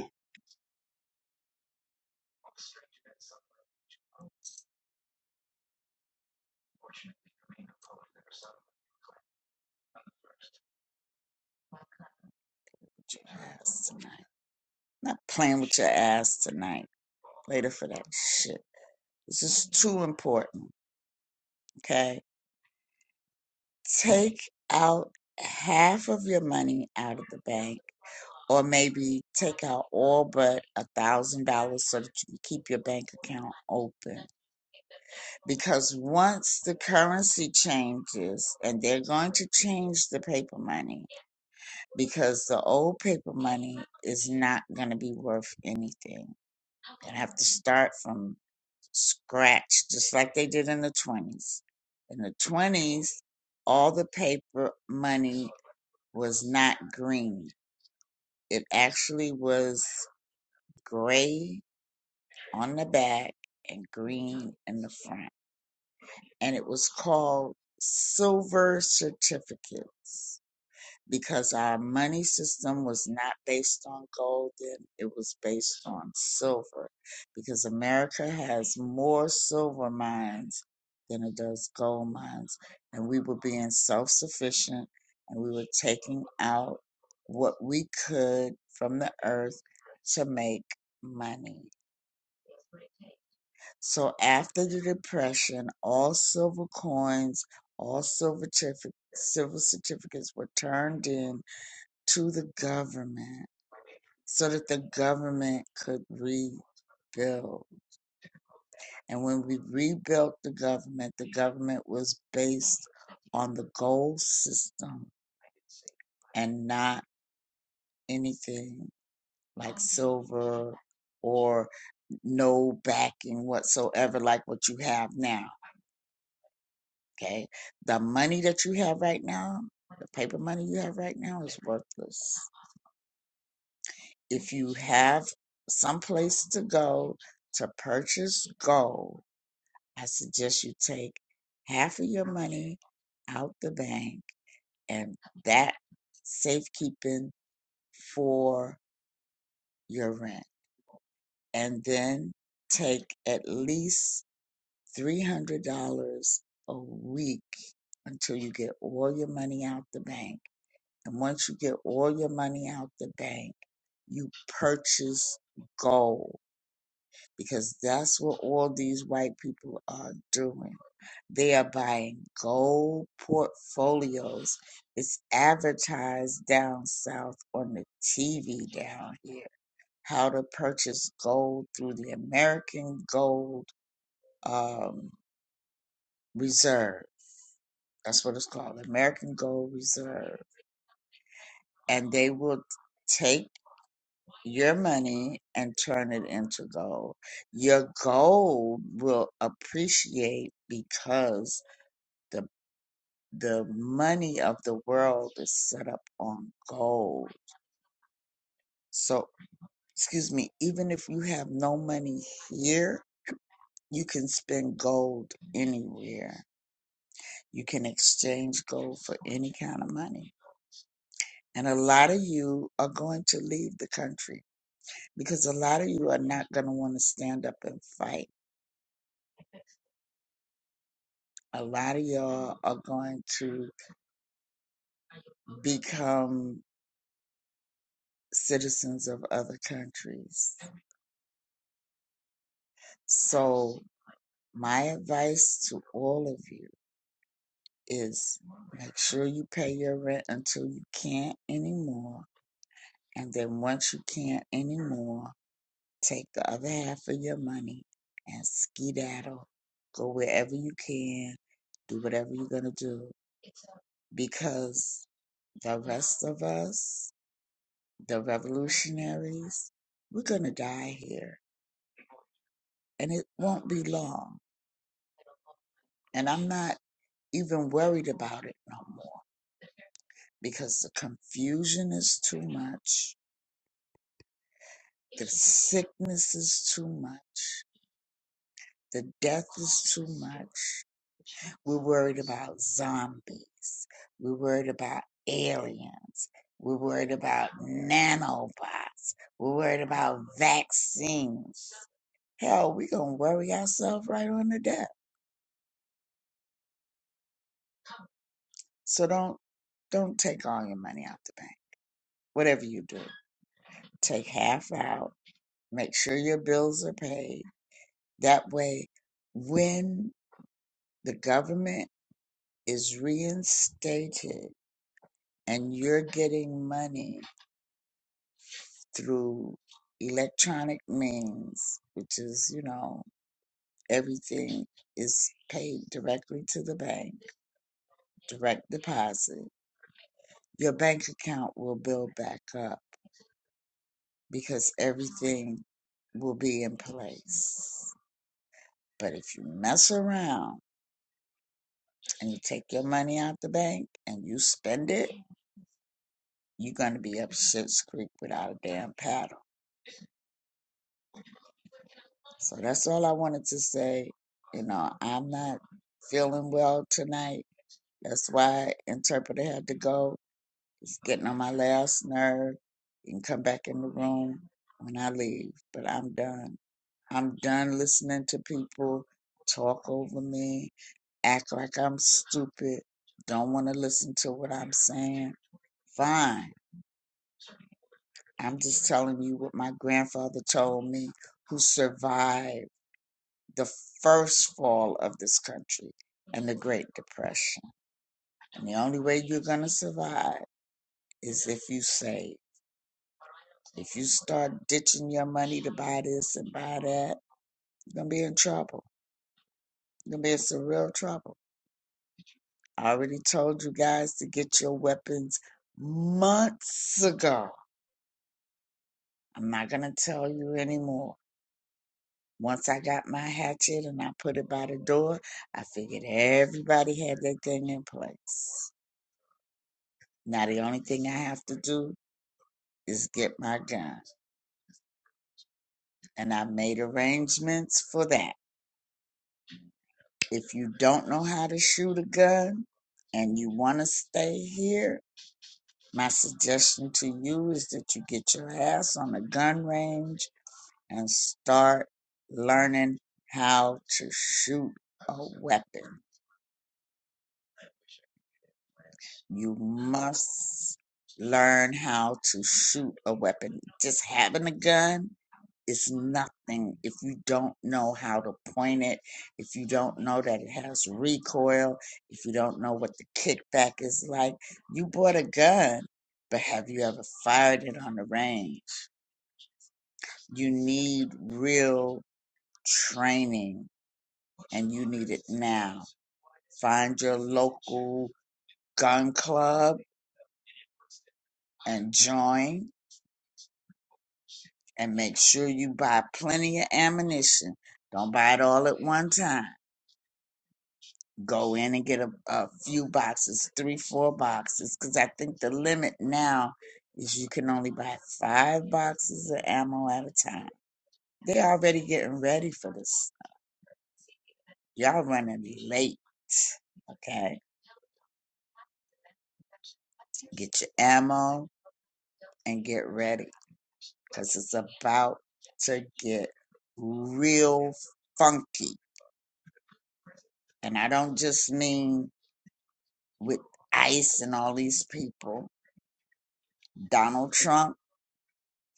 Speaker 6: Yes. Not playing with your ass tonight. Later for that shit. This is too important. Okay. Take out half of your money out of the bank, or maybe take out all but a thousand dollars so that you can keep your bank account open. Because once the currency changes, and they're going to change the paper money, because the old paper money is not going to be worth anything going have to start from scratch, just like they did in the 20s. In the 20s, all the paper money was not green. It actually was gray on the back and green in the front. And it was called silver certificates. because our money system was not based on gold then it was based on silver because america has more silver mines than it does gold mines and we were being self-sufficient and we were taking out what we could from the earth to make money so after the depression all silver coins all silver certific- silver certificates were turned in to the government so that the government could rebuild. And when we rebuilt the government, the government was based on the gold system and not anything like silver or no backing whatsoever, like what you have now. Okay. The money that you have right now, the paper money you have right now is worthless. If you have some place to go to purchase gold, I suggest you take half of your money out the bank and that safekeeping for your rent. And then take at least $300 a week until you get all your money out the bank. And once you get all your money out the bank, you purchase gold because that's what all these white people are doing. They are buying gold portfolios. It's advertised down south on the TV down here how to purchase gold through the American Gold um, Reserve. That's what it's called, American Gold Reserve. And they will take your money and turn it into gold. Your gold will appreciate because the the money of the world is set up on gold. So, excuse me, even if you have no money here, you can spend gold anywhere. You can exchange gold for any kind of money. And a lot of you are going to leave the country because a lot of you are not going to want to stand up and fight a lot of y'all are going to become citizens of other countries. So, my advice to all of you is make sure you pay your rent until you can't anymore. And then, once you can't anymore, take the other half of your money and skedaddle. Go wherever you can, do whatever you're going to do because the rest of us the revolutionaries, we're going to die here and it won't be long. And I'm not even worried about it no more because the confusion is too much. The sickness is too much. The death is too much. We're worried about zombies. We're worried about aliens. We're worried about nanobots. We're worried about vaccines. Hell, we're going to worry ourselves right on to death So don't don't take all your money out the bank. Whatever you do, take half out. Make sure your bills are paid. That way, when the government is reinstated and you're getting money through electronic means, which is, you know, everything is paid directly to the bank, direct deposit, your bank account will build back up because everything will be in place. But if you mess around and you take your money out the bank and you spend it, you're going to be up shit's creek without a damn paddle. So that's all I wanted to say. You know, I'm not feeling well tonight. That's why interpreter had to go. It's getting on my last nerve. You can come back in the room when I leave, but I'm done. I'm done listening to people talk over me, act like I'm stupid, don't want to listen to what I'm saying. Fine. I'm just telling you what my grandfather told me, who survived the first fall of this country and the Great Depression. And the only way you're going to survive is if you save. If you start ditching your money to buy this and buy that, you're going to be in trouble. You're going to be in some real trouble. I already told you guys to get your weapons months ago. I'm not going to tell you anymore. Once I got my hatchet and I put it by the door, I figured everybody had their thing in place. Now the only thing I have to do is get my gun. And I've made arrangements for that. If you don't know how to shoot a gun and you want to stay here, my suggestion to you is that you get your ass on a gun range and start learning how to shoot a weapon. You must learn how to shoot a weapon. Just having a gun is nothing if you don't know how to point it, if you don't know that it has recoil, if you don't know what the kickback is like. You bought a gun, but have you ever fired it on the range? You need real training and you need it now Find your local gun club and join and make sure you buy plenty of ammunition. Don't buy it all at one time. Go in and get a, a few boxes, three, four boxes, because I think the limit now is you can only buy five boxes of ammo at a time. They already getting ready for this. Y'all running late, okay? Get your ammo and get ready. because it's about to get real funky. And I don't just mean with ICE and all these people. Donald Trump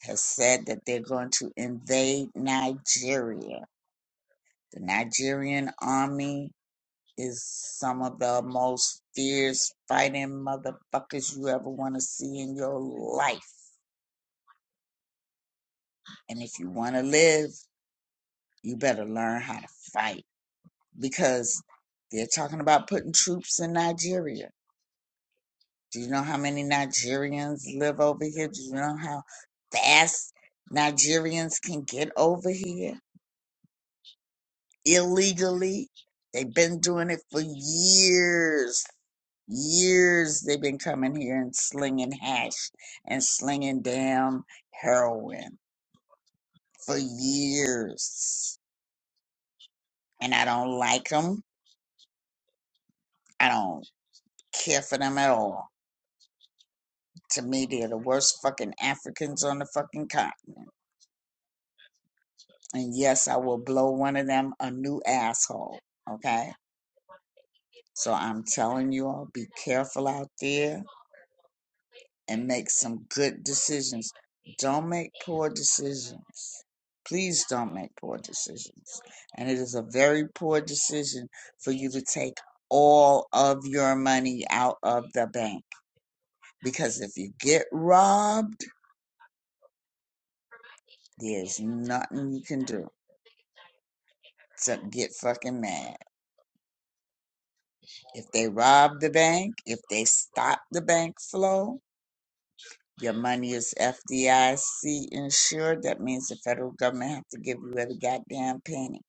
Speaker 6: has said that they're going to invade Nigeria. The Nigerian army is some of the most fierce fighting motherfuckers you ever want to see in your life. And if you want to live, you better learn how to fight. because they're talking about putting troops in Nigeria. Do you know how many Nigerians live over here? Do you know how fast Nigerians can get over here illegally? They've been doing it for years. Years they've been coming here and slinging hash and slinging damn heroin for years. And I don't like them. I don't care for them at all To me, they're the worst fucking Africans on the fucking continent. And yes, I will blow one of them a new asshole. Okay? So I'm telling you all, be careful out there and make some good decisions. Don't make poor decisions. Please don't make poor decisions. And it is a very poor decision for you to take all of your money out of the bank. Because if you get robbed, There's nothing you can do except get fucking mad. If they rob the bank, if they stop the bank flow, your money is FDIC insured. That means the federal government have to give you every goddamn penny.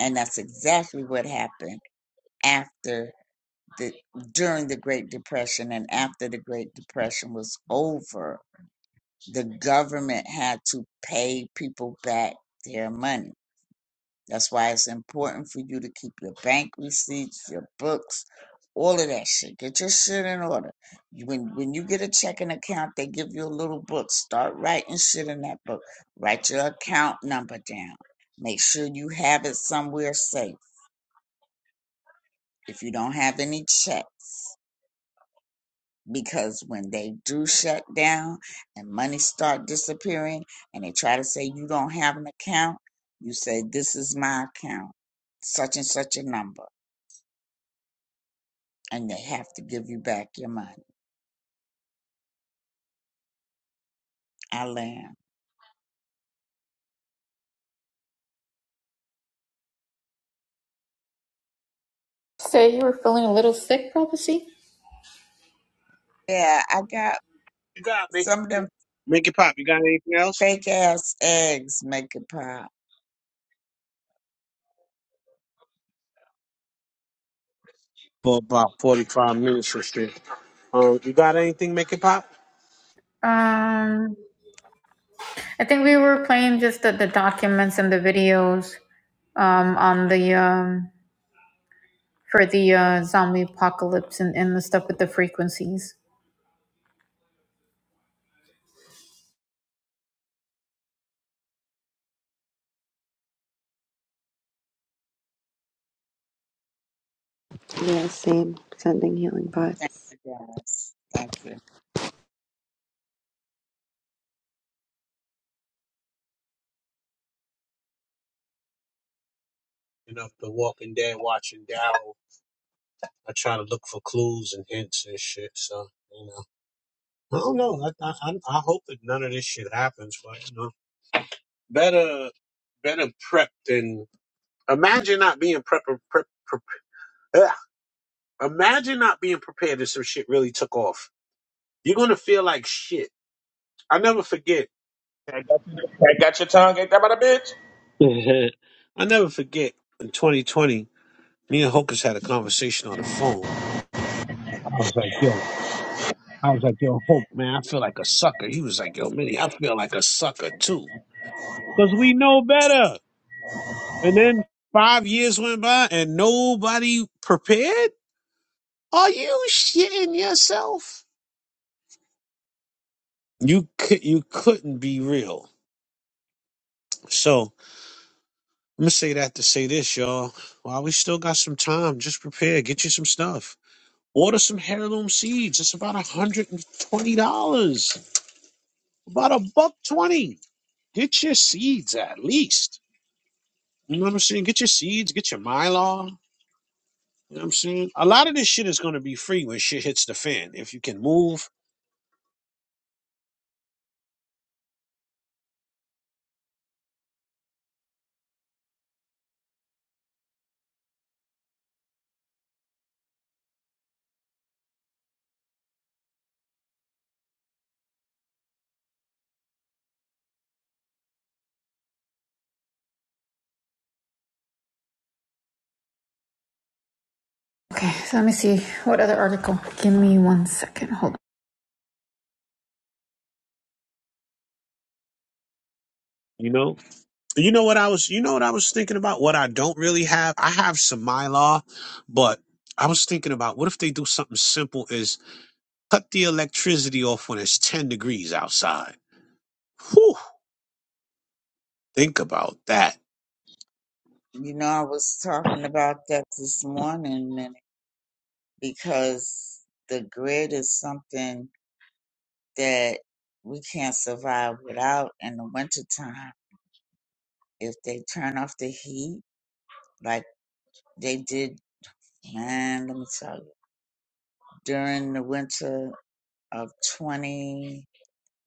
Speaker 6: And that's exactly what happened after the during the Great Depression and after the Great Depression was over, the government had to pay people back their money That's why it's important for you to keep your bank receipts, your books, all of that shit. Get your shit in order. When when you get a checking account, they give you a little book. Start writing shit in that book. Write your account number down. Make sure you have it somewhere safe. If you don't have any checks, because when they do shut down and money start disappearing, and they try to say you don't have an account, you say this is my account, such and such a number and they have to give you back your money. I land.
Speaker 2: So you were feeling a little sick, prophecy
Speaker 6: Yeah, I got
Speaker 1: You got make
Speaker 6: some of them
Speaker 1: make it pop. You got anything else?
Speaker 6: fake ass eggs make it pop.
Speaker 1: For about forty five minutes or so. Um, you got anything? Make it pop.
Speaker 2: for the uh, zombie apocalypse and, and the stuff with the frequencies.
Speaker 5: Yeah, same. Sending healing vibes.
Speaker 6: You guys, thank you.
Speaker 1: You know, The Walking Dead, watching Daryl. I try to look for clues and hints and shit. So. you know. I don't know. I, I, I I hope that none of this shit happens, but you know, better better prep than imagine not being prep, prep, prep ugh. imagine not being prepared if some shit really took off. You're gonna feel like shit. I never forget.
Speaker 9: I got you, I got your tongue, ain't that about a bitch?
Speaker 1: I never forget in 2020. Me and Hocus had a conversation on the phone. I was like, "Yo," I was like, "Yo, Hope, man, I feel like a sucker." He was like, "Yo, Minnie, I feel like a sucker too," because we know better. And then five years went by and nobody prepared. Are you shitting yourself? You could you couldn't be real. So I'm gonna say that to say this, y'all. While we still got some time, just prepare. Get you some stuff. Order some heirloom seeds. It's about hundred and twenty dollars. About a buck twenty. Get your seeds at least. You know what I'm saying? Get your seeds. Get your mylar. You know what I'm saying? A lot of this shit is gonna be free when shit hits the fan. If you can move
Speaker 2: Okay, so let me see what other article. Give me one second. Hold on.
Speaker 1: You know, you know what I was, you know what I was thinking about. What I don't really have, I have some mylar, but I was thinking about what if they do something simple: is cut the electricity off when it's ten degrees outside. Whew, think about that.
Speaker 6: You know, I was talking about that this morning and because the grid is something that we can't survive without in the wintertime. If they turn off the heat, like they did, man, let me tell you, during the winter of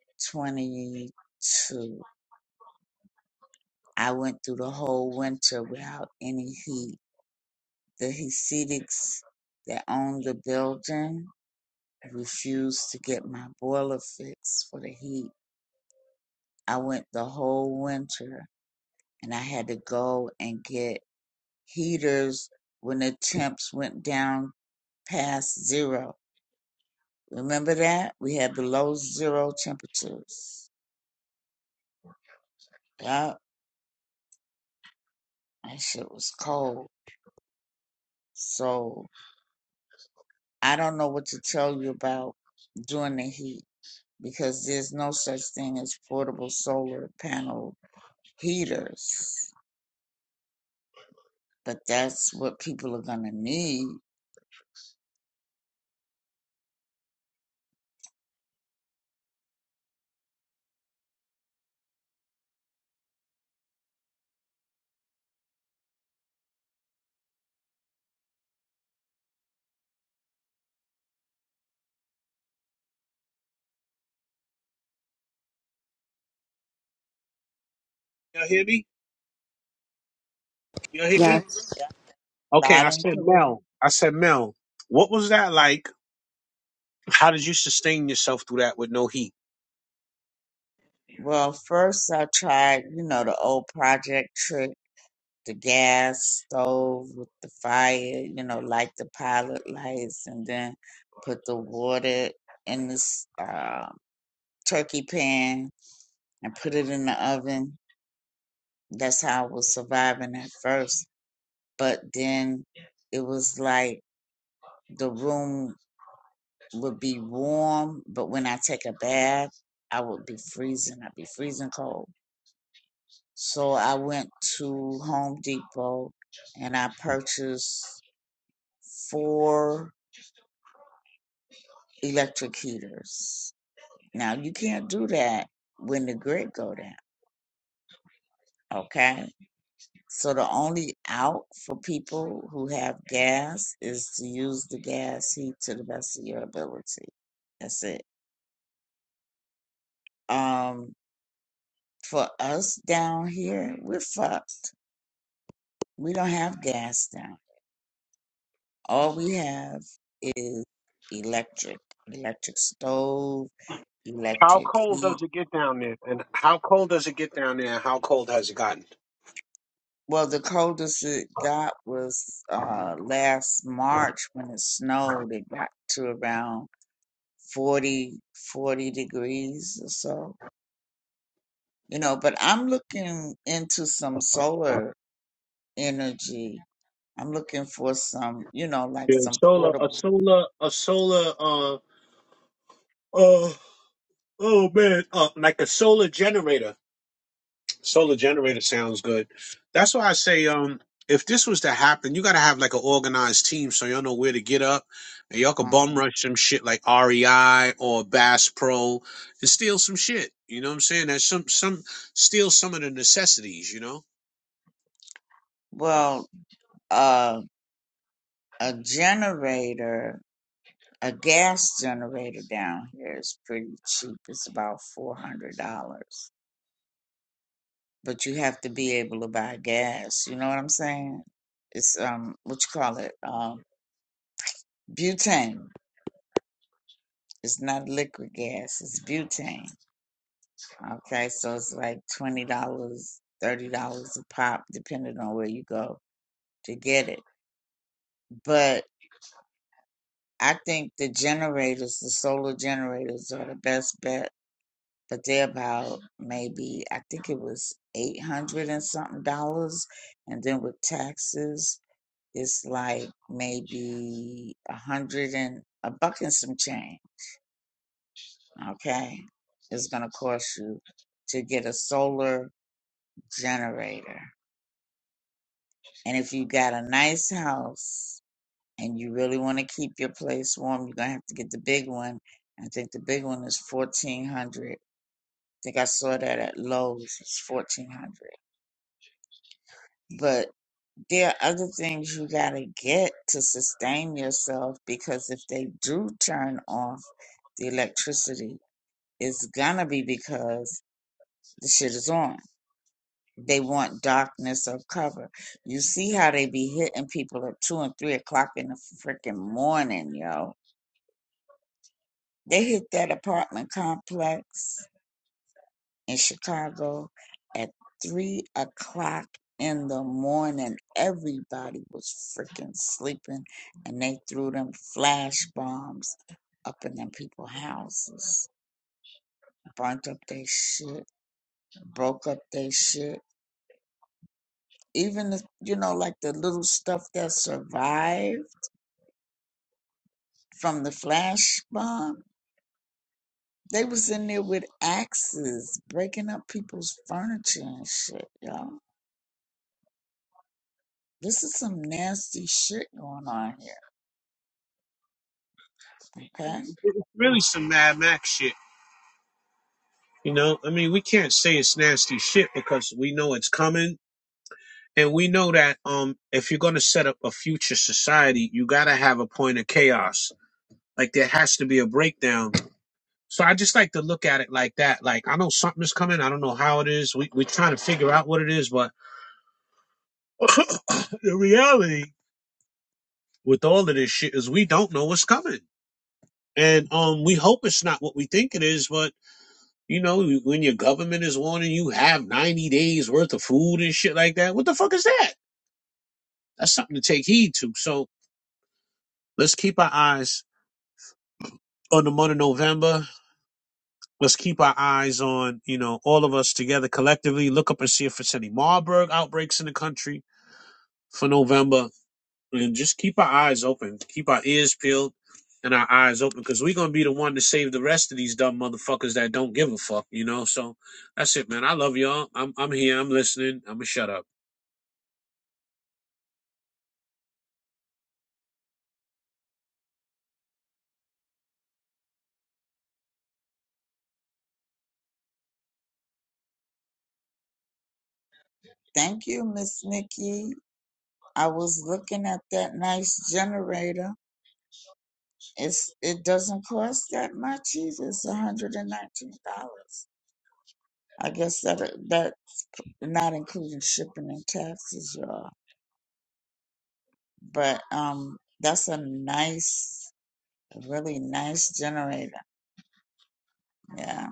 Speaker 6: 2022, I went through the whole winter without any heat. The Hasidics that owned the building refused to get my boiler fixed for the heat. I went the whole winter and I had to go and get heaters when the temps went down past zero. Remember that? We had below zero temperatures. Yep, that shit was cold. So I don't know what to tell you about during the heat. because there's no such thing as portable solar panel heaters. But that's what people are going to need.
Speaker 1: Y'all hear me? Y'all hear me?
Speaker 5: Yes.
Speaker 1: Okay,
Speaker 6: Loud
Speaker 1: I
Speaker 6: and
Speaker 1: said
Speaker 6: clear.
Speaker 1: Mel. I said Mel. What was that like? How did you sustain yourself through that with no heat?
Speaker 6: Well, first I tried, you know, the old project trick, the gas stove with the fire, you know, light the pilot lights and then put the water in this uh, turkey pan and put it in the oven. That's how I was surviving at first. But then it was like, the room would be warm, but when I take a bath, I would be freezing. I'd be freezing cold. So I went to Home Depot and I purchased four electric heaters. Now you can't do that when the grid go down, okay? So the only out for people who have gas is to use the gas heat to the best of your ability. That's it. Um For us down here, we're fucked. We don't have gas down. All we have is electric, electric stove,
Speaker 1: How
Speaker 6: electric
Speaker 1: cold
Speaker 6: heat.
Speaker 1: does it get down there? And how cold does it get down there? And how cold has it gotten?
Speaker 6: Well, the coldest it got was uh, last March when it snowed. It got to around 40, 40 degrees or so. You know, but I'm looking into some solar energy. I'm looking for some, you know, like
Speaker 1: Yeah,
Speaker 6: some
Speaker 1: solar, a
Speaker 6: portable.
Speaker 1: solar, a solar, uh, oh, oh man, uh, like a solar generator. Solar generator sounds good. That's why I say, um, if this was to happen, you got to have like an organized team so y'all know where to get up, and y'all could bum
Speaker 6: Um,
Speaker 1: rush some shit like REI or Bass Pro and steal some shit. You know what I'm saying? That's some some steal some of the necessities. You know.
Speaker 6: Well, uh, a generator, a gas generator down here is pretty cheap. It's about four hundred dollars, but you have to be able to buy gas. You know what I'm saying? It's um, what you call it? Um, butane. It's not liquid gas. It's butane. Okay, so it's like twenty dollars, thirty dollars a pop, depending on where you go to get it. But I think the generators, the solar generators, are the best bet. But they're about maybe I think it was eight hundred and something dollars, and then with taxes, it's like maybe a hundred and a buck and some change. Okay, it's gonna cost you to get a solar generator, and if you got a nice house. and you really want to keep your place warm, you're gonna have to get the big one. I think the big one is fourteen hundred. I think I saw that at Lowe's. It's fourteen hundred. But there are other things you gotta get to sustain yourself because if they do turn off the electricity, it's gonna be because the shit is on. They want darkness of cover. You see how they be hitting people at two and three o'clock in the freaking morning, yo They hit that apartment complex in Chicago at three o'clock in the morning. Everybody was freaking sleeping, and they threw them flash bombs up in them people's houses, burnt up their shit, broke up their shit. Even the, you know, like the little stuff that survived from the flash bomb, they was in there with axes, breaking up people's furniture and shit, y'all This is some nasty shit going on here. Okay.
Speaker 1: it's really some Mad Max shit. You know, I mean, we can't say it's nasty shit because we know it's coming. and we know that um if you're going to set up a future society you got to have a point of chaos like there has to be a breakdown so i just like to look at it like that like i know something is coming i don't know how it is we, we're trying to figure out what it is but the reality with all of this shit is we don't know what's coming and um we hope it's not what we think it is but you know when your government is warning you have 90 days worth of food and shit like that what the fuck is that that's something to take heed to so let's keep our eyes on the month of November. Let's keep our eyes on, you know, all of us together collectively. Look up and see if it's any Marburg outbreaks in the country for November. And just keep our eyes open, keep our ears peeled and our eyes open because we're going to be the one to save the rest of these dumb motherfuckers that don't give a fuck, you know? So that's it, man. I love y'all. I'm, I'm here. I'm listening. I'm going to shut up.
Speaker 6: Thank you, Miss Nikki. I was looking at that nice generator. It's it doesn't cost that much either. It's one hundred and nineteen dollars. I guess that that not including shipping and taxes, y'all. But um, that's a nice, a really nice generator. Yeah.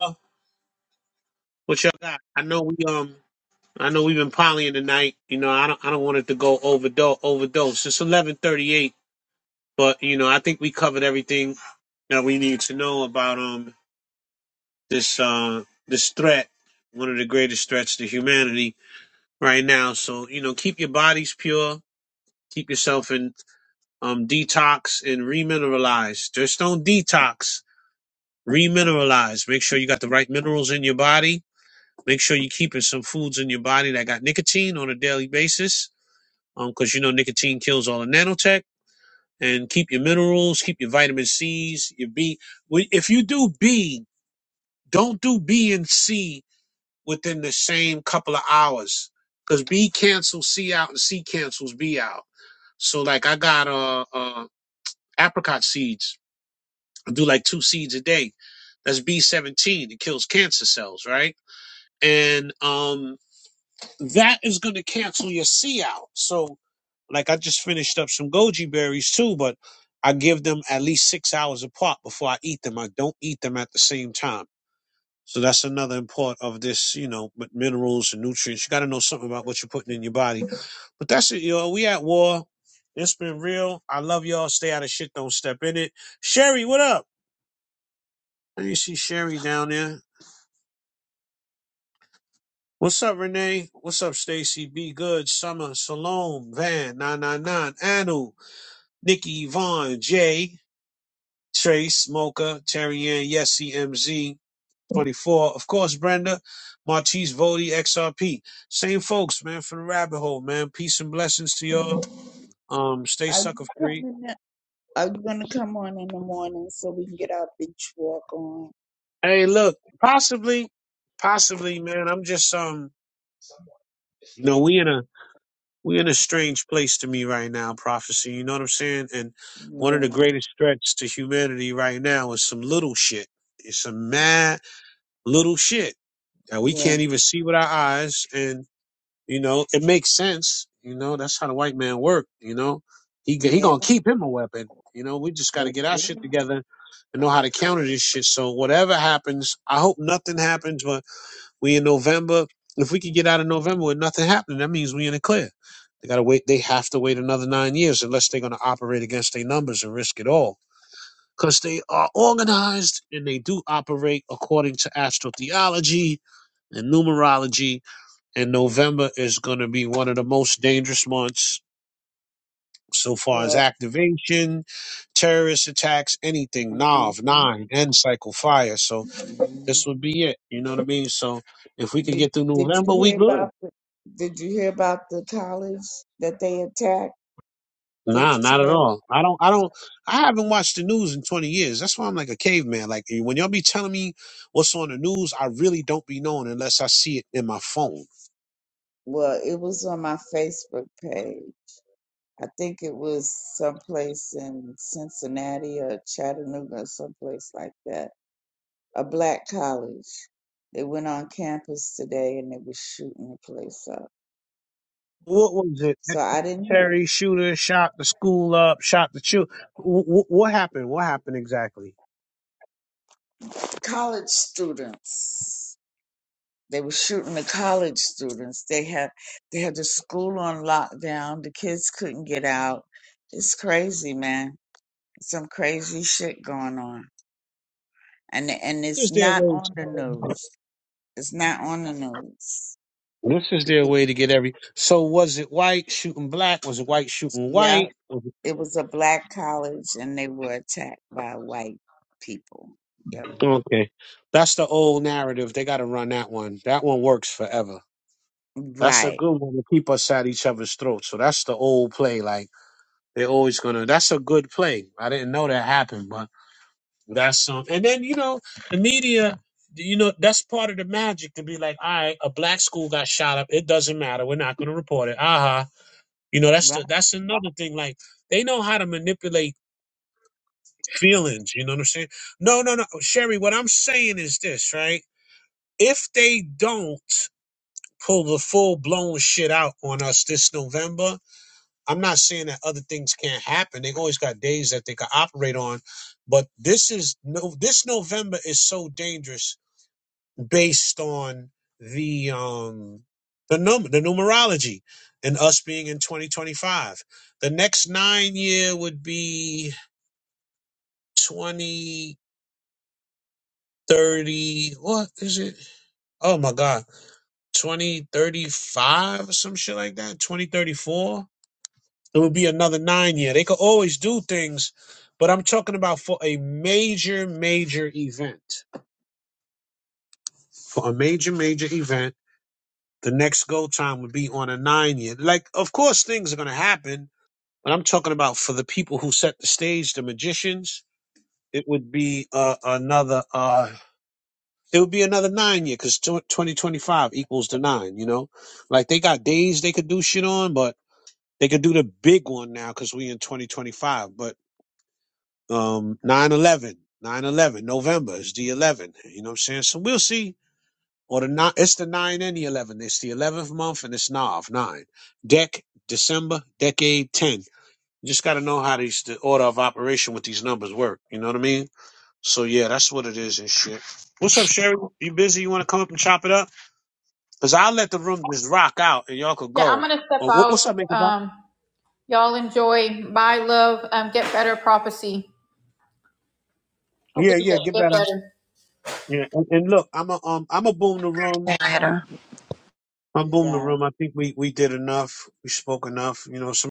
Speaker 1: Oh, what y'all got? I know we um, I know we've been partying tonight. You know, I don't, I don't want it to go overdose. Overdose. It's eleven thirty-eight, but you know, I think we covered everything that we need to know about um this uh this threat, one of the greatest threats to humanity right now. So you know, keep your bodies pure. Keep yourself in um, detox and remineralize. Just don't detox, remineralize. Make sure you got the right minerals in your body. Make sure you're keeping some foods in your body that got nicotine on a daily basis, um, because you know nicotine kills all the nanotech. And keep your minerals, keep your vitamin C's, your B. We- If you do B, don't do B and C within the same couple of hours, because B cancels C out and C cancels B out. So like I got uh, uh apricot seeds. I do like two seeds a day. That's B17. It kills cancer cells, right? And um, that is going to cancel your C out. So, like, I just finished up some goji berries too, but I give them at least six hours apart before I eat them. I don't eat them at the same time. So that's another important part of this, you know, with minerals and nutrients. You got to know something about what you're putting in your body. But that's it, yo. We at war. It's been real. I love y'all. Stay out of shit. Don't step in it. Sherry, what up? Hey, you see Sherry down there. What's up, Renee? What's up, Stacy? Be good. Summer, Salome, Van, 999, Anu, Nikki, Yvonne, Jay, Trace, Mocha, Terry Ann, Yesy, MZ, 24. Of course, Brenda, Martise, Vody, XRP. Same folks, man, from the rabbit hole, man. Peace and blessings to y'all. Um, stay
Speaker 6: Are
Speaker 1: sucker
Speaker 6: you
Speaker 1: free.
Speaker 6: coming? In, are you gonna come on in the morning so we can get our beach walk on?
Speaker 1: Hey, look, possibly, possibly, man, I'm just, um, you know, we in a, We're in a strange place to me right now, prophecy. You know what I'm saying? And one of the greatest threats to humanity right now is some little shit. It's some mad little shit that we
Speaker 6: Yeah.
Speaker 1: can't even see with our eyes. And, you know, it makes sense. You know, that's how the white man work. You know, he, he
Speaker 6: Yeah,
Speaker 1: gonna keep him a weapon. You know, we just gotta
Speaker 6: they
Speaker 1: get our shit
Speaker 6: do.
Speaker 1: together and know how to counter this shit. So whatever happens, I hope nothing happens, but we in November. If we could get out of November with nothing happening, that means we in the clear. They gotta wait. They have to wait another nine years unless they're gonna operate against their numbers and risk it all. Because they are organized and they do operate according to astral theology and numerology. And November is gonna be one of the most dangerous months so far as
Speaker 6: Well,
Speaker 1: activation, terrorist attacks, anything,
Speaker 6: hmm
Speaker 1: Nav,
Speaker 6: hmm
Speaker 1: nine, and cycle fire. So this would be it. You know what I mean? So if we could
Speaker 6: you,
Speaker 1: get through
Speaker 6: did
Speaker 1: November,
Speaker 6: you
Speaker 1: we
Speaker 6: hear
Speaker 1: good.
Speaker 6: about the, did you hear about the college that they attacked the,
Speaker 1: Nah, not at
Speaker 6: today?
Speaker 1: all. I don't. I don't. I haven't watched the news in twenty years. That's why I'm like a caveman. Like eh, when y'all be telling me what's on the news, I really don't be knowing unless I see it in my phone.
Speaker 6: Well, it was on my Facebook page. I think it was someplace in Cincinnati or Chattanooga or someplace like that. A black college. They went on campus today and they were shooting the place up.
Speaker 1: What was it?
Speaker 6: So I didn't hear
Speaker 1: Terry shooter shot the school up, shot the child. What happened? What happened exactly?
Speaker 6: college students. They were shooting the college students. They had they had the school on lockdown. The kids couldn't get out. It's crazy, man. Some crazy shit going on, and and it's
Speaker 1: Just their
Speaker 6: not
Speaker 1: way.
Speaker 6: on the news. It's not on the news.
Speaker 1: This is
Speaker 6: It
Speaker 1: their
Speaker 6: was-
Speaker 1: way to get every. So was it white shooting black? Was it white shooting
Speaker 6: Yeah,
Speaker 1: white? Was it-
Speaker 6: it was a black college, and they were attacked by white people. Yep.
Speaker 1: Okay, that's the old narrative. They got to run that one. That one works forever. That's a
Speaker 6: Right.
Speaker 1: good one to keep us at each other's throats. So that's the old play. Like they're always gonna. That's a good play. I didn't know that happened, but that's some. and then you know the media. You know that's part of the magic to be like, all right, a black school got shot up. It doesn't matter. We're not gonna report it. Aha. Uh-huh. You know that's the
Speaker 6: Right.
Speaker 1: that's another thing. Like they know how to manipulate feelings. You know what I'm saying? No, no, no. Sherry, what I'm saying is this, right? If they don't pull the full blown shit out on us this November, I'm not saying that other things can't happen. They always got days that they can operate on. But this is no this November is so dangerous based on the um the number the numerology and us being in 2025. The next nine year would be 20. 30 what is it oh my god 2035 or some shit like that 2034 it would be another nine year they could always do things but i'm talking about for a major major event for a major major event the next go time would be on a nine year like of course things are going to happen but i'm talking about for the people who set the stage the magicians it would be uh, another Uh, it would be another nine year because 2025 equals the nine, you know? Like they got days they could do shit on, but they could do the big one now because we in 2025. But um 9 eleven, nine eleven, November is the 11, you know what I'm saying? So we'll see. Or the nine, it's the nine and the 11. It's the 11th month and it's Nav, nine. Dec, December, decade 10. You just got to know how these, the order of operation with these numbers work, you know what I mean? So yeah, that's what it is and shit. What's up, Sherry? You busy? You want to come up and chop it up? Cause I'll let the room just rock out and y'all could
Speaker 2: Yeah, I'm
Speaker 1: go.
Speaker 2: gonna step
Speaker 1: Uh, what,
Speaker 2: out.
Speaker 1: what's up, man? 'Cause
Speaker 2: Um, y'all enjoy. Bye, love. Um, get better, prophecy. Hopefully,
Speaker 1: Yeah, yeah,
Speaker 2: you
Speaker 1: get
Speaker 2: get, get
Speaker 1: better.
Speaker 2: better.
Speaker 1: Yeah, and, and look, I'm a um, I'm a boom the room.
Speaker 5: Later.
Speaker 1: I'm boom the room. I think we we did enough. We spoke enough. You know, some.